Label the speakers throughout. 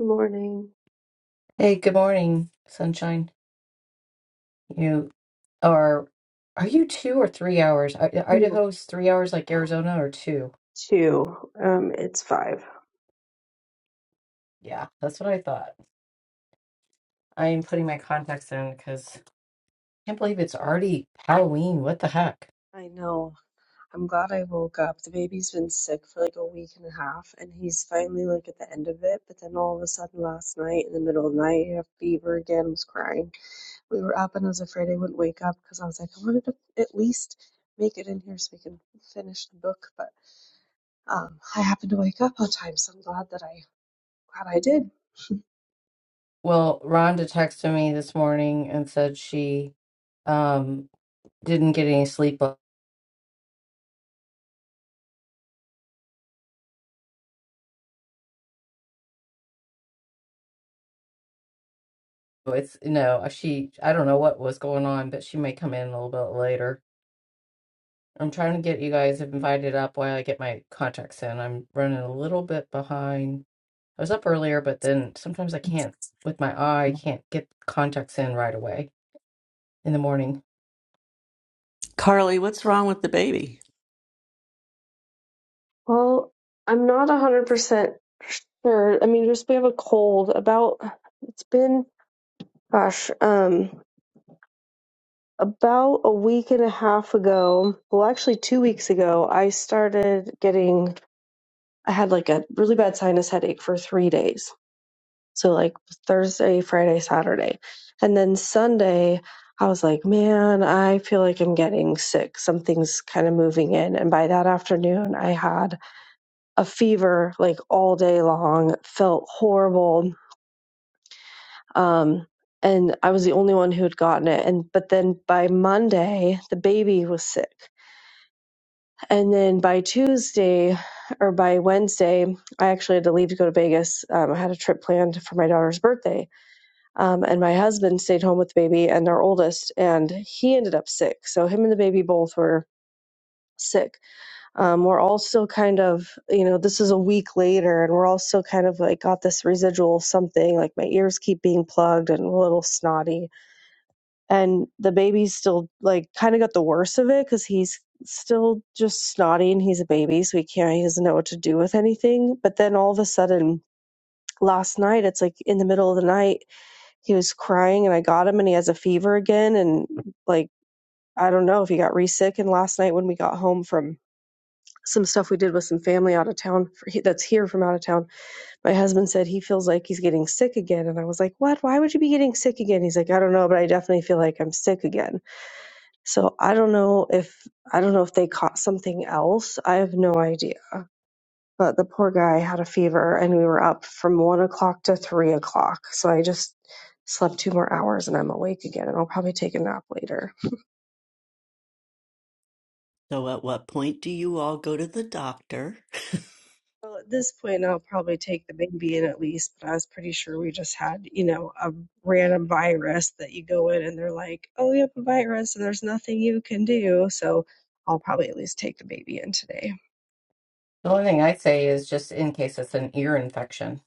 Speaker 1: Morning.
Speaker 2: Hey, good morning, sunshine. You are, are you two or three hours? I-
Speaker 1: Two.
Speaker 2: Idaho's three hours like Arizona or two?
Speaker 1: Two. Um, it's five.
Speaker 2: Yeah, that's what I thought. I am putting my contacts in because I can't believe it's already Halloween. What the heck?
Speaker 1: I know. I'm glad I woke up. The baby's been sick for like a week and a half, and he's finally like at the end of it. But then all of a sudden, last night in the middle of the night, he had fever again. Was crying. We were up, and I was afraid I wouldn't wake up because I was like, I wanted to at least make it in here so we can finish the book. But um, I happened to wake up on time, so I'm glad that I glad I did.
Speaker 2: Well, Rhonda texted me this morning and said she um didn't get any sleep. It's no, she, I don't know what was going on, but she may come in a little bit later. I'm trying to get you guys invited up while I get my contacts in. I'm running a little bit behind. I was up earlier, but then sometimes I can't, with my eye, I can't get contacts in right away in the morning.
Speaker 3: Carly, what's wrong with the baby?
Speaker 1: Well, I'm not 100% sure. I mean, just we have a cold. About, it's been, gosh, um, about a week and a half ago, well, actually, two weeks ago, I started getting, I had like a really bad sinus headache for three days. So, like Thursday, Friday, Saturday. And then Sunday, I was like, man, I feel like I'm getting sick. Something's kind of moving in. And by that afternoon, I had a fever like all day long felt horrible um and i was the only one who had gotten it and but then by monday the baby was sick and then by tuesday or by wednesday i actually had to leave to go to vegas um, i had a trip planned for my daughter's birthday um, and my husband stayed home with the baby and our oldest and he ended up sick so him and the baby both were sick um, we're all still kind of, you know, this is a week later and we're all still kind of like got this residual of something, like my ears keep being plugged and a little snotty. And the baby's still like kind of got the worst of it because he's still just snotty and he's a baby. So he can't, he doesn't know what to do with anything. But then all of a sudden, last night, it's like in the middle of the night, he was crying and I got him and he has a fever again. And like, I don't know if he got re sick. And last night when we got home from some stuff we did with some family out of town for, that's here from out of town. My husband said he feels like he's getting sick again. And I was like, What? Why would you be getting sick again? He's like, I don't know, but I definitely feel like I'm sick again. So I don't know if, I don't know if they caught something else. I have no idea. But the poor guy had a fever and we were up from one o'clock to three o'clock. So I just slept two more hours and I'm awake again and I'll probably take a nap later.
Speaker 3: So, at what point do you all go to the doctor?
Speaker 1: Well, at this point, I'll probably take the baby in at least, but I was pretty sure we just had, you know, a random virus that you go in and they're like, oh, you have a virus and there's nothing you can do. So I'll probably at least take the baby in today.
Speaker 2: The only thing I say is just in case it's an ear infection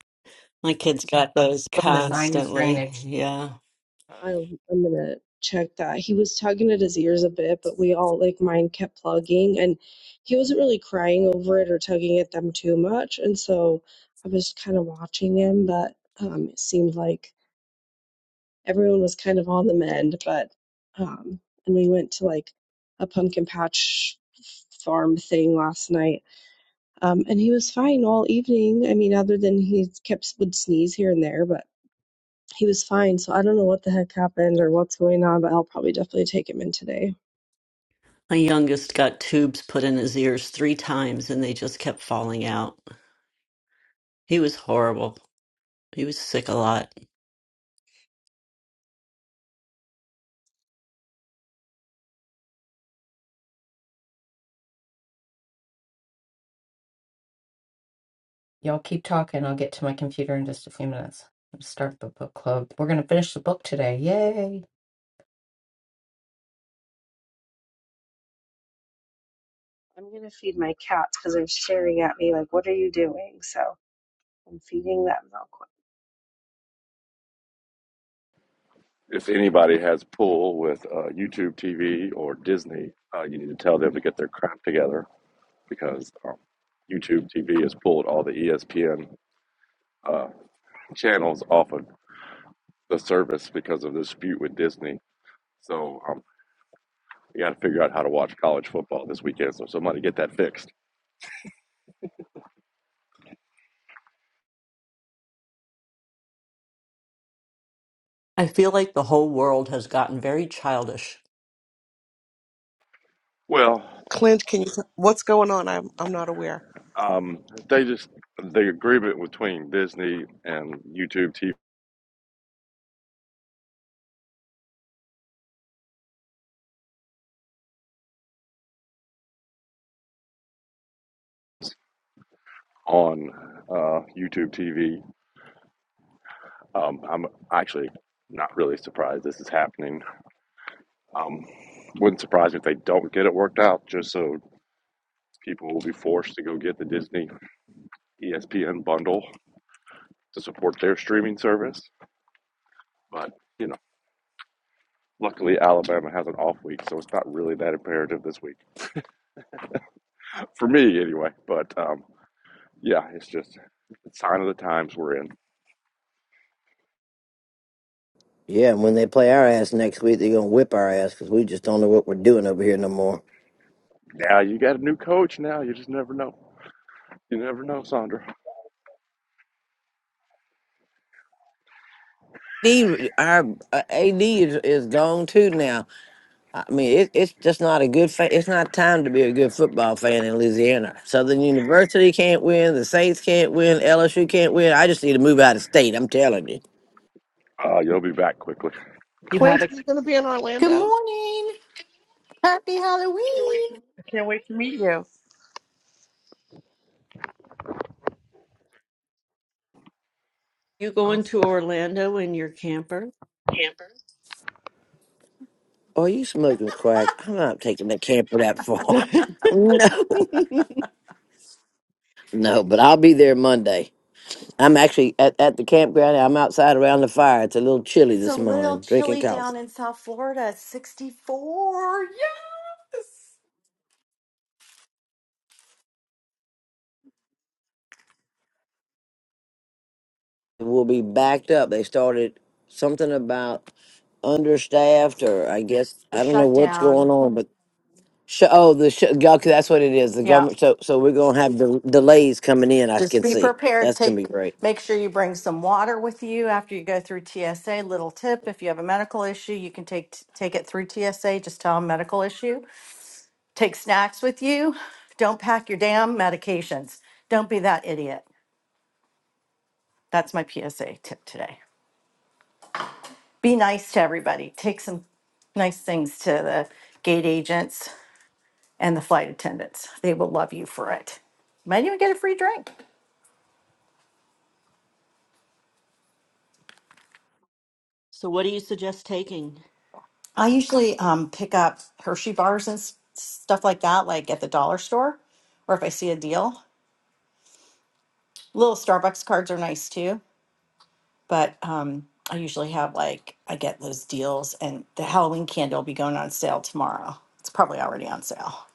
Speaker 3: My kid's got those
Speaker 2: from the sinus
Speaker 3: constantly.
Speaker 2: drainage.
Speaker 3: Yeah.
Speaker 1: I'll, I'm going to check that. He was tugging at his ears a bit, but we all, like, mine kept plugging and he wasn't really crying over it or tugging at them too much. And so I was kind of watching him, but um, it seemed like everyone was kind of on the mend, but um and we went to like a pumpkin patch farm thing last night. Um and he was fine all evening. I mean, other than he kept would sneeze here and there, but he was fine. So I don't know what the heck happened or what's going on, but I'll probably definitely take him in today.
Speaker 3: My youngest got tubes put in his ears three times and they just kept falling out. He was horrible. He was sick a lot.
Speaker 2: Y'all keep talking. I'll get to my computer in just a few minutes. Let's Start the book club. We're going to finish the book today. Yay.
Speaker 1: I'm gonna feed my cats because they're staring at me like, what are you doing? So I'm feeding that real quick.
Speaker 4: if anybody has a pool with uh, YouTube TV or Disney, uh, you need to tell them to get their crap together because um, YouTube TV has pulled all the ESPN uh, channels off of the service because of the dispute with Disney. So um, you got to figure out how to watch college football this weekend. So somebody get that fixed.
Speaker 3: I feel like the whole world has gotten very childish.
Speaker 4: Well,
Speaker 5: Clint, can you? What's going on? I'm I'm not aware.
Speaker 4: um, they just the agreement between Disney and YouTube TV on uh, YouTube TV Um, I'm actually not really surprised this is happening. Um, wouldn't surprise me if they don't get it worked out, just so people will be forced to go get the Disney ESPN bundle to support their streaming service. But, you know, luckily Alabama has an off week, so it's not really that imperative this week. For me, anyway. But, um, yeah, it's just a sign of the times we're in.
Speaker 6: Yeah, and when they play our ass next week, they're gonna whip our ass because we just don't know what we're doing over here no more.
Speaker 4: Now you got a new coach now. You just never know. You never know, Sandra.
Speaker 6: D, our uh, AD is, is gone too now. I mean, it, it's just not a good. Fa- it's not time to be a good football fan in Louisiana. Southern University can't win. The Saints can't win. LSU can't win. I just need to move out of state. I'm telling you.
Speaker 4: Uh, you'll be back quickly.
Speaker 3: You
Speaker 5: Clint
Speaker 3: have a
Speaker 5: is going to be in
Speaker 7: Good
Speaker 5: Orlando.
Speaker 7: morning. Happy Halloween.
Speaker 5: I can't wait to meet you.
Speaker 3: you going
Speaker 5: Awesome,
Speaker 3: to Orlando in your camper?
Speaker 6: Are you smoking crack? I'm not taking the camper that far. no, no, but I'll be there Monday. I'm actually at, at the campground. I'm outside around the fire. It's a little chilly
Speaker 7: It's a
Speaker 6: this
Speaker 7: little
Speaker 6: morning, drinking
Speaker 7: chilly
Speaker 6: coffee.
Speaker 7: down in South Florida. It's 64. Yes.
Speaker 6: We'll be backed up. They started something about understaffed, or I guess
Speaker 7: The
Speaker 6: I don't know what's going
Speaker 7: shutdown.
Speaker 6: on, but sh- oh, the sh- okay, that's what it is. The
Speaker 7: Yeah.
Speaker 6: government. So, so we're gonna have del- delays coming in. I
Speaker 7: Just
Speaker 6: can
Speaker 7: be
Speaker 6: see
Speaker 7: prepared.
Speaker 6: that's gonna be
Speaker 7: Take
Speaker 6: great.
Speaker 7: make sure you bring some water with you after you go through TSA. Little tip, if you have a medical issue, you can take take it through TSA. Just tell them medical issue. Take snacks with you. Don't pack your damn medications. Don't be that idiot. That's my PSA tip today. be nice to everybody. Take some nice things to the gate agents and the flight attendants. They will love you for it. Might even get a free drink.
Speaker 3: so what do you suggest taking?
Speaker 7: I usually um, pick up Hershey bars and s- stuff like that, like at the dollar store, or if I see a deal. Little Starbucks cards are nice too, but um, I usually have like I get those deals, and the Halloween candy will be going on sale tomorrow. It's probably already on sale.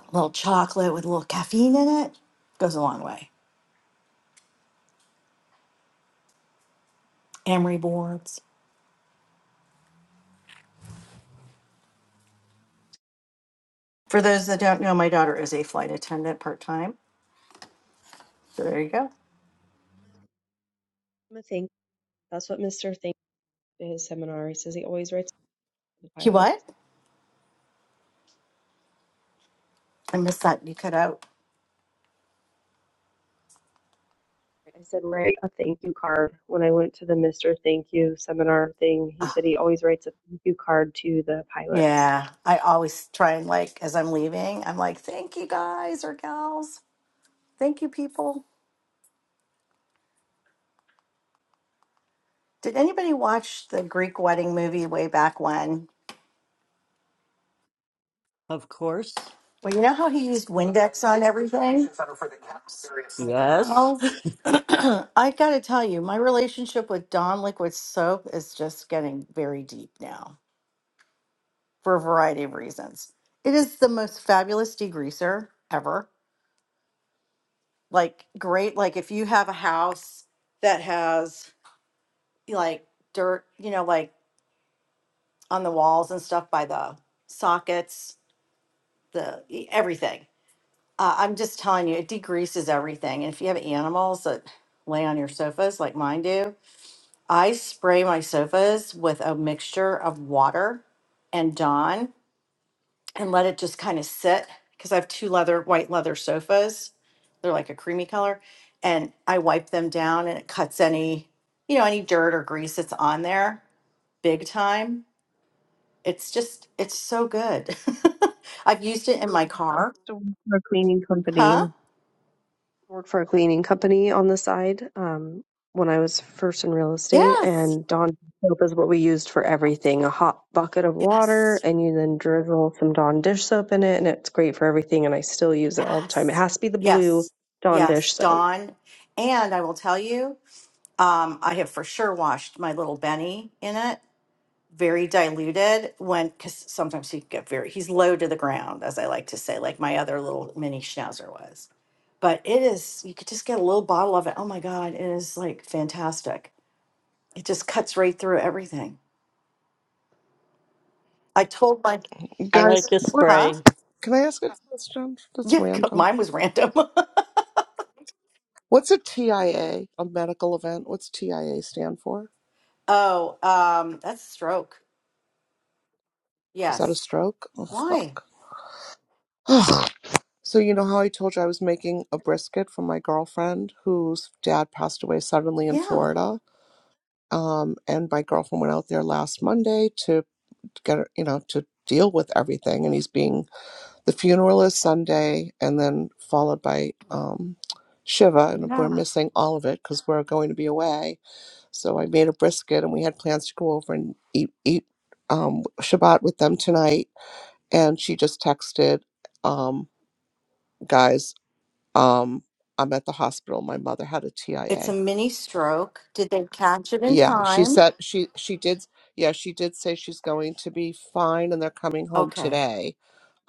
Speaker 7: A little chocolate with a little caffeine in it goes a long way. Emery boards. For those that don't know, my daughter is a flight attendant part time. So there you go.
Speaker 1: I'm a thank. That's what Mr. Thank did his seminar. He says he always writes the
Speaker 7: He
Speaker 1: pilots.
Speaker 7: what? I missed that. You cut out.
Speaker 1: I said, write a thank you card. When I went to the Mr. Thank You seminar thing, he
Speaker 7: Oh,
Speaker 1: said he always writes a thank you card to the pilots.
Speaker 7: yeah. I always try and like as I'm leaving, I'm like, thank you guys or gals. Thank you people. Did anybody watch the Greek wedding movie way back when?
Speaker 3: Of course.
Speaker 7: Well, you know how he used Windex on everything?
Speaker 3: Yes.
Speaker 7: Well, I got to tell you, my relationship with Dawn liquid soap is just getting very deep now. for a variety of reasons. It is the most fabulous degreaser ever. Like great, like if you have a house that has like dirt, you know, like on the walls and stuff by the sockets, the e- everything. Uh, I'm just telling you, it degreases everything. And if you have animals that lay on your sofas like mine do, I spray my sofas with a mixture of water and Dawn and let it just kind of sit because I have two leather white leather sofas. They're like a creamy color, and I wipe them down and it cuts any you know any dirt or grease that's on there big time. It's just it's so good. I've used it in my car.
Speaker 1: So we're a cleaning
Speaker 7: Huh?
Speaker 1: company. I worked for a cleaning company on the side um, when I was first in real estate,
Speaker 7: Yes.
Speaker 1: and Dawn soap is what we used for everything. A hot bucket of water,
Speaker 7: Yes.
Speaker 1: and you then drizzle some Dawn dish soap in it, and it's great for everything. And I still use it all the time. It
Speaker 7: Yes.
Speaker 1: has to be the blue
Speaker 7: Yes.
Speaker 1: Dawn dish
Speaker 7: Yes,
Speaker 1: soap.
Speaker 7: Dawn. And I will tell you, um, I have for sure washed my little Benny in it very diluted when because sometimes he get very he's low to the ground as i like to say like my other little mini schnauzer was but it is you could just get a little bottle of it oh my god it is like fantastic it just cuts right through everything i told my
Speaker 5: You
Speaker 3: I like
Speaker 5: guys.
Speaker 3: a
Speaker 5: What,
Speaker 7: huh
Speaker 3: spray.
Speaker 5: can I ask a question? That's
Speaker 7: yeah
Speaker 5: random.
Speaker 7: mine was random
Speaker 5: What's a TIA? A A medical event? What's TIA stand for?
Speaker 7: oh um that's stroke
Speaker 5: Is that a
Speaker 7: yes
Speaker 5: stroke? Oh
Speaker 7: why
Speaker 5: fuck. Ugh. so you know how I told you I was making a brisket for my girlfriend whose dad passed away suddenly in
Speaker 7: yeah
Speaker 5: Florida. Um, and my girlfriend went out there last Monday to get her- you know to deal with everything, and he's being The funeral is Sunday, and then followed by um, Shiva, and we're
Speaker 7: yeah
Speaker 5: missing all of it because we're going to be away. So I made a brisket, and we had plans to go over and eat eat um, Shabbat with them tonight. And she just texted, um, "Guys, um, I'm at the hospital. My mother had a
Speaker 7: it's a
Speaker 5: TIA."
Speaker 7: mini stroke did they catch it in
Speaker 5: Yeah, she
Speaker 7: time
Speaker 5: said she she did. Yeah, she did say she's going to be fine, and they're coming home
Speaker 7: okay
Speaker 5: today.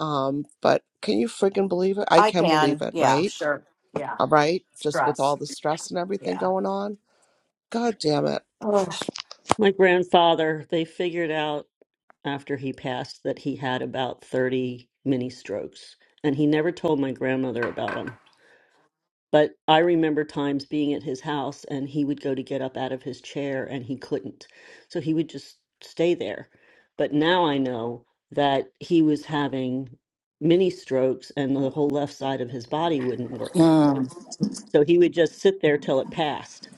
Speaker 5: Um, but can you friggin' believe it? I
Speaker 7: i
Speaker 5: can believe
Speaker 7: can
Speaker 5: it,
Speaker 7: yeah
Speaker 5: right?
Speaker 7: sure yeah
Speaker 5: all right? Just with
Speaker 7: stress
Speaker 5: all the stress and everything
Speaker 7: Yeah.
Speaker 5: going on. God damn it.
Speaker 7: Oh.
Speaker 3: My grandfather, they figured out after he passed that he had about 30 mini strokes, and he never told my grandmother about them. But I remember times being at his house and he would go to get up out of his chair and he couldn't. So he would just stay there. But now I know that he was having mini strokes and the whole left side of his body wouldn't work.
Speaker 7: Mm.
Speaker 3: So he would just sit there till it passed.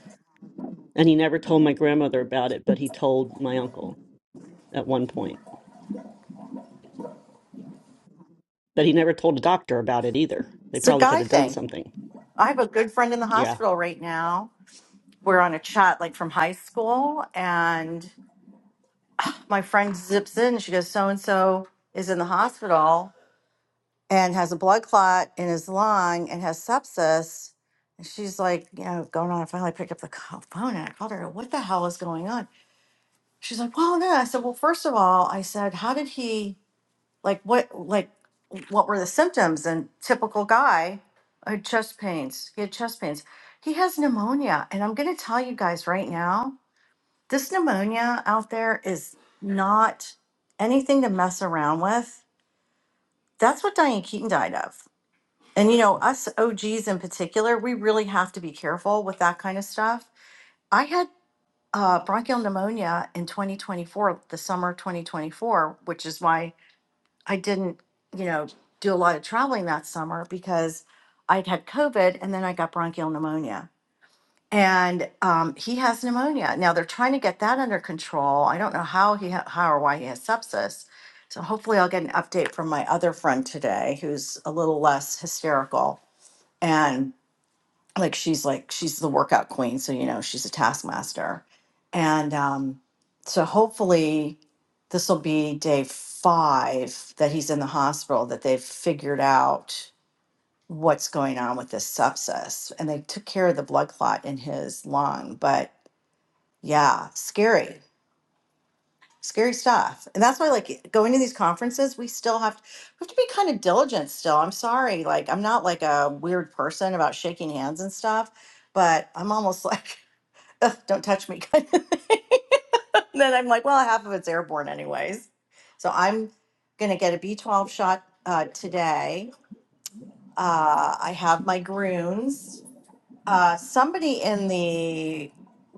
Speaker 3: And he never told my grandmother about it, but he told my uncle at one point. But he never told a doctor about it either. They
Speaker 7: It's a
Speaker 3: probably could
Speaker 7: guy
Speaker 3: have done
Speaker 7: thing.
Speaker 3: something.
Speaker 7: I have a good friend in the
Speaker 3: Yeah.
Speaker 7: hospital right now. We're on a chat like from high school, and my friend zips in. She goes, So and so is in the hospital and has a blood clot in his lung and has sepsis. And she's like, You know, going on. I finally picked up the co- phone and I called her, What the hell is going on? She's like, Well, no. I said, Well, first of all, I said, How did he? like what like what were the symptoms and typical guy uh, chest pains he had chest pains he has pneumonia and i'm going to tell you guys right now this pneumonia out there is not anything to mess around with that's what diane keaton died of and you know us og's in particular we really have to be careful with that kind of stuff i had uh, bronchial pneumonia in 2024 the summer 2024 which is why I didn't, you know, do a lot of traveling that summer because I'd had COVID and then I got bronchial pneumonia. And um, he has pneumonia. Now they're trying to get that under control. I don't know how he ha- how or why he has sepsis. So hopefully I'll get an update from my other friend today who's a little less hysterical. and like she's like she's the workout queen so you know she's a taskmaster and um so hopefully this will be day five that he's in the hospital that they've figured out what's going on with this sepsis and they took care of the blood clot in his lung but yeah scary scary stuff and that's why like going to these conferences we still have we have to be kind of diligent still i'm sorry like i'm not like a weird person about shaking hands and stuff but I'm almost like ugh, don't touch me kind of thing. And then I'm like, well, half of it's airborne anyways. So I'm going to get a B12 shot uh, today. Uh, I have my groons. Uh, somebody in the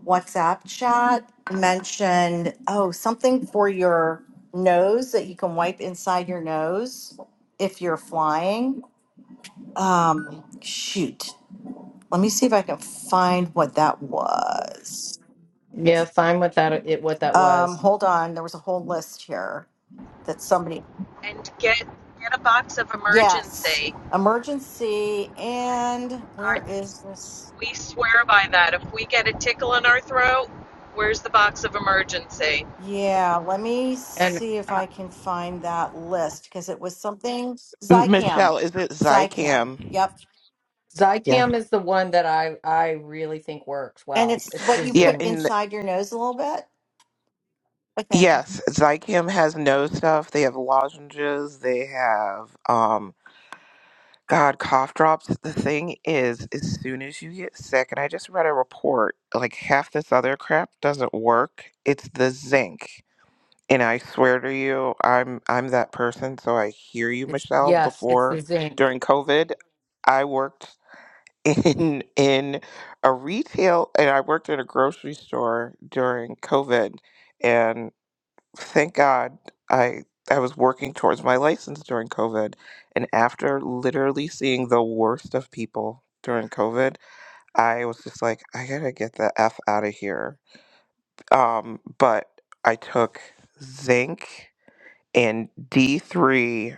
Speaker 7: WhatsApp chat mentioned, oh, something for your nose that you can wipe inside your nose if you're flying. Um, shoot. Let me see if I can find what that was.
Speaker 2: Yeah, fine with that. It what that
Speaker 7: Um,
Speaker 2: was,
Speaker 7: hold on, there was a whole list here that somebody,
Speaker 8: and get get a box of
Speaker 7: yes,
Speaker 8: emergency.
Speaker 7: emergency and
Speaker 8: I,
Speaker 7: where is this?
Speaker 8: we swear by that. If we get a tickle in our throat, where's the box of emergency?
Speaker 7: Yeah, let me
Speaker 2: and
Speaker 7: see if I can find that list because it was something Zycam,
Speaker 9: Michelle, is it
Speaker 7: Zycam.
Speaker 9: Zycam?
Speaker 7: Yep.
Speaker 9: Yeah.
Speaker 2: Zycam is the one that I I really think works
Speaker 7: And
Speaker 2: well.
Speaker 7: it's
Speaker 2: It's
Speaker 7: what
Speaker 2: the
Speaker 7: you
Speaker 9: Yeah,
Speaker 7: put
Speaker 2: zinc.
Speaker 9: and
Speaker 7: inside your nose a little bit. Okay.
Speaker 9: yes, Zycam has nose stuff. They have lozenges. They have um God cough drops. The thing is, as soon as you get sick, and I just read a report, like half this other crap doesn't work. It's the zinc. And I swear to you, I'm I'm that person, so I hear you,
Speaker 2: It's
Speaker 9: Michelle,
Speaker 2: yes, it's
Speaker 9: before
Speaker 2: the zinc.
Speaker 9: during COVID. I worked in in a retail and I worked at a grocery store during COVID and thank God I I was working towards my license during COVID and after literally seeing the worst of people during COVID, I was just like, I gotta get the F out of here. Um, but I took zinc and D3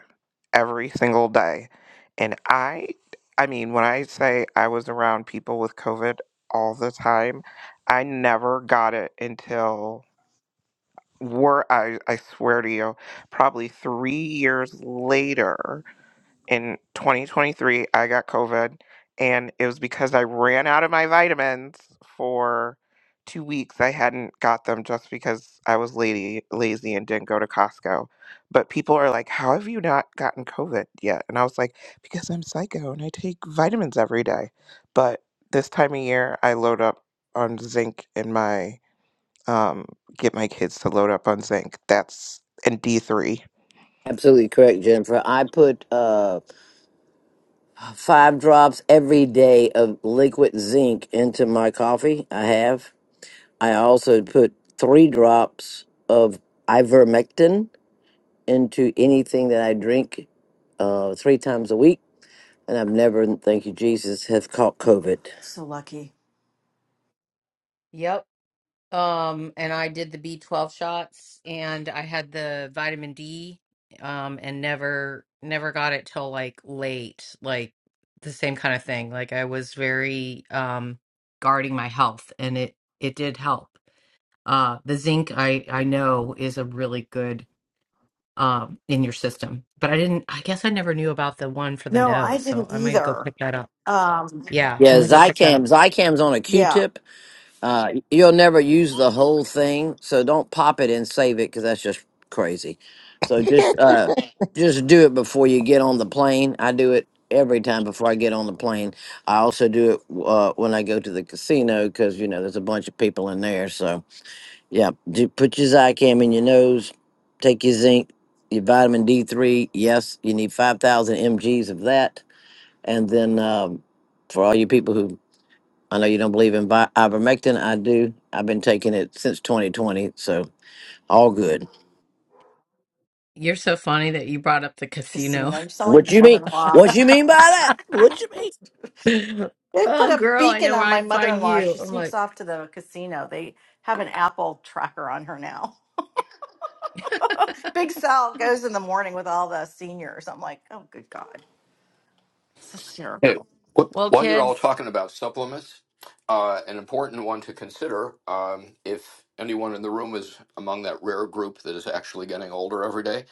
Speaker 9: every single day. And I, I mean, when I say I was around people with COVID all the time, I never got it until, were I, I swear to you, probably three years later in 2023 i got covid and it was because i ran out of my vitamins for two weeks i hadn't got them just because i was lady, lazy and didn't go to costco but people are like how have you not gotten covid yet and i was like because i'm psycho and i take vitamins every day but this time of year i load up on zinc in my um, get my kids to load up on Zinc. That's in D3.
Speaker 6: Absolutely correct, Jennifer. I put uh, five drops every day of liquid zinc into my coffee. I have. I also put three drops of ivermectin into anything that I drink uh, three times a week. And I've never, thank you, Jesus, have caught COVID.
Speaker 7: So lucky.
Speaker 2: Yep. Um and I did the B12 shots and I had the vitamin D um and never never got it till like late, like the same kind of thing. Like I was very um guarding my health and it it did help. Uh the zinc I I know is a really good um, in your system. But I didn't, I guess I never knew about the one for the
Speaker 7: No, I
Speaker 2: nose. So
Speaker 7: didn't
Speaker 2: I might go
Speaker 7: either.
Speaker 2: pick that up.
Speaker 7: Um,
Speaker 2: Yeah, I'm
Speaker 6: Yeah,
Speaker 2: going to go pick that up.
Speaker 6: Zycam. Zycam's on a
Speaker 7: yeah,
Speaker 6: Q-tip. Uh, you'll never use the whole thing, so don't pop it and save it because that's just crazy. So just uh, just do it before you get on the plane. I do it every time before I get on the plane. I also do it uh, when I go to the casino because you know there's a bunch of people in there, so Yeah, ju- put your Zycam in your nose. Take your zinc, your vitamin D3. Yes, you need 5,000 mgs of that. And then um, for all you people who, I know you don't believe in vi- ivermectin, I do. I've been taking it since 2020, so all good.
Speaker 2: You're so funny that you brought up the casino.
Speaker 7: casino. You sound
Speaker 6: What
Speaker 7: like
Speaker 6: you
Speaker 7: my
Speaker 6: mean?
Speaker 7: mother-in-law.
Speaker 6: What you mean by that? What you mean?
Speaker 7: They put
Speaker 2: oh,
Speaker 7: a
Speaker 2: girl, I
Speaker 7: beacon
Speaker 2: know where
Speaker 7: on my
Speaker 2: I'd
Speaker 7: mother in
Speaker 2: find
Speaker 7: law.
Speaker 2: you.
Speaker 7: She
Speaker 2: I'm
Speaker 7: sneaks
Speaker 2: like,
Speaker 7: off to the casino. They have an Apple tracker on her now. Big Sal goes in the morning with all the seniors. I'm like, oh, good God. It's
Speaker 10: Hey,
Speaker 7: hysterical.
Speaker 10: wh-
Speaker 2: well,
Speaker 10: while you're all
Speaker 2: kids,
Speaker 10: talking about supplements, uh, an important one to consider um, if anyone in the room is among that rare group that is actually getting older every day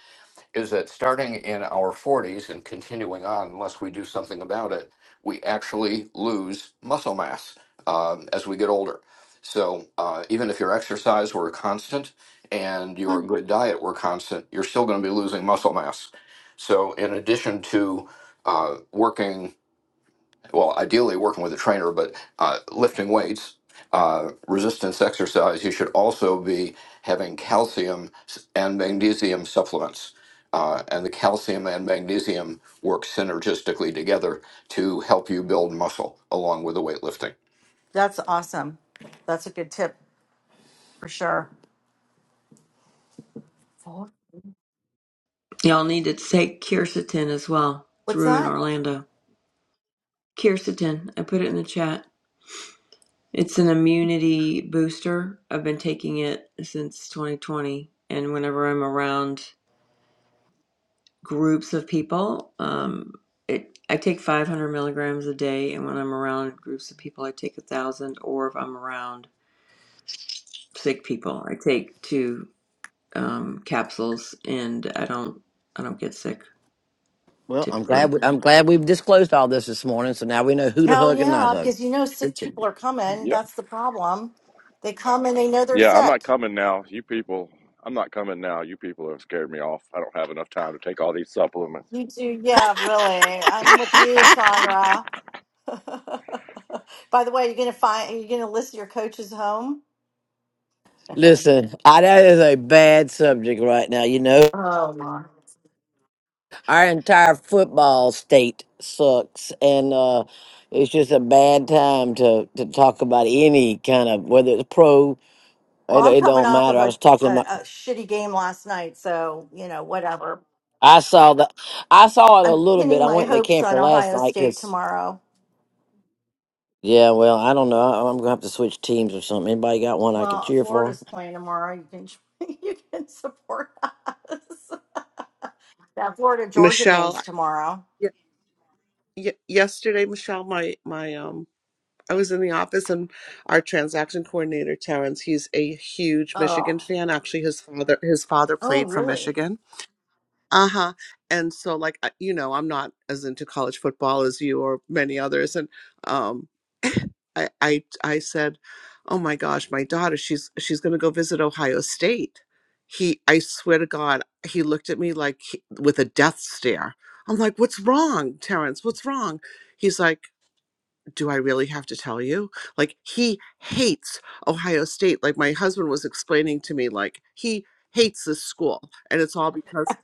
Speaker 10: is that starting in our 40s and continuing on, unless we do something about it, we actually lose muscle mass um, as we get older. So uh, even if your exercise were constant and your
Speaker 7: Fun.
Speaker 10: good diet were constant, you're still going to be losing muscle mass. So in addition to uh, working well, ideally working with a trainer, but uh, lifting weights, uh, resistance exercise, you should also be having calcium and magnesium supplements. Uh, and the calcium and magnesium work synergistically together to help you build muscle along with the weightlifting.
Speaker 7: That's awesome. That's a good tip for sure. Four?
Speaker 11: Y'all need to take quercetin as well. It's
Speaker 7: What's
Speaker 11: Rue in
Speaker 7: that?
Speaker 11: Orlando. Quercetin, I put it in the chat. It's an immunity booster. I've been taking it since 2020, and whenever I'm around groups of people, um, it I take 500 milligrams a day, and when I'm around groups of people, I take a thousand. Or if I'm around sick people, I take two um, capsules, and I don't I don't get sick
Speaker 6: Well, I'm glad
Speaker 11: typically.
Speaker 6: we, I'm glad we've disclosed all this this morning, so now we know who to
Speaker 7: Hell
Speaker 6: hug and not
Speaker 7: yeah,
Speaker 6: hug.
Speaker 7: because you know sick
Speaker 6: Richard.
Speaker 7: people are coming.
Speaker 4: Yeah.
Speaker 7: That's the problem. They come and they know they're
Speaker 4: Yeah, I'm
Speaker 7: sick.
Speaker 4: not coming now. You people, I'm not coming now. You people have scared me off. I don't have enough time to take all these supplements.
Speaker 7: You too. Yeah, really. I'm with you, Sandra. By the way, you're gonna find you're gonna list your coaches home. oh
Speaker 6: Listen, I, that is a bad subject right now. You know
Speaker 7: my!
Speaker 6: our entire football state sucks and uh it's just a bad time to to talk about any kind of whether it's pro
Speaker 7: Well,
Speaker 6: it,
Speaker 7: I'm
Speaker 6: it
Speaker 7: coming
Speaker 6: don't
Speaker 7: off
Speaker 6: matter
Speaker 7: of
Speaker 6: i
Speaker 7: a,
Speaker 6: was talking
Speaker 7: a
Speaker 6: about
Speaker 7: a shitty game last night, so you know whatever.
Speaker 6: i saw the i saw it a
Speaker 7: I'm
Speaker 6: little bit
Speaker 7: pinning
Speaker 6: i
Speaker 7: my
Speaker 6: went in the
Speaker 7: hopes
Speaker 6: camper
Speaker 7: on
Speaker 6: last
Speaker 7: Ohio
Speaker 6: night
Speaker 7: State
Speaker 6: because
Speaker 7: tomorrow.
Speaker 6: yeah well i don't know I, i'm gonna have to switch teams or something anybody got one i can
Speaker 7: Well,
Speaker 6: cheer for
Speaker 7: Florida's playing tomorrow. You can you can support us. That Florida Georgia
Speaker 5: Michelle,
Speaker 7: game's tomorrow.
Speaker 5: y- y- yesterday, Michelle, my, my, um, I was in the office and our transaction coordinator, Terrence, he's a huge
Speaker 7: Oh,
Speaker 5: Michigan fan. Actually, his father, his father
Speaker 7: oh,
Speaker 5: played for
Speaker 7: really?
Speaker 5: Michigan. uh-huh and so like I- you know i'm not as into college football as you or many others and um i i i said oh my gosh my daughter she's she's going to go visit ohio state he i swear to god he looked at me like he- with a death stare i'm like what's wrong terrence what's wrong he's like do I really have to tell you? Like he hates Ohio State. Like my husband was explaining to me, like he hates this school, and it's all because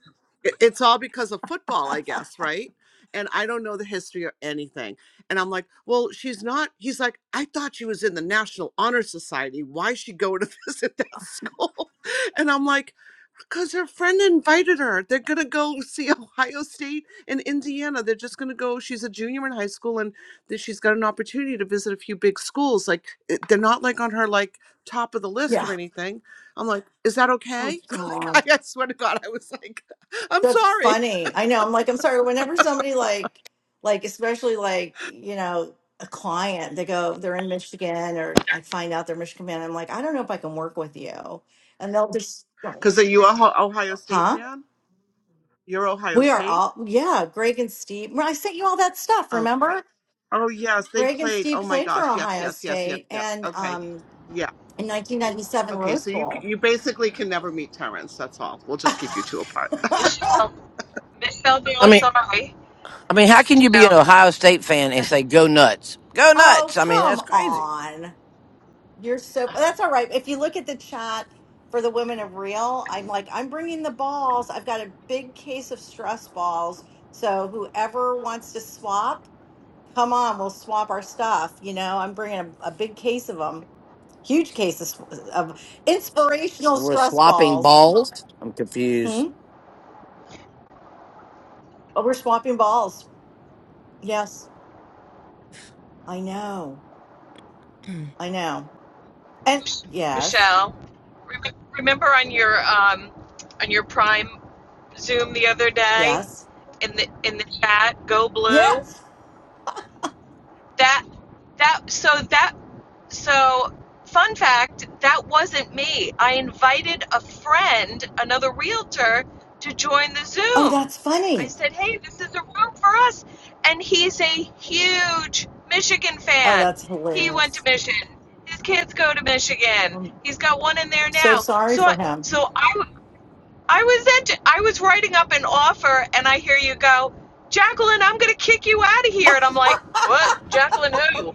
Speaker 5: it- it's all because of football, I guess, right? And I don't know the history or anything. And I'm like, well, she's not. He's like, I thought she was in the National Honor Society. Why is she going to visit that school? And I'm like, because her friend invited her. They're gonna go see Ohio State and Indiana. They're just gonna go. She's a junior in high school, and that she's got an opportunity to visit a few big schools. Like it- they're not like on her like top of the list
Speaker 7: Yeah.
Speaker 5: or anything. I'm like, is that
Speaker 7: Oh
Speaker 5: okay?
Speaker 7: God.
Speaker 5: like, I, I swear to God, I was like, I'm
Speaker 7: That's
Speaker 5: sorry.
Speaker 7: funny. I know. I'm like, I'm sorry. Whenever somebody like, like, especially like, you know, a client, they go, they're in Michigan, or I find out they're Michigan man. I'm like, I don't know if I can work with you, and they'll just,
Speaker 5: Because are you a Ho- Ohio State
Speaker 7: huh?
Speaker 5: fan? You're Ohio
Speaker 7: We are
Speaker 5: State.
Speaker 7: all, yeah. Greg and Steve. Well, I sent you all that stuff.
Speaker 5: Okay.
Speaker 7: Remember,
Speaker 5: Oh yes, they
Speaker 7: Greg and
Speaker 5: played.
Speaker 7: Steve
Speaker 5: Oh my
Speaker 7: played for
Speaker 5: gosh. Yes,
Speaker 7: Ohio
Speaker 5: yes, yes, yes,
Speaker 7: State,
Speaker 5: yes.
Speaker 7: and
Speaker 5: Okay.
Speaker 7: um,
Speaker 5: Yeah.
Speaker 7: in 1997
Speaker 5: Okay.
Speaker 7: Rose
Speaker 5: So you c-
Speaker 7: Bowl.
Speaker 5: you basically can never meet Terrence. That's all. We'll just keep you two apart.
Speaker 8: Michelle, Michelle De
Speaker 6: i
Speaker 8: La
Speaker 6: mean
Speaker 8: Sorry,
Speaker 6: i mean how can you be an
Speaker 8: Michelle,
Speaker 6: ohio state fan and say go nuts go
Speaker 7: oh,
Speaker 6: nuts i mean
Speaker 7: come
Speaker 6: that's crazy
Speaker 7: on. You're so that's all right. If you look at the chat for the women of real, I'm like, I'm bringing the balls. I've got a big case of stress balls. So whoever wants to swap, come on, we'll swap our stuff. You know, I'm bringing a, a big case of them, huge case of, of inspirational
Speaker 6: we're
Speaker 7: stress
Speaker 6: swapping
Speaker 7: balls.
Speaker 6: balls i'm confused
Speaker 7: Hmm. But we're swapping balls. Yes, I know. I know. And yes,
Speaker 8: Michelle. remember on your um, on your Prime Zoom the other day
Speaker 7: yes,
Speaker 8: in the in the chat, go blue.
Speaker 7: yes.
Speaker 8: that that so that so fun fact that wasn't me i invited a friend another realtor to join the
Speaker 7: Oh,
Speaker 8: zoom
Speaker 7: that's
Speaker 8: i
Speaker 7: funny.
Speaker 8: said hey this is a room for us and he's a huge michigan
Speaker 7: Oh,
Speaker 8: fan
Speaker 7: that's
Speaker 8: he went to
Speaker 7: hilarious.
Speaker 8: michigan his kids go to michigan
Speaker 7: Oh,
Speaker 8: he's got one in there
Speaker 7: So
Speaker 8: now
Speaker 7: sorry
Speaker 8: so
Speaker 7: for
Speaker 8: I-
Speaker 7: him.
Speaker 8: so i I was at, I was writing up an offer, and I hear you go, Jacqueline, I'm going to kick you out of here. And I'm like, what? Jacqueline who?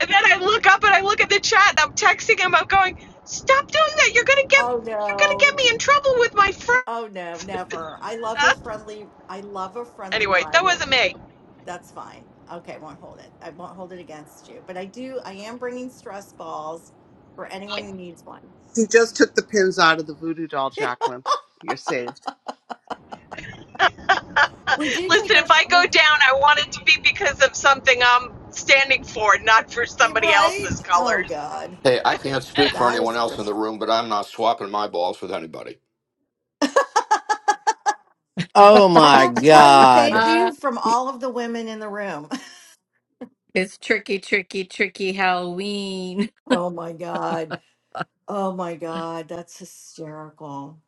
Speaker 8: And then I look up and I look at the chat, and I'm texting him. I'm going, stop doing that. You're going to get,
Speaker 7: oh
Speaker 8: you're going to
Speaker 7: no,
Speaker 8: get
Speaker 7: it's
Speaker 8: me in trouble with my friend.
Speaker 7: oh no, never. I love a
Speaker 8: Huh?
Speaker 7: friendly I love a friendly
Speaker 8: Anyway, that wasn't
Speaker 7: rivalry.
Speaker 8: me.
Speaker 7: That's fine. Okay, won't hold it. I won't hold it against you. But I do I am bringing stress balls for anyone who needs one.
Speaker 5: He just took the pins out of the voodoo doll, Jacqueline. You're saved.
Speaker 7: we do take
Speaker 8: Listen,
Speaker 7: our
Speaker 8: if I
Speaker 7: fr-
Speaker 8: go
Speaker 7: we
Speaker 8: down, I want it to be because of something I'm standing for, not for
Speaker 7: you
Speaker 8: somebody
Speaker 7: right?
Speaker 8: else's
Speaker 7: Oh
Speaker 8: colors.
Speaker 7: god.
Speaker 10: Hey, I can't speak for
Speaker 7: That
Speaker 10: anyone
Speaker 7: is
Speaker 10: else
Speaker 7: for
Speaker 10: in the
Speaker 7: sure.
Speaker 10: room, but I'm not swapping my balls with anybody.
Speaker 6: oh
Speaker 7: I
Speaker 6: my
Speaker 7: have to tell you thank
Speaker 6: god
Speaker 2: uh,
Speaker 7: you from all of the women in the room.
Speaker 2: it's tricky, tricky, tricky Halloween.
Speaker 7: oh my god. Oh my god, that's hysterical.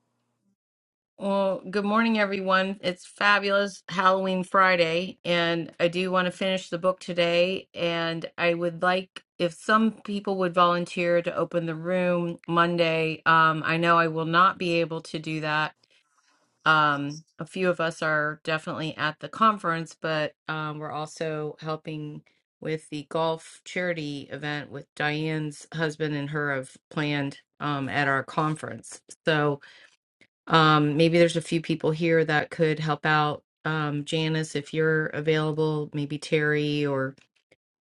Speaker 2: Well, good morning, everyone. It's fabulous Halloween Friday, and I do want to finish the book today. And I would like if some people would volunteer to open the room Monday. Um, I know I will not be able to do that. Um, a few of us are definitely at the conference, but um, we're also helping with the golf charity event with Diane's husband and her have planned um, at our conference. So, um, maybe there's a few people here that could help out. Um, Janice, if you're available, maybe Terry or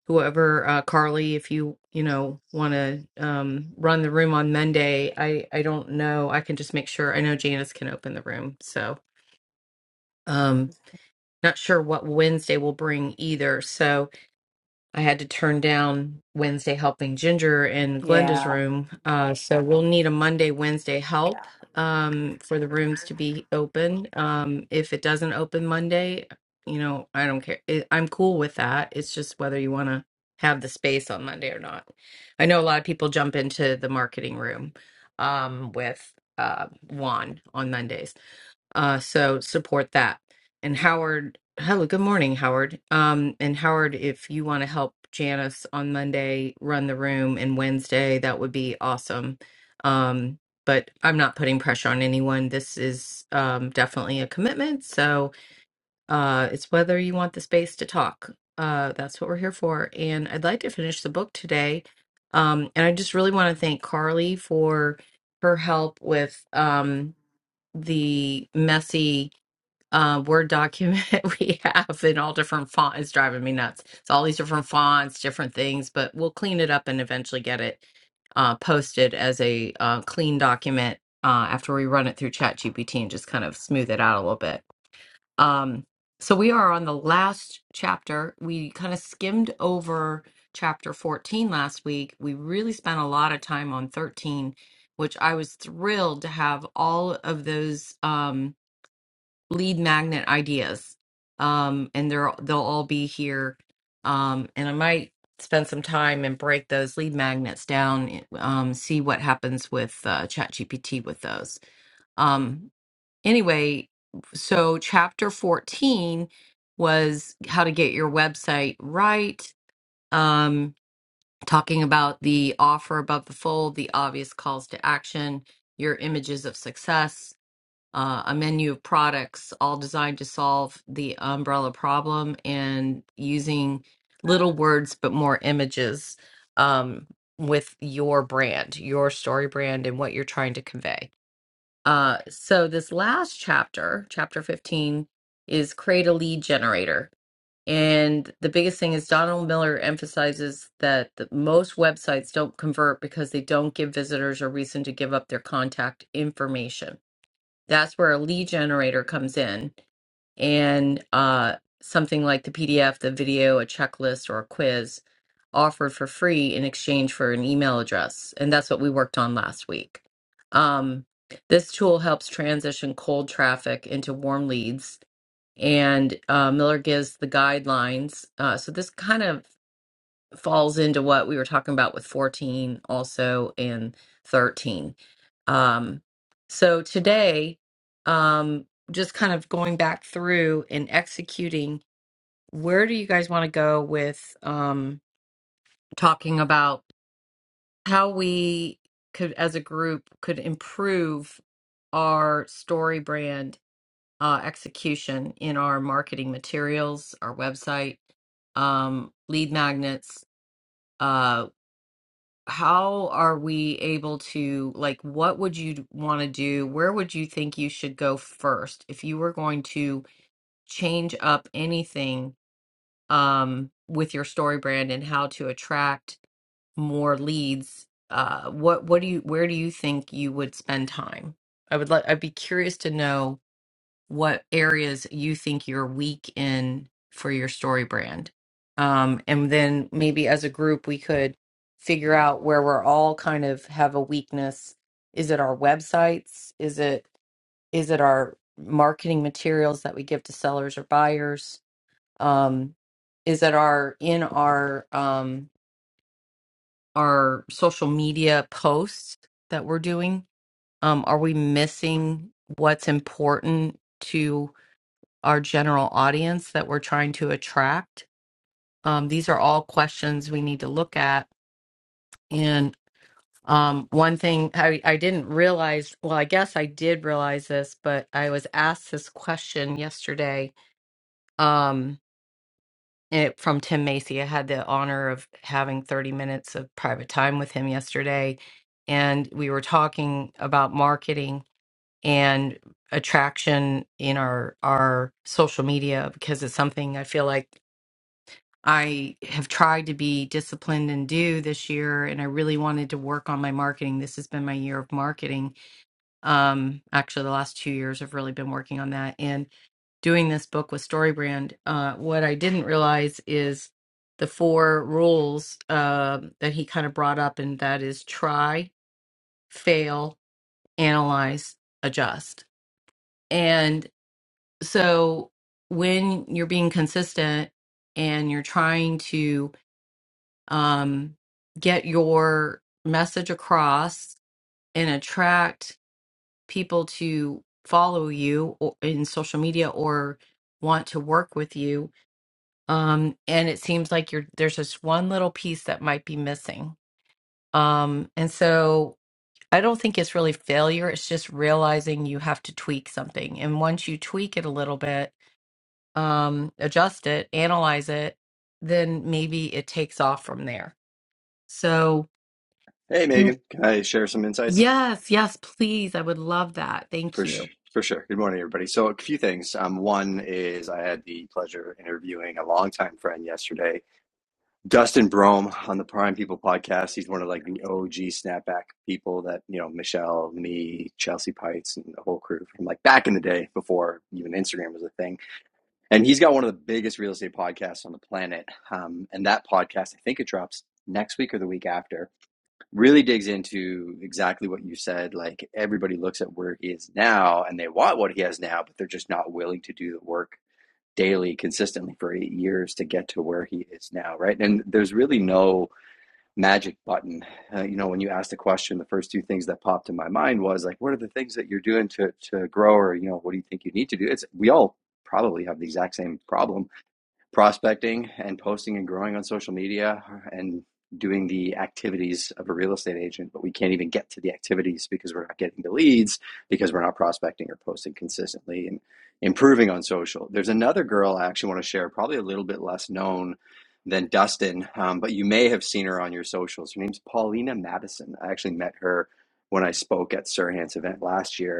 Speaker 2: whoever, uh, Carly, if you, you know, want to um, run the room on Monday. I, I don't know. I can just make sure. I know Janice can open the room. So, um, not sure what Wednesday will bring either. So, I had to turn down Wednesday helping Ginger in Glenda's
Speaker 7: Yeah.
Speaker 2: room. Uh, so we'll need a Monday, Wednesday help um, for the rooms to be open. Um, if it doesn't open Monday, you know, I don't care. It, I'm cool with that. It's just whether you want to have the space on Monday or not. I know a lot of people jump into the marketing room um, with uh, Juan on Mondays. Uh, so support that. And Howard, hello, good morning, Howard. Um, and Howard, if you want to help Janice on Monday run the room and Wednesday, that would be awesome. Um, but I'm not putting pressure on anyone. This is um, definitely a commitment. So uh, it's whether you want the space to talk. Uh, that's what we're here for. And I'd like to finish the book today. Um, and I just really want to thank Carly for her help with um, the messy uh, Word document we have in all different fonts. It's driving me nuts. It's all these different fonts, different things, but we'll clean it up and eventually get it uh, posted as a uh, clean document uh, after we run it through ChatGPT and just kind of smooth it out a little bit. Um, so we are on the last chapter. We kind of skimmed over chapter 14 last week. We really spent a lot of time on 13, which I was thrilled to have all of those. Um, lead magnet ideas um and they're they'll all be here um and i might spend some time and break those lead magnets down eh, um see what happens with uh chat with those um anyway so chapter 14 was how to get your website right um talking about the offer above the fold the obvious calls to action your images of success uh, a menu of products all designed to solve the umbrella problem and using little words but more images um, with your brand, your story brand, and what you're trying to convey. Uh, so, this last chapter, chapter 15, is create a lead generator. And the biggest thing is Donald Miller emphasizes that the, most websites don't convert because they don't give visitors a reason to give up their contact information that's where a lead generator comes in and uh, something like the pdf the video a checklist or a quiz offered for free in exchange for an email address and that's what we worked on last week um, this tool helps transition cold traffic into warm leads and uh, miller gives the guidelines uh, so this kind of falls into what we were talking about with 14 also and 13 um so today um just kind of going back through and executing where do you guys want to go with um talking about how we could as a group could improve our story brand uh execution in our marketing materials our website um lead magnets uh, how are we able to like what would you want to do where would you think you should go first if you were going to change up anything um with your story brand and how to attract more leads uh what what do you where do you think you would spend time i would like i'd be curious to know what areas you think you're weak in for your story brand. Um, and then maybe as a group, we could figure out where we're all kind of have a weakness. Is it our websites? Is it is it our marketing materials that we give to sellers or buyers? Um, is it our in our um, our social media posts that we're doing? Um, are we missing what's important to? our general audience that we're trying to attract? Um, these are all questions we need to look at. And um, one thing I, I didn't realize, well, I guess I did realize this, but I was asked this question yesterday um, it, from Tim Macy. I had the honor of having 30 minutes of private time with him yesterday. And we were talking about marketing and attraction in our our social media because it's something I feel like I have tried to be disciplined and do this year, and I really wanted to work on my marketing. This has been my year of marketing. Um, actually, the last two years I've really been working on that and doing this book with StoryBrand. Uh, what I didn't realize is the four rules uh, that he kind of brought up, and that is try, fail, analyze, adjust. And so when you're being consistent and you're trying to um, get your message across and attract people to follow you or, in social media or want to work with you. Um, and it seems like you're there's just one little piece that might be missing. Um, and so I don't think it's really failure. It's just realizing you have to tweak something. And once you tweak it a little bit, um, adjust it, analyze it, then maybe it takes off from there. So
Speaker 12: Hey, Megan. Can I share some insights?
Speaker 2: Yes, yes, please. I would love that. Thank
Speaker 12: For
Speaker 2: you.
Speaker 12: sh- for sure. Good morning, everybody. So, a few things. Um, one is I had the pleasure of interviewing a longtime friend yesterday, Dustin Brome, on the Prime People podcast. He's one of like the OG snapback people that you know Michelle, me, Chelsea Pites, and the whole crew from like back in the day before even Instagram was a thing. And he's got one of the biggest real estate podcasts on the planet. Um, and that podcast, I think it drops next week or the week after really digs into exactly what you said. Like everybody looks at where he is now and they want what he has now, but they're just not willing to do the work daily consistently for eight years to get to where he is now, right? And there's really no magic button. Uh, you know, when you asked the question, the first two things that popped in my mind was like, what are the things that you're doing to to grow, or you know, what do you think you need to do? It's we all probably have the exact same problem prospecting and posting and growing on social media and doing the activities of a real estate agent, but we can't even get to the activities because we're not getting the leads because we're not prospecting or posting consistently and improving on social. There's another girl I actually want to share, probably a little bit less known than Dustin, um, but you may have seen her on your socials. Her name's Paulina Madison. I actually met her when I spoke at Sirhan's event last year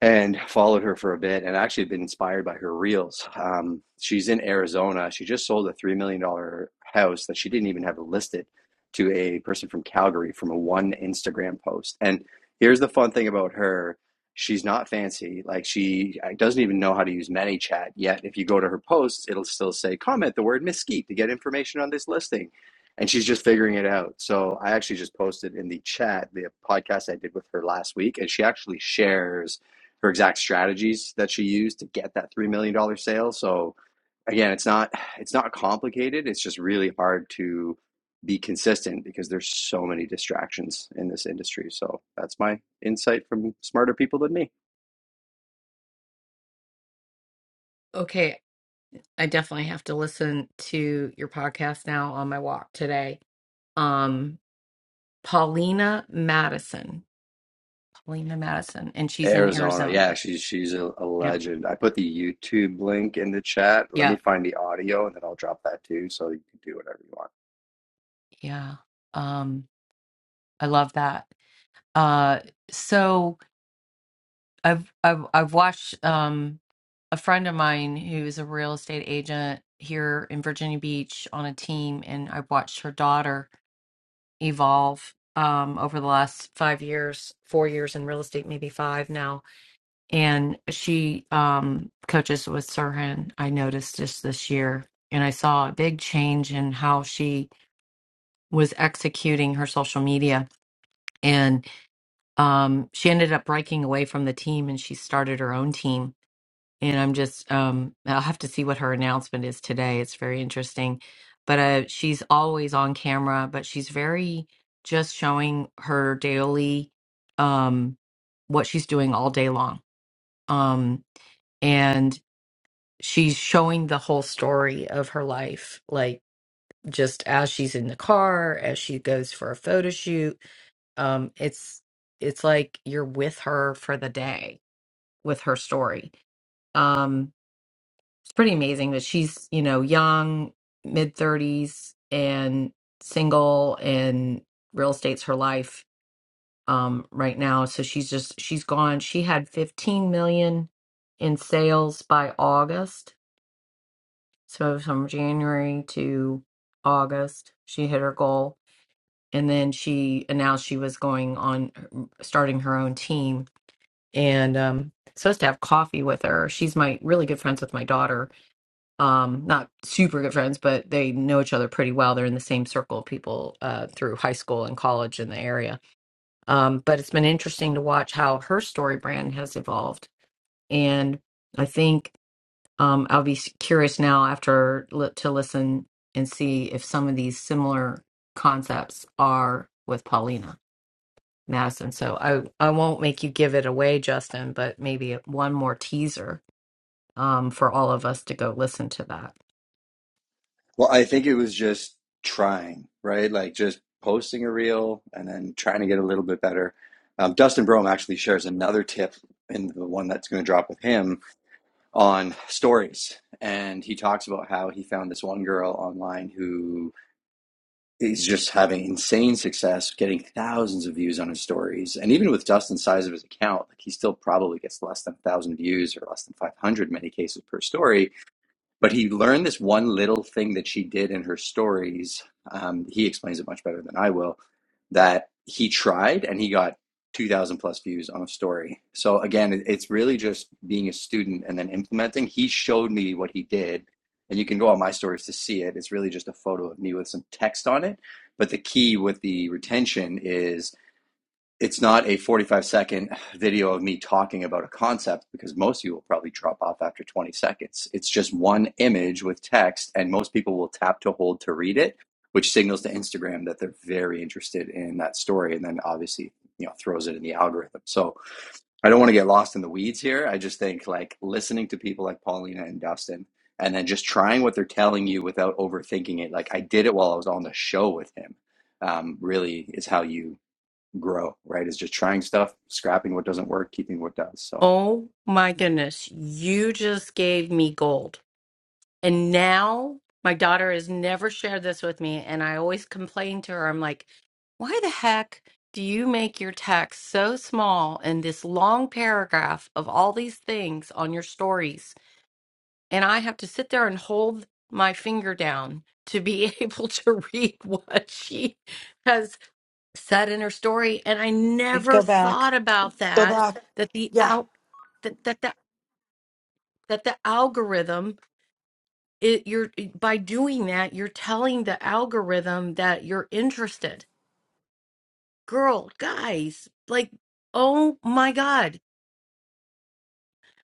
Speaker 12: and followed her for a bit and actually been inspired by her reels. Um, she's in Arizona. She just sold a $3 million dollars house that she didn't even have listed to a person from Calgary from a one Instagram post. And here's the fun thing about her. She's not fancy. Like she uh, doesn't even know how to use ManyChat yet. If you go to her posts, it'll still say comment the word mesquite to get information on this listing. And she's just figuring it out. So I actually just posted in the chat the podcast I did with her last week, and she actually shares her exact strategies that she used to get that $3 million dollars sale. So again, it's not, it's not complicated. It's just really hard to be consistent because there's so many distractions in this industry. So that's my insight from smarter people than me.
Speaker 2: Okay, I definitely have to listen to your podcast now on my walk today. Um, Paulina Madison, Paulina Madison, and she's in
Speaker 12: Arizona. Yeah,
Speaker 2: Arizona.
Speaker 12: she's she's a, a
Speaker 2: Yeah,
Speaker 12: legend. I put the YouTube link in the chat. Let me
Speaker 2: yeah,
Speaker 12: find the audio and then I'll drop that too so you can do whatever you want.
Speaker 2: yeah. Um, I love that. Uh, so I've I've I've watched um a friend of mine who's a real estate agent here in Virginia Beach on a team, and I've watched her daughter. evolve um, over the last five years, four years in real estate, maybe five now. And she um, coaches with Sirhan, I noticed just this year. And I saw a big change in how she was executing her social media. And um, she ended up breaking away from the team and she started her own team and I'm just um I'll have to see what her announcement is today. It's very interesting. But uh she's always on camera, but she's very just showing her daily um what she's doing all day long. Um and she's showing the whole story of her life like just as she's in the car, as she goes for a photo shoot. Um it's it's like you're with her for the day with her story. Um it's pretty amazing that she's you know young mid 30s and single and real estate's her life um right now so she's just she's gone she had 15 million in sales by august so from january to august she hit her goal and then she announced she was going on mm, starting her own team and um supposed to have coffee with her she's my really good friends with my daughter um not super good friends but they know each other pretty well they're in the same circle of people uh through high school and college in the area um but it's been interesting to watch how her story brand has evolved and i think um i'll be s- curious now after li- to listen and see if some of these similar concepts are with paulina madison so i i won't make you give it away justin but maybe one more teaser um, for all of us to go listen to that.
Speaker 12: Well, I think it was just trying, right? Like just posting a reel and then trying to get a little bit better. Um, Dustin Brome actually shares another tip in the one that's going to drop with him on stories. And he talks about how he found this one girl online who is just having insane success, getting thousands of views on his stories. And even with Dustin's size of his account, like he still probably gets less than 1,000 views or less than 500 in many cases per story but he learned this one little thing that she did in her stories. Um, he explains it much better than I will. That he tried and he got 2,000 plus views on a story. So again, it- it's really just being a student and then implementing. He showed me what he did, and you can go on my stories to see it. It's really just a photo of me with some text on it. But the key with the retention is it's not a 45 second video of me talking about a concept because most of you will probably drop off after 20 seconds. It's just one image with text, and most people will tap to hold to read it, which signals to Instagram that they're very interested in that story. And then obviously, you know, throws it in the algorithm. So I don't want to get lost in the weeds here. I just think like listening to people like Paulina and Dustin and then just trying what they're telling you without overthinking it. Like I did it while I was on the show with him. Um, really is how you grow, right? Is just trying stuff, scrapping what doesn't work, keeping what does. So
Speaker 2: Oh my goodness, you just gave me gold. And now my daughter has never shared this with me. And I always complain to her, I'm like, why the heck do you make your text so small and this long paragraph of all these things on your stories? and I have to sit there and hold my finger down to be able to read what she has said in her story. And I never
Speaker 7: Go back.
Speaker 2: thought about
Speaker 7: Go
Speaker 2: that
Speaker 7: back.
Speaker 2: that the
Speaker 7: Yeah.
Speaker 2: out that that that, that the algorithm it, you're by doing that you're telling the algorithm that you're interested. Girl, guys, like oh my god.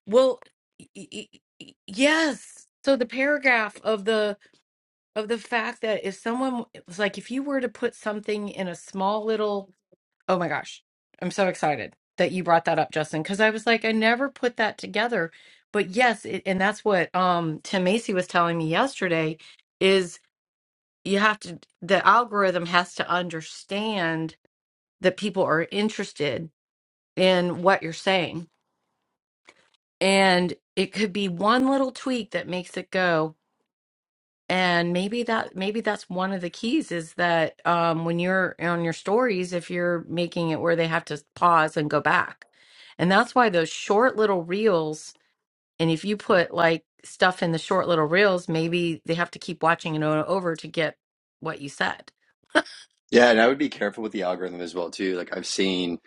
Speaker 2: Well, y- y- y- yes. So the paragraph of the of the fact that if someone it was like if you were to put something in a small little oh my gosh i'm so excited that you brought that up justin because i was like i never put that together but yes it, and that's what um tim macy was telling me yesterday is you have to the algorithm has to understand that people are interested in what you're saying and it could be one little tweak that makes it go And maybe that maybe that's one of the keys is that um, when you're on your stories, if you're making it where they have to pause and go back, and that's why those short little reels. And if you put like stuff in the short little reels, maybe they have to keep watching it o- over to get what you said.
Speaker 12: Yeah, and I would be careful with the algorithm as well too. Like I've seen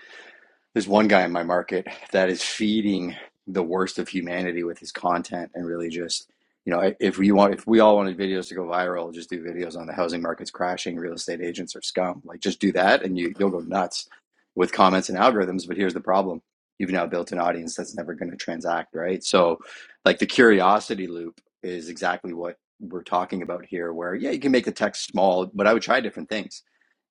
Speaker 12: There's one guy in my market that is feeding the worst of humanity with his content and really just, you know, if we want, if we all wanted videos to go viral, just do videos on the housing market's crashing, real estate agents are scum. Like just do that and you, you'll go nuts with comments and algorithms. But here's the problem. You've now built an audience that's never going to transact, right? So like the curiosity loop is exactly what we're talking about here, where yeah, you can make the text small, but I would try different things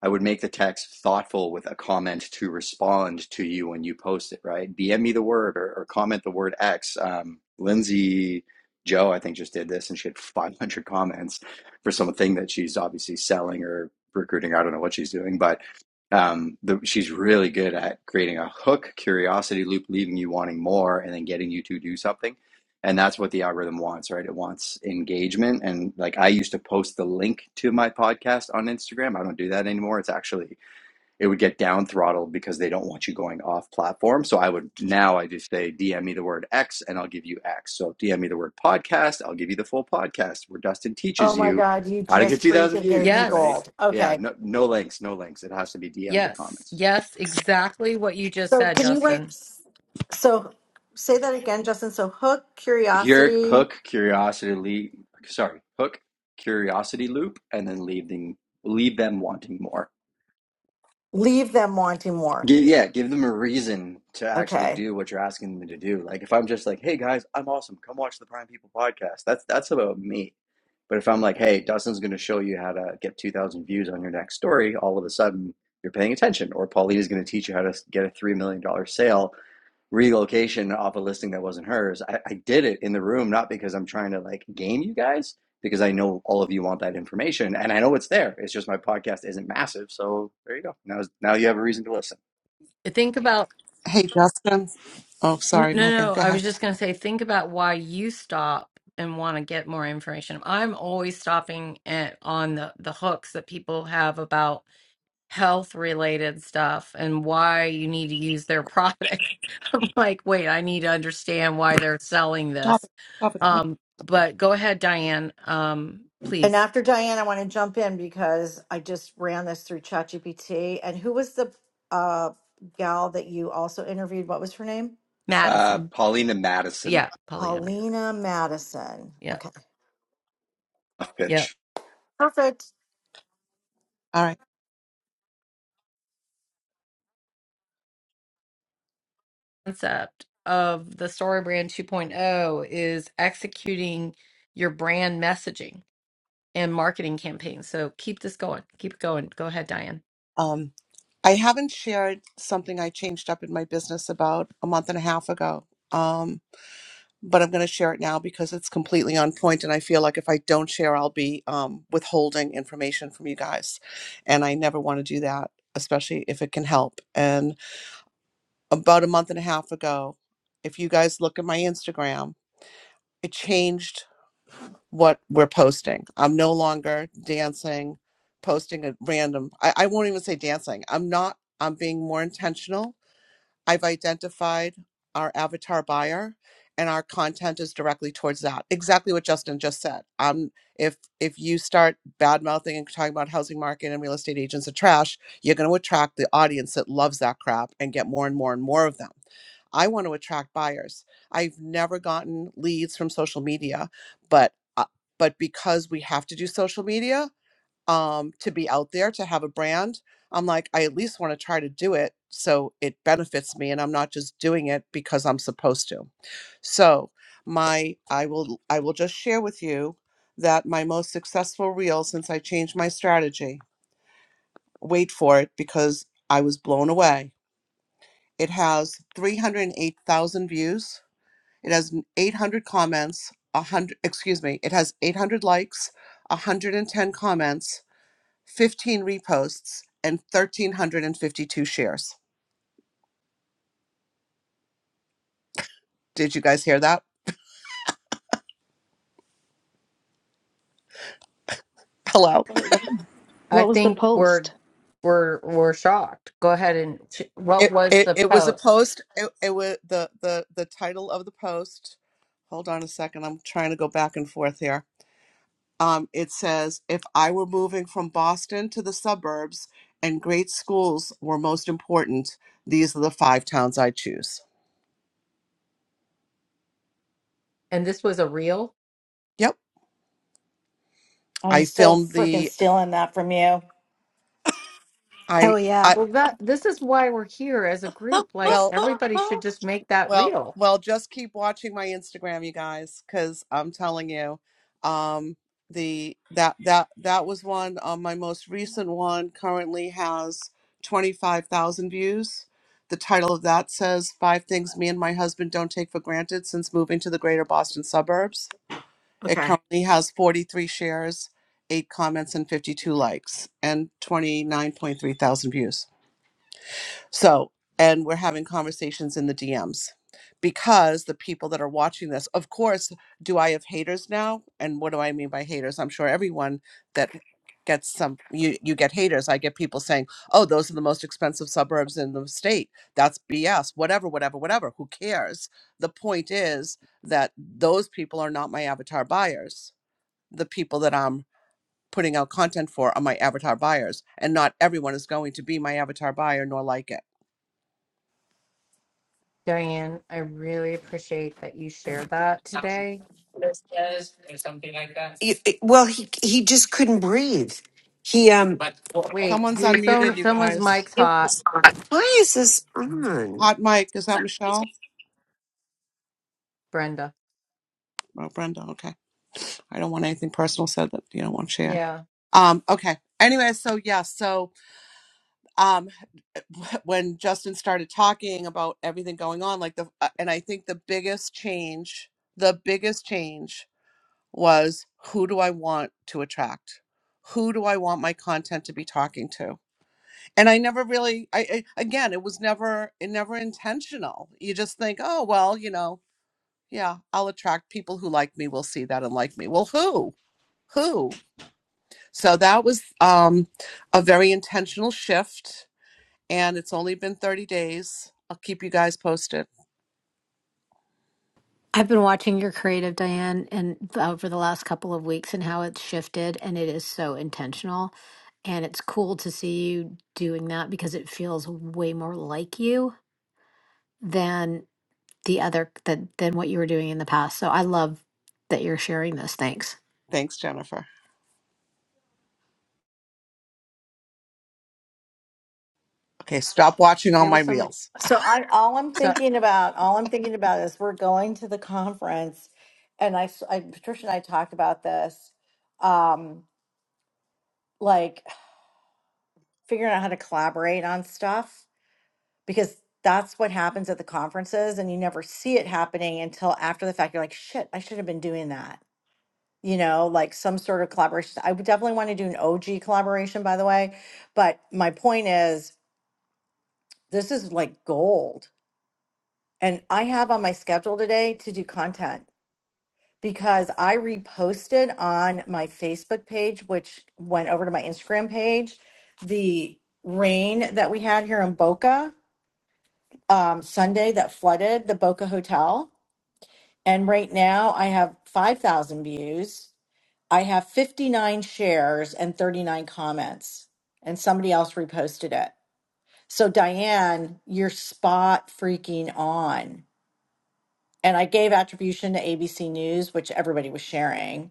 Speaker 12: I would make the text thoughtful with a comment to respond to you when you post it, right? DM me the word or, or comment the word X. Um, Lindsay Joe, I think, just did this and she had 500 comments for something that she's obviously selling or recruiting. I don't know what she's doing, but um, the, she's really good at creating a hook, curiosity loop, leaving you wanting more, and then getting you to do something and that's what the algorithm wants right it wants engagement and like i used to post the link to my podcast on instagram i don't do that anymore it's actually it would get down throttled because they don't want you going off platform so i would now i just say dm me the word x and i'll give you x so dm me the word podcast i'll give you the full podcast where dustin
Speaker 7: Oh
Speaker 12: teaches
Speaker 7: my
Speaker 12: you
Speaker 7: God. You
Speaker 12: how to get
Speaker 7: just
Speaker 12: 2000
Speaker 7: freaking gave me
Speaker 12: views right
Speaker 2: Yes,
Speaker 7: gold.
Speaker 12: yeah
Speaker 7: Okay.
Speaker 12: no, no links no links it has to be dms or
Speaker 2: yes,
Speaker 12: comments
Speaker 2: yes, exactly what you just
Speaker 7: So
Speaker 2: said,
Speaker 7: can you write?
Speaker 2: Justin.
Speaker 7: So say that again, Justin. So hook,
Speaker 12: Here,
Speaker 7: curiosity,
Speaker 12: hook curiosity loop. Sorry, hook curiosity loop, and then leave them leave them wanting more.
Speaker 7: leave them wanting more.
Speaker 12: Gi- yeah, give them a reason to actually
Speaker 7: Okay.
Speaker 12: do what you're asking them to do. Like if I'm just like, "Hey guys, I'm awesome. Come watch the Prime People podcast." That's that's about me. But if I'm like, "Hey, Dustin's going to show you how to get 2,000 views on your next story," all of a sudden you're paying attention. Or Paulina's going to teach you how to get a three million dollar sale relocation off a listing that wasn't hers. I, I did it in the room, not because I'm trying to like game you guys, because I know all of you want that information and I know it's there. It's just my podcast isn't massive. So there you go. Now, now you have a reason to listen.
Speaker 2: Think about
Speaker 5: Hey, Justin. Oh,
Speaker 2: N-
Speaker 5: sorry,
Speaker 2: No, no,
Speaker 5: Megan.
Speaker 2: no,
Speaker 5: Go
Speaker 2: I was
Speaker 5: ahead.
Speaker 2: just going to say, think about why you stop and want to get more information. I'm always stopping at, on the, the hooks that people have about health related stuff and why you need to use their product. I'm like, wait, I need to understand why they're selling
Speaker 5: Stop
Speaker 2: this.
Speaker 5: it. Stop it. Come here.
Speaker 2: Um, but go ahead, Diane. Um,
Speaker 7: And
Speaker 2: please,
Speaker 7: after Diane, I want to jump in because I just ran this through ChatGPT. And who was the uh, gal that you also interviewed? What was her name?
Speaker 12: Uh,
Speaker 2: Madison.
Speaker 12: Paulina Madison,
Speaker 2: Yeah, Paulina.
Speaker 7: Paulina Madison.
Speaker 2: Yeah,
Speaker 7: Okay.
Speaker 12: a
Speaker 2: yeah.
Speaker 12: bitch.
Speaker 7: Perfect.
Speaker 5: All right.
Speaker 2: concept of the story brand 2.0 is executing your brand messaging and marketing campaigns. So keep this going. Keep it going. Go ahead, Diane.
Speaker 5: Um, I haven't shared something I changed up in my business about a month and a half ago. Um, but I'm going to share it now because it's completely on point, and I feel like if I don't share, I'll be um, withholding information from you guys, and I never want to do that, especially if it can help. And about a month and a half ago, if you guys look at my Instagram, it changed what we're posting. I'm no longer dancing, posting a random, I, I won't even say dancing. I'm not, I'm being more intentional. I've identified our avatar buyer and our content is directly towards that. Exactly what Justin just said. Um, if if you start bad mouthing and talking about housing market and real estate agents are trash, you're going to attract the audience that loves that crap and get more and more and more of them. I want to attract buyers. I've never gotten leads from social media, but uh, but because we have to do social media um, to be out there to have a brand, I'm like I at least want to try to do it so it benefits me, and I'm not just doing it because I'm supposed to. So my I will I will just share with you that my most successful reel since I changed my strategy. Wait for it because I was blown away. It has 308,000 views it has 800 comments, 100, excuse me, it has 800 likes, 110 comments, 15 reposts, and 1,352 shares. Did you guys hear that? Hello.
Speaker 1: What it was?
Speaker 2: I
Speaker 1: What was the
Speaker 2: think we're
Speaker 1: post?
Speaker 2: we're we're shocked. Go ahead and ch- what
Speaker 5: It,
Speaker 2: was
Speaker 5: it,
Speaker 2: the
Speaker 5: it was a
Speaker 2: post?
Speaker 5: post. It, it was the, the, the title of the post. Hold on a second. I'm trying to go back and forth here. Um, it says, if I were moving from Boston to the suburbs and great schools were most important, these are the five towns I choose.
Speaker 2: And this was a reel.
Speaker 5: Yep.
Speaker 7: I'm
Speaker 5: I
Speaker 7: so
Speaker 5: filmed
Speaker 7: freaking
Speaker 5: the
Speaker 7: stealing that from you.
Speaker 13: Oh,
Speaker 5: I
Speaker 13: yeah.
Speaker 5: I
Speaker 2: Well, that this is why we're here as a group. Like
Speaker 5: well
Speaker 2: everybody should just make that
Speaker 5: well
Speaker 2: real.
Speaker 5: well just keep watching my Instagram you guys cuz I'm telling you um the that that that was one um, my most recent one currently has 25,000 views. The title of that says five things me and my husband don't take for granted since moving to the greater Boston suburbs. It
Speaker 7: Okay.
Speaker 5: currently has 43 shares, 8 comments and 52 likes and 29.3 thousand views. So, and we're having conversations in the DMs because the people that are watching this, of course, do I have haters now? And what do I mean by haters? I'm sure everyone that gets some you you get haters. I get people saying, "Oh, those are the most expensive suburbs in the state." That's BS. Whatever, whatever, whatever. Who cares? The point is that those people are not my avatar buyers. The people that I'm putting out content for are my avatar buyers, and not everyone is going to be my avatar buyer nor like it.
Speaker 2: Diane, I really appreciate that you shared that today.
Speaker 14: You- it- Well, he he just couldn't breathe. He um.
Speaker 2: Wait,
Speaker 5: Someone's
Speaker 2: who-
Speaker 5: unmuted,
Speaker 2: some
Speaker 5: you
Speaker 2: someone's
Speaker 5: guys.
Speaker 2: mic's hot,
Speaker 14: Why is this on?
Speaker 5: Hot mic, is that Michelle?
Speaker 2: Brenda.
Speaker 5: Oh, Brenda, okay. I don't want anything personal said that you don't want shared.
Speaker 2: Yeah.
Speaker 5: Um, okay. Anyway, so yeah, so um, when Justin started talking about everything going on, like the, uh, and I think the biggest change, the biggest change was who do I want to attract? Who do I want my content to be talking to? And I never really I, I again, it was never it never intentional. You just think, "Oh, well, you know, yeah, I'll attract people who like me, will see that and like me." Well, who? Who? So that was um a very intentional shift and it's only been 30 days. I'll keep you guys posted.
Speaker 13: I've been watching your creative, Diane, and over the last couple of weeks and how it's shifted, and it is so intentional. And it's cool to see you doing that because it feels way more like you than the other than, than what you were doing in the past. So I love that you're sharing this. Thanks.
Speaker 5: Thanks, Jennifer. Okay, stop watching all
Speaker 2: there
Speaker 5: my
Speaker 2: was somebody
Speaker 5: reels.
Speaker 7: So I all I'm
Speaker 2: so
Speaker 7: thinking about, all I'm thinking about is we're going to the conference, and I, s- I- Patricia and I talked about this, um, like figuring out how to collaborate on stuff because that's what happens at the conferences, and you never see it happening until after the fact. You're like, shit, I should have been doing that. You know, like some sort of collaboration. I would definitely want to do an OG collaboration, by the way. But my point is, this is like gold. And I have on my schedule today to do content because I reposted on my Facebook page, which went over to my Instagram page, the rain that we had here in Boca um, Sunday that flooded the Boca Hotel. And right now I have 5,000 views. I have 59 shares and 39 comments, and somebody else reposted it. So, Diane, you're spot freaking on. And I gave attribution to ABC News, which everybody was sharing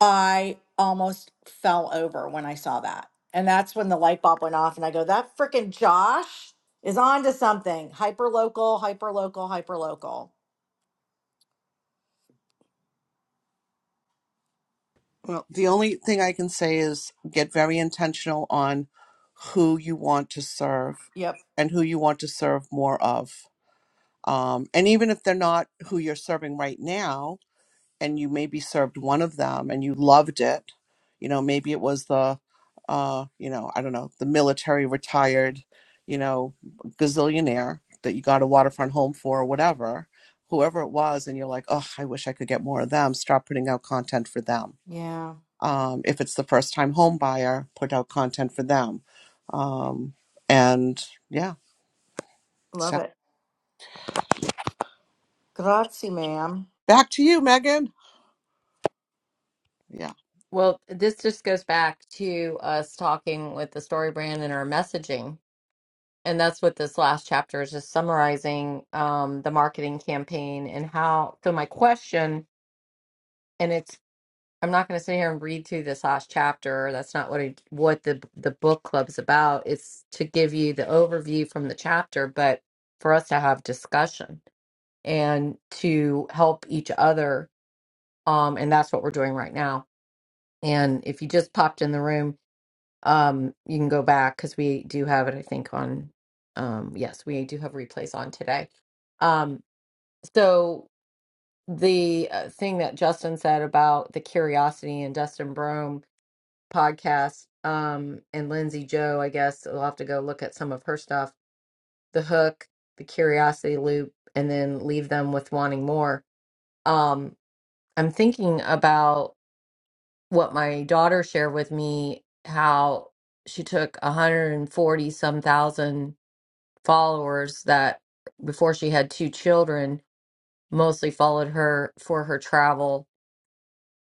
Speaker 7: I almost fell over when I saw that. And that's when the light bulb went off and I go, that freaking Josh is on to something. Hyper local, hyper local, hyper local.
Speaker 5: Well, the only thing I can say is get very intentional on who you want to serve
Speaker 7: Yep.
Speaker 5: and who you want to serve more of. Um, and even if they're not who you're serving right now, and you maybe served one of them and you loved it, you know, maybe it was the, uh, you know, I don't know, the military retired, you know, gazillionaire that you got a waterfront home for or whatever, whoever it was, and you're like, oh, I wish I could get more of them. Start putting out content for them
Speaker 7: Yeah.
Speaker 5: um, if it's the first time home buyer, put out content for them. Um, and yeah,
Speaker 7: Love
Speaker 5: so
Speaker 7: it. Grazie, ma'am.
Speaker 5: back to you, Megan. Yeah.
Speaker 2: well this just goes back to us talking with the story brand and our messaging and that's what this last chapter is just summarizing um, the marketing campaign and how so my question and it's i'm not going to sit here and read through this last chapter that's not what I, what the the book club's about it's to give you the overview from the chapter but for us to have discussion and to help each other um, and that's what we're doing right now And if you just popped in the room, um, you can go back because we do have it, I think, on. Um, yes, we do have replays on today. Um, so the uh, thing that Justin said about the Curiosity and Dustin Brome podcast um, and Lindsay Joe, I guess we'll have to go look at some of her stuff. The hook, the Curiosity loop, and then leave them with wanting more. Um, I'm thinking about. what my daughter shared with me how she took 140 some thousand followers that before she had two children mostly followed her for her travel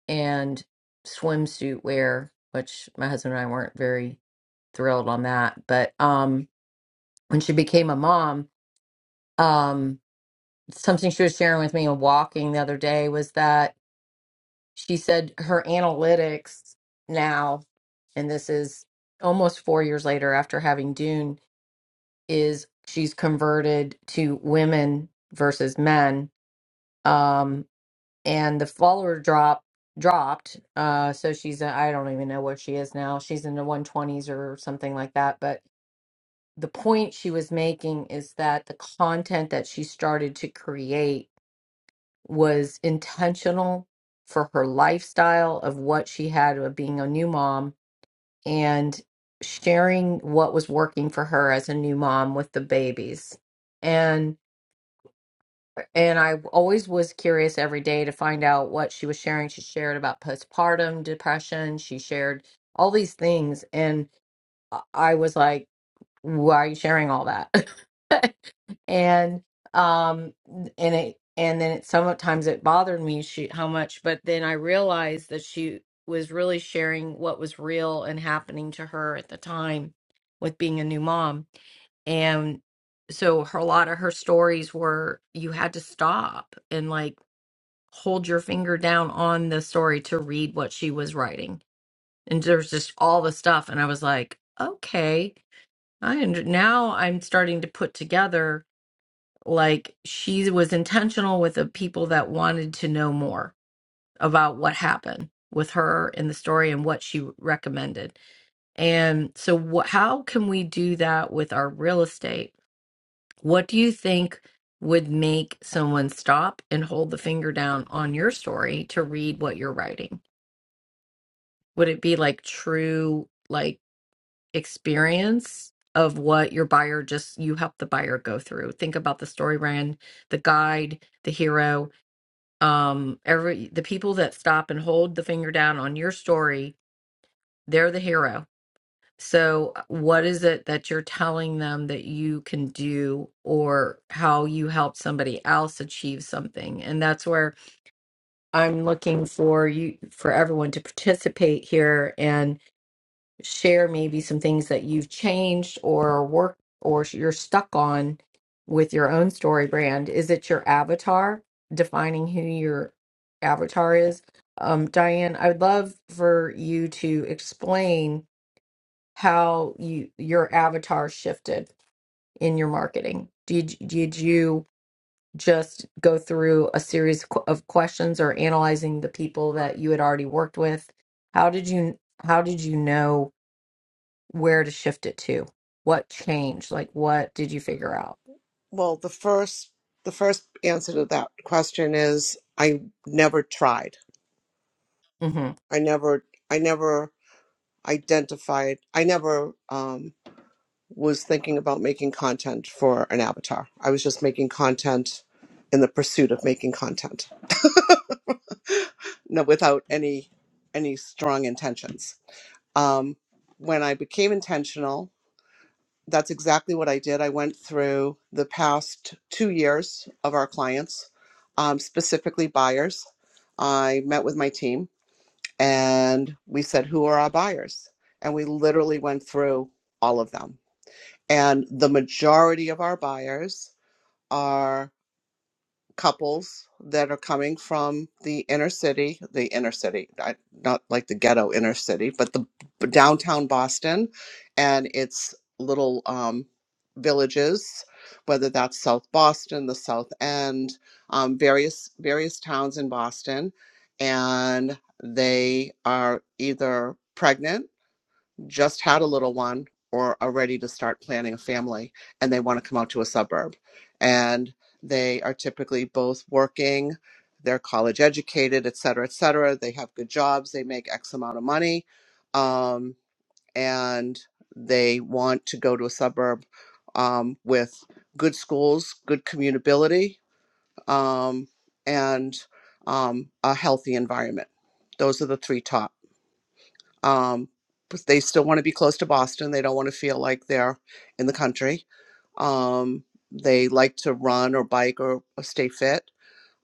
Speaker 2: and swimsuit wear which my husband and I weren't very thrilled on that but um when she became a mom um something she was sharing with me in walking the other day was that she said her analytics now, and this is almost four years later after having Dune, is she's converted to women versus men. Um, and the follower drop dropped. Uh, so she's I I don't even know what she is now. She's in the 120s or something like that. But the point she was making is that the content that she started to create was intentional for her lifestyle of what she had of being a new mom and sharing what was working for her as a new mom with the babies and and I always was curious every day to find out what she was sharing she shared about postpartum depression she shared all these things and I I was like why are you sharing all that and um and it and then it sometimes it bothered me she how much but then i realized that she was really sharing what was real and happening to her at the time with being a new mom and so her, a lot of her stories were you had to stop and like hold your finger down on the story to read what she was writing and there's just all the stuff and i was like okay i under- now i'm starting to put together like she was intentional with the people that wanted to know more about what happened with her in the story and what she recommended. And so, wh- how can we do that with our real estate? What do you think would make someone stop and hold the finger down on your story to read what you're writing? Would it be like true, like experience of what your buyer just you help the buyer go through? Think about the story brand, the guide, the hero. um every the people that stop and hold the finger down on your story they're the hero so uh, what is it that you're telling them that you can do or how you help somebody else achieve something and that's where i'm looking for you for everyone to participate here and share maybe some things that you've changed or worked or sh- you're stuck on with your own story brand? Is it your avatar defining who your avatar is? Um, Diane, I would love for you to explain how you your avatar shifted in your marketing. Did did you just go through a series qu- of questions or analyzing the people that you had already worked with? How did you how did you know? where to shift it to what changed like what did you figure out
Speaker 5: Well, the first the first answer to that question is I never tried.
Speaker 2: hmm
Speaker 5: I never I never identified. I never um, was thinking about making content for an avatar. I was just making content in the pursuit of making content, no, without any any strong intentions. Um, when I became intentional, that's exactly what I did. I went through the past two years of our clients, um, specifically buyers. I met with my team and we said, "Who are our buyers?" And we literally went through all of them. And the majority of our buyers are couples that are coming from the inner city, the inner city, I- not like the ghetto inner city, but the b- downtown Boston and its little um, villages, whether that's South Boston, the South End, um, various various towns in Boston, and they are either pregnant just had a little one or are ready to start planning a family and they want to come out to a suburb. And they are typically both working, they're college educated, et cetera, et cetera. They have good jobs, they make X amount of money, um, and they want to go to a suburb um, with good schools, good commutability, um, and um, a healthy environment. Those are the three top um, but they still want to be close to Boston. They don't want to feel like they're in the country. Um, they like to run or bike or, or stay fit.